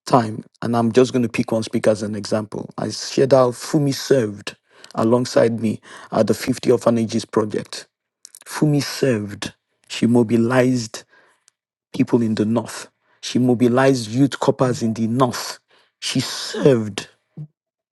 D: time, and I'm just going to pick one speaker as an example. I shared how Fumi served alongside me at the 50 Orphanages project. Fumi served. She mobilized people in the north. She mobilized youth coppers in the north. She served.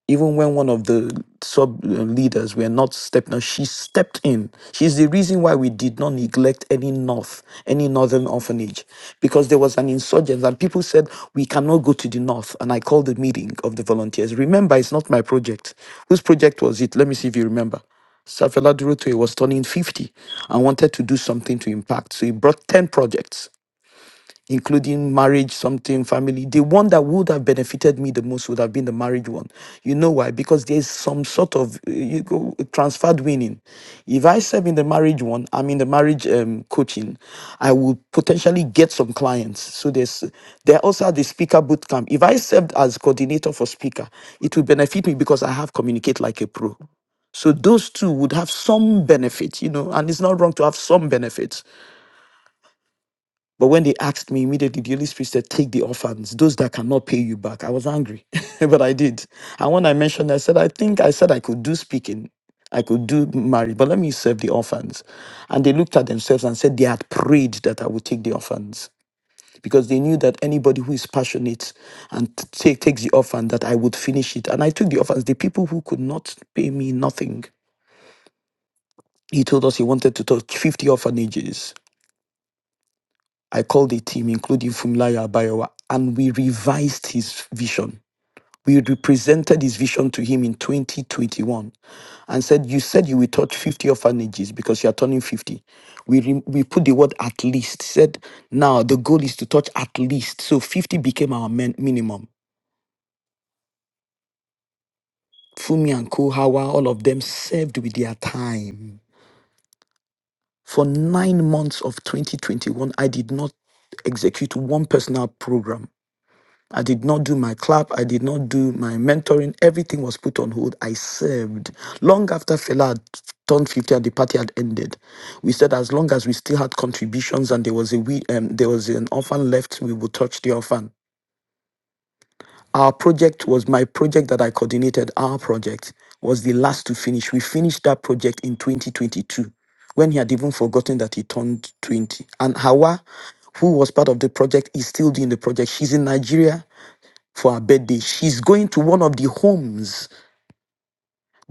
D: Even when one of the sub uh, leaders were not stepping up, she stepped in. She's the reason why we did not neglect any north, any northern orphanage, because there was an insurgent and people said, We cannot go to the north. And I called the meeting of the volunteers. Remember, it's not my project. Whose project was it? Let me see if you remember. Safela Durotoye was turning 50 and wanted to do something to impact. So he brought 10 projects including marriage, something, family. The one that would have benefited me the most would have been the marriage one. You know why? Because there's some sort of uh, you go transferred winning. If I serve in the marriage one, I'm in the marriage um, coaching. I will potentially get some clients. So there's there also the speaker boot camp. If I served as coordinator for speaker, it will benefit me because I have communicate like a pro. So those two would have some benefit, you know, and it's not wrong to have some benefits but when they asked me immediately, the Holy Spirit said, Take the orphans, those that cannot pay you back. I was angry, but I did. And when I mentioned, I said, I think I said I could do speaking, I could do marriage, but let me serve the orphans. And they looked at themselves and said they had prayed that I would take the orphans because they knew that anybody who is passionate and t- take, takes the orphan, that I would finish it. And I took the orphans, the people who could not pay me nothing. He told us he wanted to touch 50 orphanages I called a team, including Fumlayo Abayawa, and we revised his vision. We represented his vision to him in 2021 and said, You said you will touch 50 orphanages because you are turning 50. We, re- we put the word at least, said, Now the goal is to touch at least. So 50 became our min- minimum. Fumi and Kohawa, all of them served with their time. For nine months of 2021, I did not execute one personal program I did not do my clap. I did not do my mentoring. Everything was put on hold. I served. Long after Fela had turned 50 and the party had ended, we said as long as we still had contributions and there was a we um, there was an orphan left, we would touch the orphan. Our project was my project that I coordinated. Our project was the last to finish. We finished that project in 2022 when he had even forgotten that he turned 20. And Hawa, who was part of the project, is still doing the project. She's in Nigeria for her birthday. She's going to one of the homes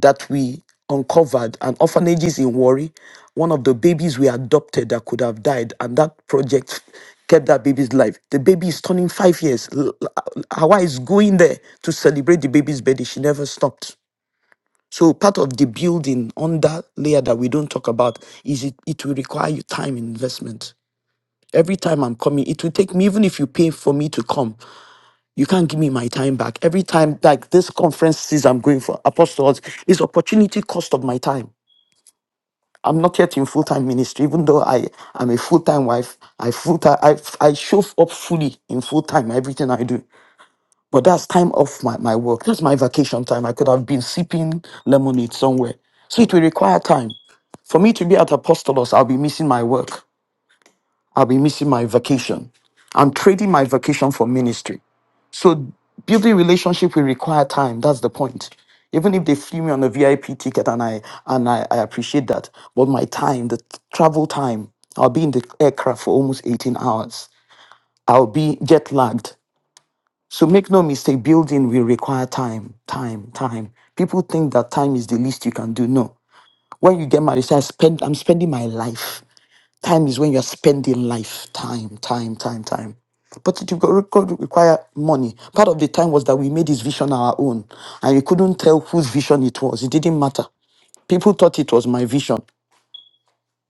D: that we uncovered and orphanages in Wari. One of the babies we adopted that could have died, and that project kept that baby's life. The baby is turning five years. L- l- uh, Hawa is going there to celebrate the baby's birthday. She never stopped. So part of the building on that layer that we don't talk about is it, it will require you time investment. Every time I'm coming, it will take me, even if you pay for me to come, You can't give me my time back. Every time, like this conference says I'm going for apostles, is opportunity cost of my time. I'm not yet in full time ministry, even though I am a full time wife. I full time, I, I show up fully in full time everything I do. But that's time off my, my work. That's my vacation time. I could have been sipping lemonade somewhere. So it will require time. For me to be at Apostolos, I'll be missing my work. I'll be missing my vacation. I'm trading my vacation for ministry. So building relationship will require time. That's the point. Even if they flew me on a VIP ticket and I and I, I appreciate that. But my time, the t- travel time, I'll be in the aircraft for almost 18 hours. I'll be jet lagged. So make no mistake, building will require time, time, time. People think that time is the least you can do. No. When you get married, say, I spend I'm spending my life. Time is when you're spending life. Time, time, time, time. But it will go- require money. Part of the time was that we made his vision our own. And we couldn't tell whose vision it was. It didn't matter. People thought it was my vision.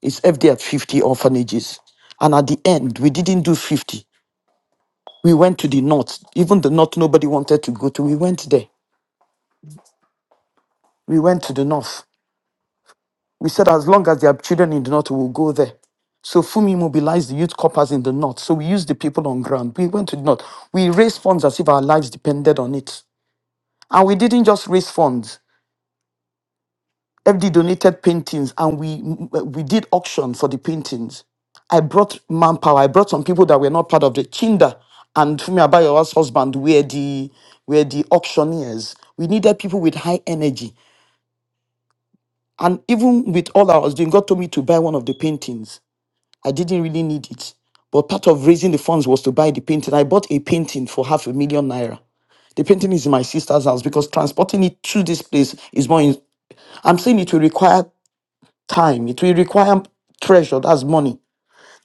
D: It's FD at 50 orphanages. And at the end, we didn't do 50. We went to the north. Even the north, nobody wanted to go to. We went there. We went to the north. We said as long as there are children in the north, we will go there. So Fumi mobilized the youth corpers in the north. So we used the people on ground. We went to the north. We raised funds as if our lives depended on it. And we didn't just raise funds. FD donated paintings and we we did auction for the paintings. I brought manpower. I brought some people that were not part of the Chinda and Fumi Abayowa's husband were the were the auctioneers. We needed people with high energy. And even with all I was doing, God told me to buy one of the paintings. I didn't really need it. But part of raising the funds was to buy the painting. I bought a painting for half a million naira. The painting is in my sister's house because transporting it to this place is more. In, I'm saying it will require time. It will require treasure. That's money.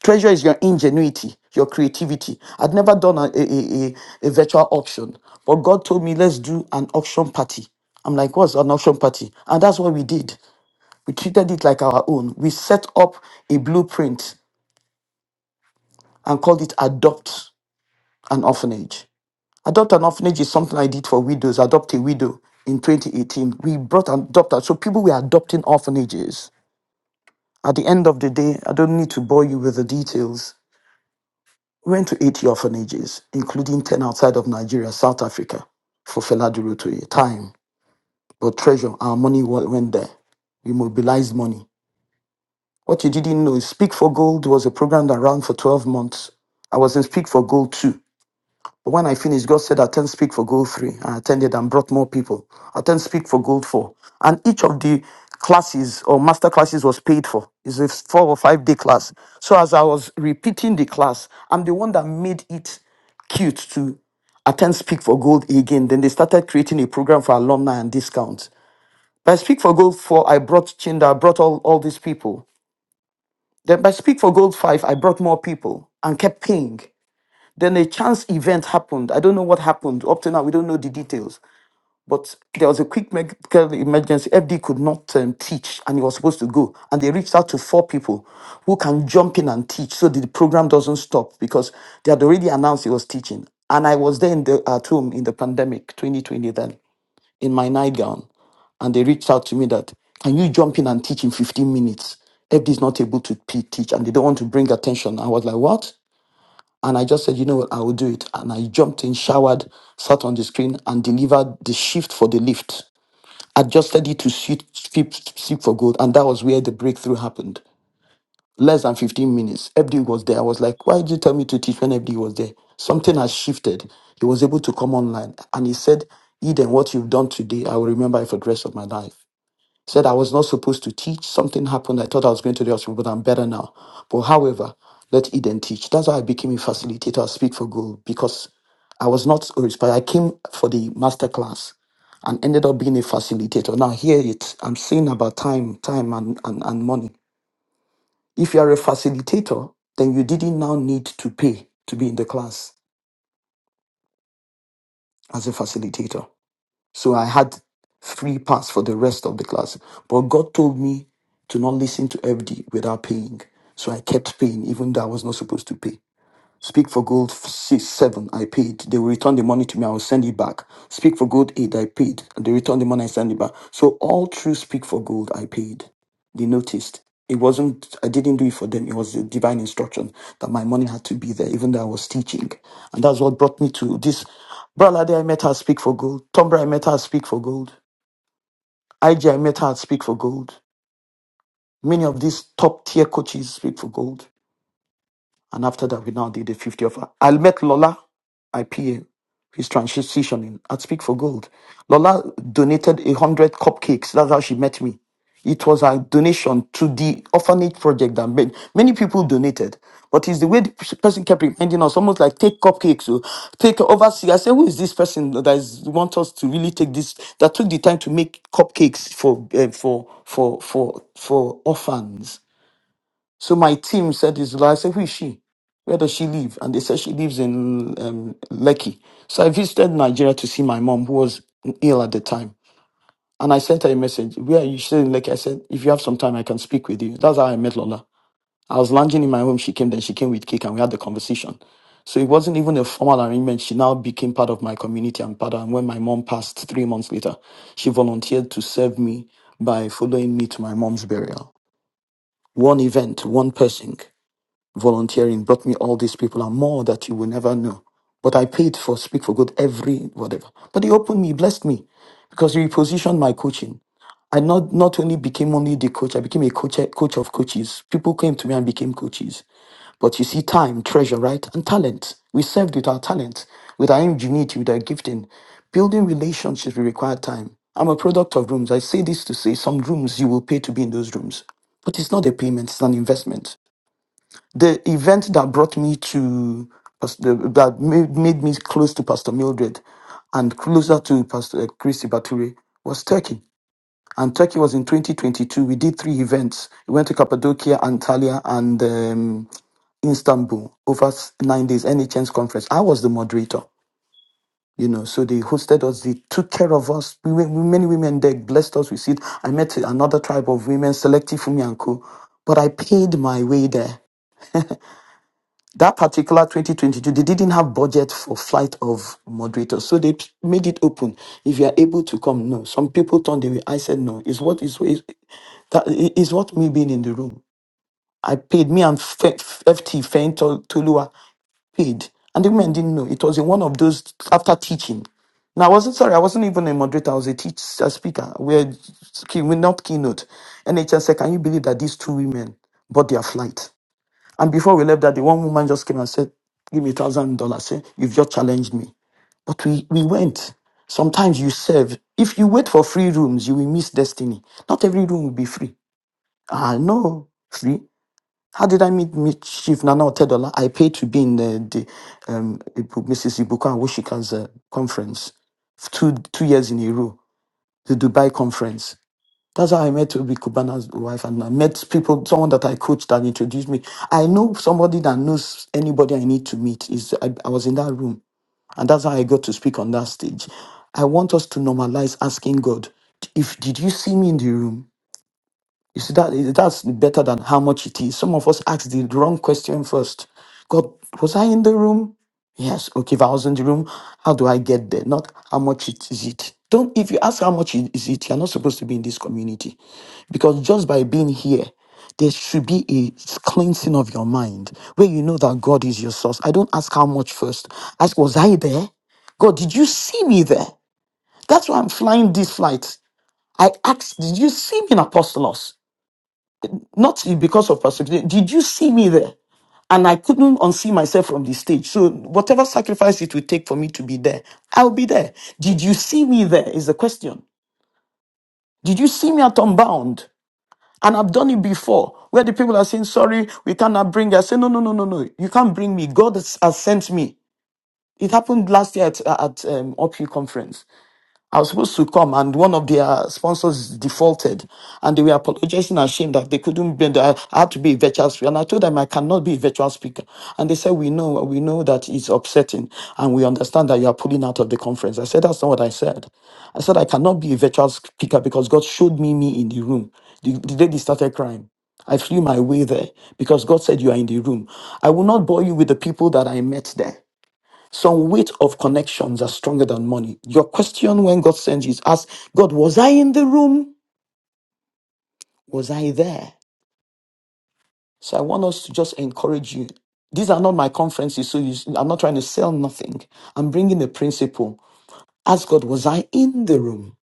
D: Treasure is your ingenuity, your creativity. I'd never done a, a, a, a virtual auction, but God told me, let's do an auction party. I'm like, what's an auction party? And that's what we did. We treated it like our own. We set up a blueprint and called it Adopt. an orphanage. Adopt an orphanage is something I did for widows. Adopt a widow in 2018. We brought an adopter. So people were adopting orphanages. At the end of the day, I don't need to bore you with the details. We went to 80 orphanages, including 10 outside of Nigeria, South Africa, for Fela Durotoye. Time, but treasure, our money wa- went there. We mobilized money. What you didn't know is Speak for Gold was a program that ran for 12 months. I was in Speak for Gold too. When I finished, God said, attend speak for gold three. I attended and brought more people. Attend speak for gold four. And each of the classes or master classes was paid for. It's a four or five day class. So as I was repeating the class, I'm the one that made it cute to attend Speak for Gold again. Then they started creating a program for alumni and discounts. By Speak for Gold 4, I brought Chinda, I brought all, all these people. Then by Speak for Gold 5, I brought more people and kept paying. Then a chance event happened. I don't know what happened. Up to now, we don't know the details. But there was a quick medical emergency. FD could not um, teach and he was supposed to go. And they reached out to four people who can jump in and teach so that the program doesn't stop because they had already announced he was teaching. And I was there in the, at home in the pandemic 2020 then in my nightgown. And they reached out to me that, can you jump in and teach in 15 minutes? FD is not able to p- teach and they don't want to bring attention. I was like, what? And I just said, you know what, I will do it. And I jumped in, showered, sat on the screen, and delivered the shift for the lift. Adjusted it to suit Sleep Sleep for Gold. And that was where the breakthrough happened. Less than 15 minutes. FD was there. I was like, why did you tell me to teach when FD was there? Something has shifted. He was able to come online. And he said, Eden, what you've done today, I will remember it for the rest of my life said I was not supposed to teach. Something happened. I thought I was going to the hospital, but I'm better now. But however, let Eden teach. That's how I became a facilitator at Speak for Gold because I was not a resp- I came for the master class and ended up being a facilitator. Now here it I'm saying about time, time and, and, and money. If you are a facilitator, then you didn't now need to pay to be in the class as a facilitator So I had free pass for the rest of the class. But God told me to not listen to FD without paying. So I kept paying, even though I was not supposed to pay. Speak for gold six, seven, I paid. They will return the money to me. I will send it back. Speak for gold eight, I paid. They return the money, I send it back. So all through speak for gold, I paid. They noticed. It wasn't, I didn't do it for them. It was the divine instruction that my money had to be there, even though I was teaching. And that's what brought me to this. Bralade, I met her at speak for gold. Tombra, I met her at speak for gold. IG, I met her at speak for gold. Many of these top tier coaches speak for gold. And after that, we now did the 50 offer. I met Lola, IPA, who's transitioning at Speak for Gold. Lola donated a 100 cupcakes. That's how she met me. It was a donation to the orphanage project that made many people donated. But it's the way the p- person kept reminding us, almost like take cupcakes or take oversee. I said, who is this person that is want us to really take this? That took the time to make cupcakes for uh, for for for for orphans so my team said this. girl. I said, who is she? Where does she live? And they said she lives in um, Lekki. So I visited Nigeria to see my mom, who was ill at the time. And I sent her a message. Where are you? She said in Lekki. I said, if you have some time, I can speak with you. That's how I met Lola. I was lounging in my home. She came, then she came with cake and we had the conversation. So it wasn't even a formal arrangement. She now became part of my community and part of, and when my mom passed three months later, she volunteered to serve me by following me to my mom's burial. One event, one person volunteering brought me all these people and more that you will never know. But I paid for Speak for Good every whatever. But he opened me, he blessed me because he repositioned my coaching. I not, not only became only the coach, I became a coach, coach of coaches. People came to me and became coaches. But you see, time, treasure, right? And talent. We served with our talent, with our ingenuity, with our gifting. Building relationships will require time. I'm a product of rooms. I say this to say some rooms you will pay to be in those rooms. But it's not a payment, it's an investment the event that brought me to Pas- the- that made, made me close to Pastor Mildred and closer to Pastor eh, Christy Bature was Turkey. And Turkey was in 2022. We did three events. We went to Cappadocia, Antalya, and um, Istanbul over s- nine days, NHN's conference. I was the moderator, you know, so they hosted us, they took care of us. We, were- many women there blessed us with seat. I met another tribe of women, Selective Fumi and Co. But I paid my way there that particular 2022 they didn't have budget for flight of moderators so they p- made it open if you are able to come no some people turned away i said no it's what is is that i- is what me being in the room i paid me and Fe- ft Feyin Tol tolua paid and the women didn't know it was in one of those after teaching now i wasn't sorry i wasn't even a moderator i was a teach a speaker we're, key- we're not keynote nhs said can you believe that these two women bought their flight and before we left that, the one woman just came and said, Give me a thousand dollars. Say, You've just challenged me. But we, we went. Sometimes you serve. If you wait for free rooms, you will miss destiny. Not every room will be free. Ah, no, free. How did I meet, meet Chief Nana Otedola? I paid to be in the, the um, Ibu- Mrs. Ibuka Woshika's uh, conference, two, two years in a row, the Dubai conference. That's how I met Ruby Kubana's wife, and I met people, someone that I coached that introduced me. I know somebody that knows anybody I need to meet. Is I, I was in that room, and that's how I got to speak on that stage. I want us to normalize asking God, if did you see me in the room? You see, that that's better than how much it is. Some of us ask the wrong question first. God, was I in the room? Yes. Okay, if I was in the room, how do I get there? Not how much it is it. Don't if you ask how much it is it, you're not supposed to be in this community. Because just by being here, there should be a cleansing of your mind where you know that God is your source. I don't ask how much first. Ask, was I there? God, did you see me there? That's why I'm flying this flight. I asked, did you see me in Apostolos? not because of persecution. Did you see me there? And I couldn't unsee myself from the stage. So whatever sacrifice it would take for me to be there, I'll be there. Did you see me there? Is the question. Did you see me at Unbound? And I've done it before, where the people are saying, sorry, we cannot bring you. I say, no, no, no, no, no. You can't bring me. God has has sent me. It happened last year at, at um, OPU conference. I was supposed to come, and one of their sponsors defaulted, and they were apologizing and ashamed that they couldn't be. that I had to be a virtual speaker, and I told them I cannot be a virtual speaker, and they said we know, we know that it's upsetting, and we understand that you are pulling out of the conference. I said that's not what I said. I said I cannot be a virtual speaker because God showed me me in the room. The, the lady started crying. I flew my way there because God said you are in the room. I will not bore you with the people that I met there. Some weight of connections are stronger than money. Your question when God sends you is ask God, was I in the room? Was I there? So I want us to just encourage you. These are not my conferences, so you, I'm not trying to sell nothing. I'm bringing a principle. Ask God, was I in the room?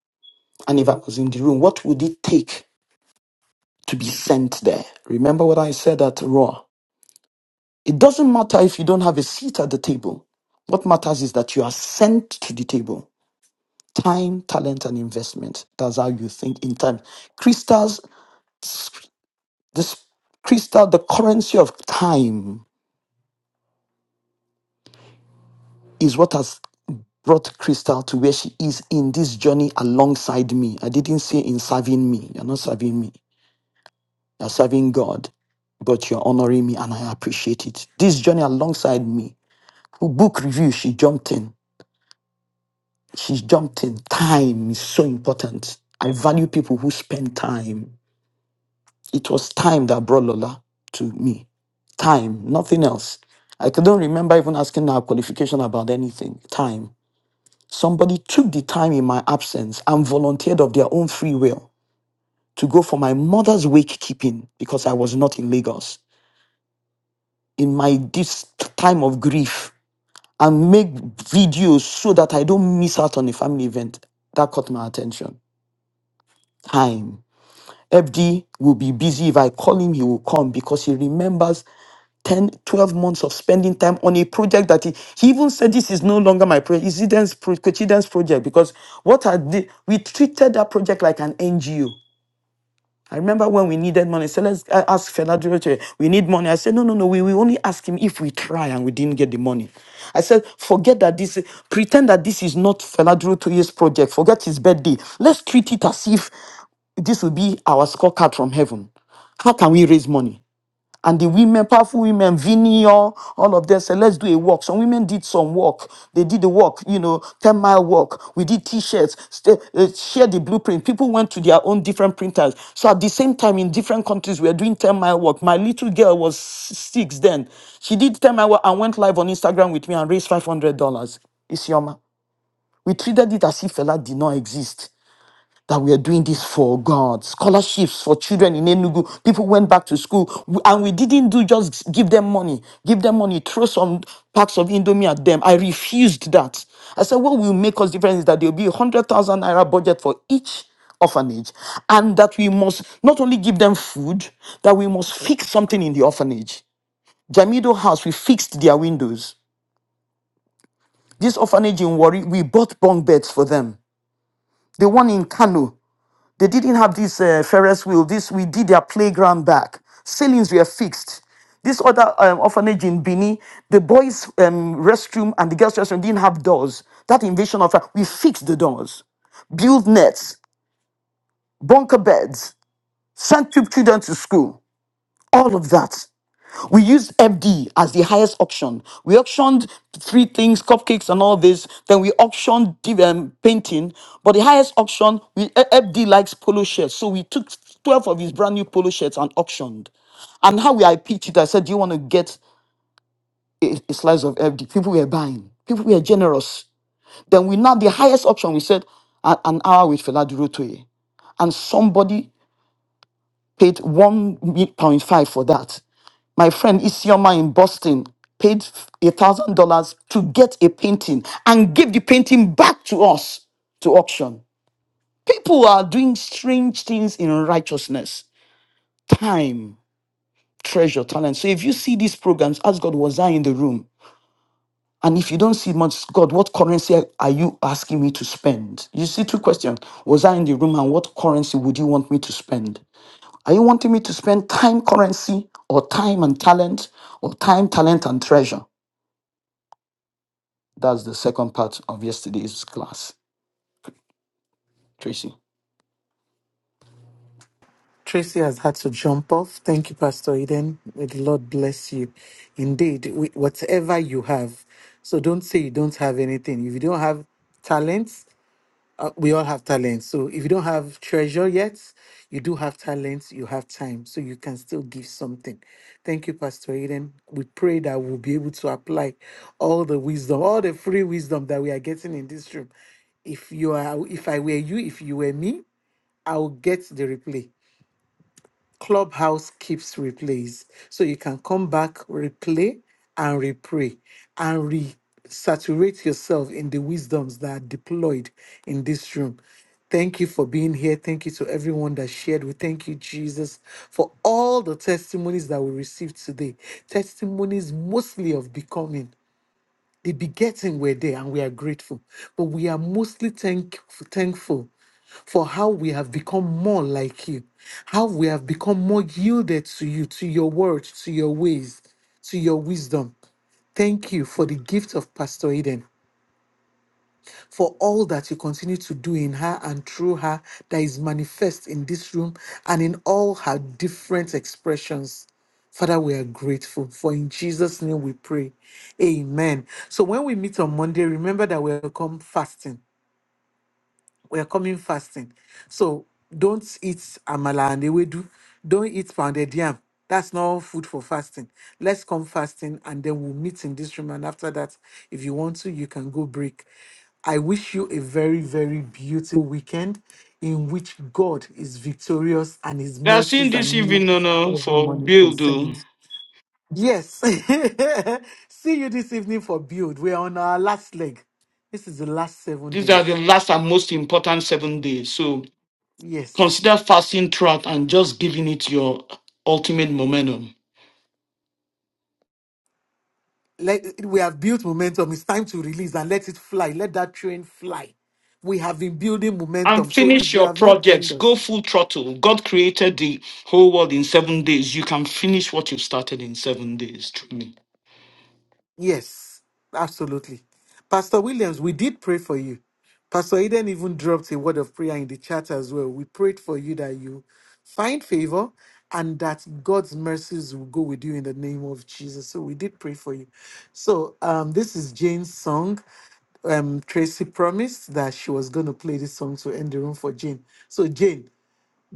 D: And if I was in the room, what would it take to be sent there? Remember what I said at Raw. It doesn't matter if you don't have a seat at the table. What matters is that you are sent to the table. time, talent, and investment. That's how you think in time. Crystals, this crystal, the currency of time is what has brought Crystal to where she is in this journey alongside me. I didn't say in serving me. You're not serving me. You're serving God, but you're honoring me and I appreciate it. This journey alongside me. Book review, she jumped in. She jumped in. Time is so important. I value people who spend time It was time that brought Lola to me. Time, nothing else. I couldn't remember even asking her qualification about anything. Time. Somebody took the time in my absence and volunteered of their own free will to go for my mother's wakekeeping because I was not in Lagos in my this time of grief and make videos so that I don't miss out on a family event. That caught my attention. Time. FD will be busy. If I call him, he will come because he remembers 10, 12 months of spending time on a project that he, he even said this is no longer my project, it's Eden's pro- Kochiden's project because what I did, we treated that project like an NGO. I remember when we needed money. So let's uh, ask Fela Duroche. We need money. I said, no, no, no. We, we only ask him if we try and we didn't get the money. I said, forget that this, pretend that this is not Fela Duroche's project. Forget his birthday. Let's treat it as if this will be our scorecard from heaven. How can we raise money? and the women, powerful women, Vinny, all, all of them said, let's do a walk. Some women did some walk. They did the walk, you know, 10 mile walk. We did t-shirts, st- uh, share the blueprint. People went to their own different printers. So at the same time, in different countries, we were doing 10 mile walk. My little girl was s- six then. She did 10 mile walk and went live on Instagram with me and raised $500. It's Yoma. We treated it as if Fela did not exist that we are doing this for God. Scholarships for children in Enugu. People went back to school we- and we didn't do just give them money, give them money, throw some packs of Indomie at them. I refused that. I said, what will make us different is that there will be a 100,000 naira budget for each orphanage and that we must not only give them food, that we must fix something in the orphanage. Jamido House, we fixed their windows. This orphanage in Warri, we bought bunk beds for them. The one in Kano, They didn't have this uh, Ferris wheel. This we did their playground back. Ceilings were fixed. This other um, orphanage in Bini, the boys' um, restroom and the girls' restroom didn't have doors. That invasion of uh, we fixed the doors, built nets, bunker beds, sent chil- children to school. All of that. We used FD as the highest auction. We auctioned three things, cupcakes and all this. Then we auctioned div- um, painting. But the highest auction, we, eh, FD likes polo shirts. So we took 12 of his brand new polo shirts and auctioned. And how we I pitched it, I said, do you want to get a, a slice of FD? People were buying. People were generous. Then we now, the highest auction, we said, a- an hour with Fela Durotoye. And somebody paid one point five for that my friend Isioma in Boston paid a thousand dollars to get a painting and gave the painting back to us to auction. People are doing strange things in righteousness. Time, treasure, talent. So if you see these programs, ask God, was I in the room? And if you don't see much, God, what currency are you asking me to spend? You see, two questions. Was I in the room and what currency would you want me to spend? Are you wanting me to spend time currency or time and talent or time, talent and treasure? That's the second part of yesterday's class, Tracy.
C: Tracy has had to jump off. Thank you, Pastor Eden. May the Lord bless you. Indeed, wi- whatever you have. So don't say you don't have anything. If you don't have talent, we all have talent. So if you don't have treasure yet, you do have talent, you have time, so you can still give something. Thank you, Pastor Eden. We pray that we'll be able to apply all the wisdom, all the free wisdom that we are getting in this room. If you are if I were you, if you were me, I will get the replay. Clubhouse keeps replays. So you can come back, replay, and repray, and re saturate yourself in the wisdoms that are deployed in this room. Thank you for being here. Thank you to everyone that shared. We thank you, Jesus, for all the testimonies that we received today. Testimonies mostly of becoming. The begetting were there and we are grateful. But we are mostly thank, thankful for how we have become more like you, how we have become more yielded to you, to your word, to your ways, to your wisdom. Thank you for the gift of Pastor Eden for all that you continue to do in her and through her that is manifest in this room and in all her different expressions. Father, we are grateful. For in Jesus' name we pray. Amen. So when we meet on Monday, remember that we will come fasting we're coming fasting. So don't eat amala and ewedu. Don't eat pounded yam. That's not food for fasting. Let's come fasting and then we'll meet in this room. And after that, if you want to, you can go break. I wish you a very, very beautiful weekend in which God is victorious and his
D: That's
C: mercies are new every morning concerning. us. Yes. See you this evening for build. We're on our last leg. This is the last seven
D: the
C: days.
D: the most important seven days. So
C: Yes.
D: consider fasting throughout and just giving it your ultimate momentum.
C: let we have built momentum. It's time to release and let it fly. Let that train fly. We have been building
D: And
C: momentum. So
D: finish
C: if you
D: your
C: have not joined
D: projects.
C: us,
D: Go full throttle. God created the whole world in seven days. You can finish what you started in seven days. Truly.
C: Yes, absolutely. Pastor Williams, we did pray for you. Pastor Eden even dropped a word of prayer in the chat as well. We prayed for you that you find favor and that God's mercies will go with you in the name of Jesus. So we did pray for you. So um, this is Jane's song. Um, Tracy promised that she was going to play this song to end the room for Jane. So, Jane,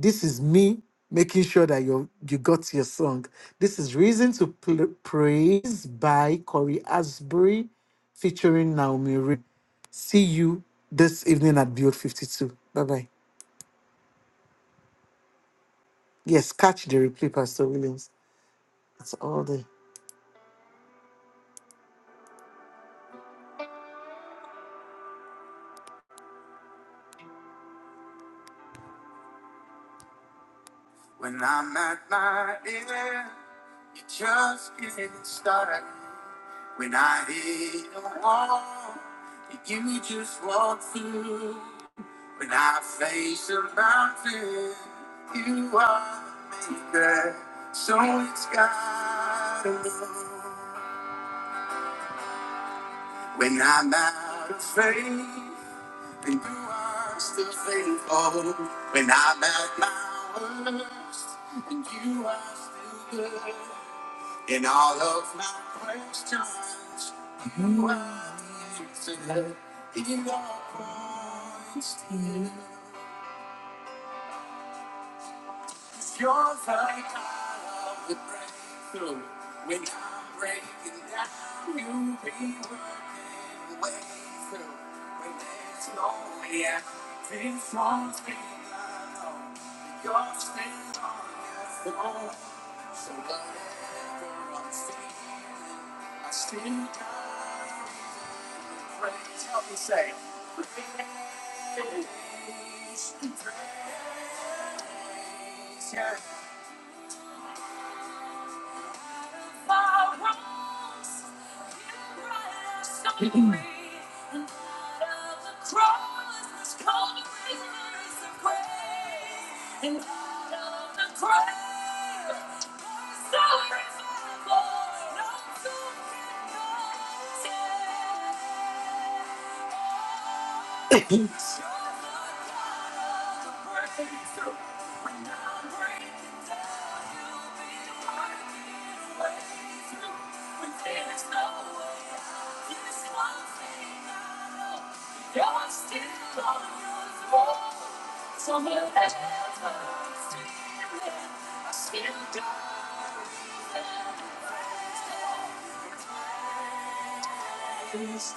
C: this is me making sure that you you got your song. This is Reason to Pl- Praise by Corey Asbury featuring Naomi Reed. See you this evening at Build 52. Bye bye. Yes, catch the replay, Pastor Williams. That's all there. When I'm at my end, you just get started. When I hit a wall, you just walk through. When I face a mountain, you are the maker, so it's gotta move. When I'm out of faith, and you are still faithful. When I'm at my worst, and you are still good. In all of my questions, you are the answer. In all points, you're the God of the breakthrough. When I'm breaking down, you be working way through. When there's no way out, this one thing I know, you're still on your throne. So whatever I'm seeing, I still got. Friends, Help me say. and out of the grave, so revival, no tomb can contain. I still got a reason to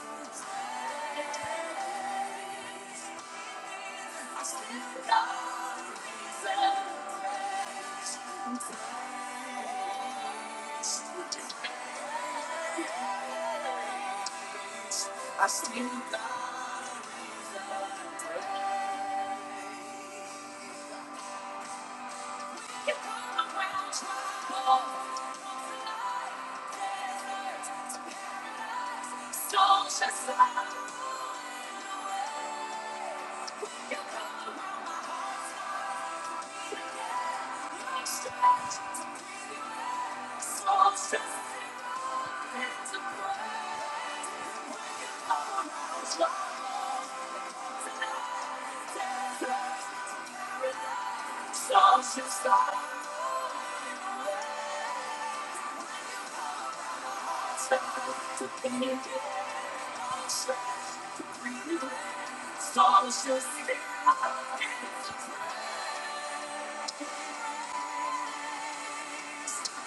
C: breathe. I still got a reason to breathe. You come around, try to break me. I'm a prisoner in paradise. Stole your soul, you come around my heart. Stop.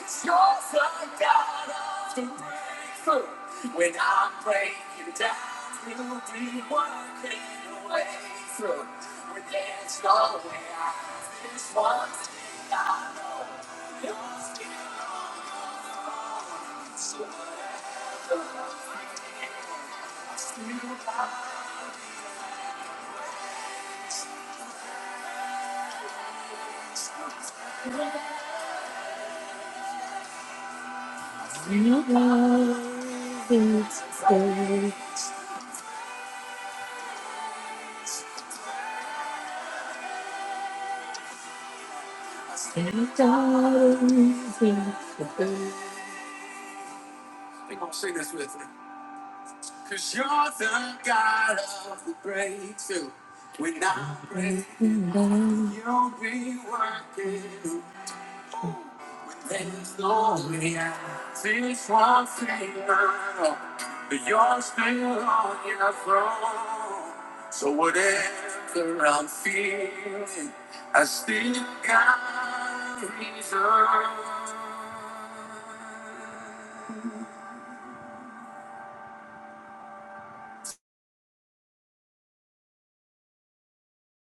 C: Scars i that often break through. When I'm breaking down, you'll be working your way through. When there's no way out, there's one thing I know. You're still on. your own. So whatever I feel, I still got you love it. Stay, stay, darling. We're gonna sing this with me. Cause you're the God of the breakthrough. When I'm breaking, you'll be working. There's no way out. This one thing I know, that you're still on your throne. So whatever I'm feeling, I still got reason.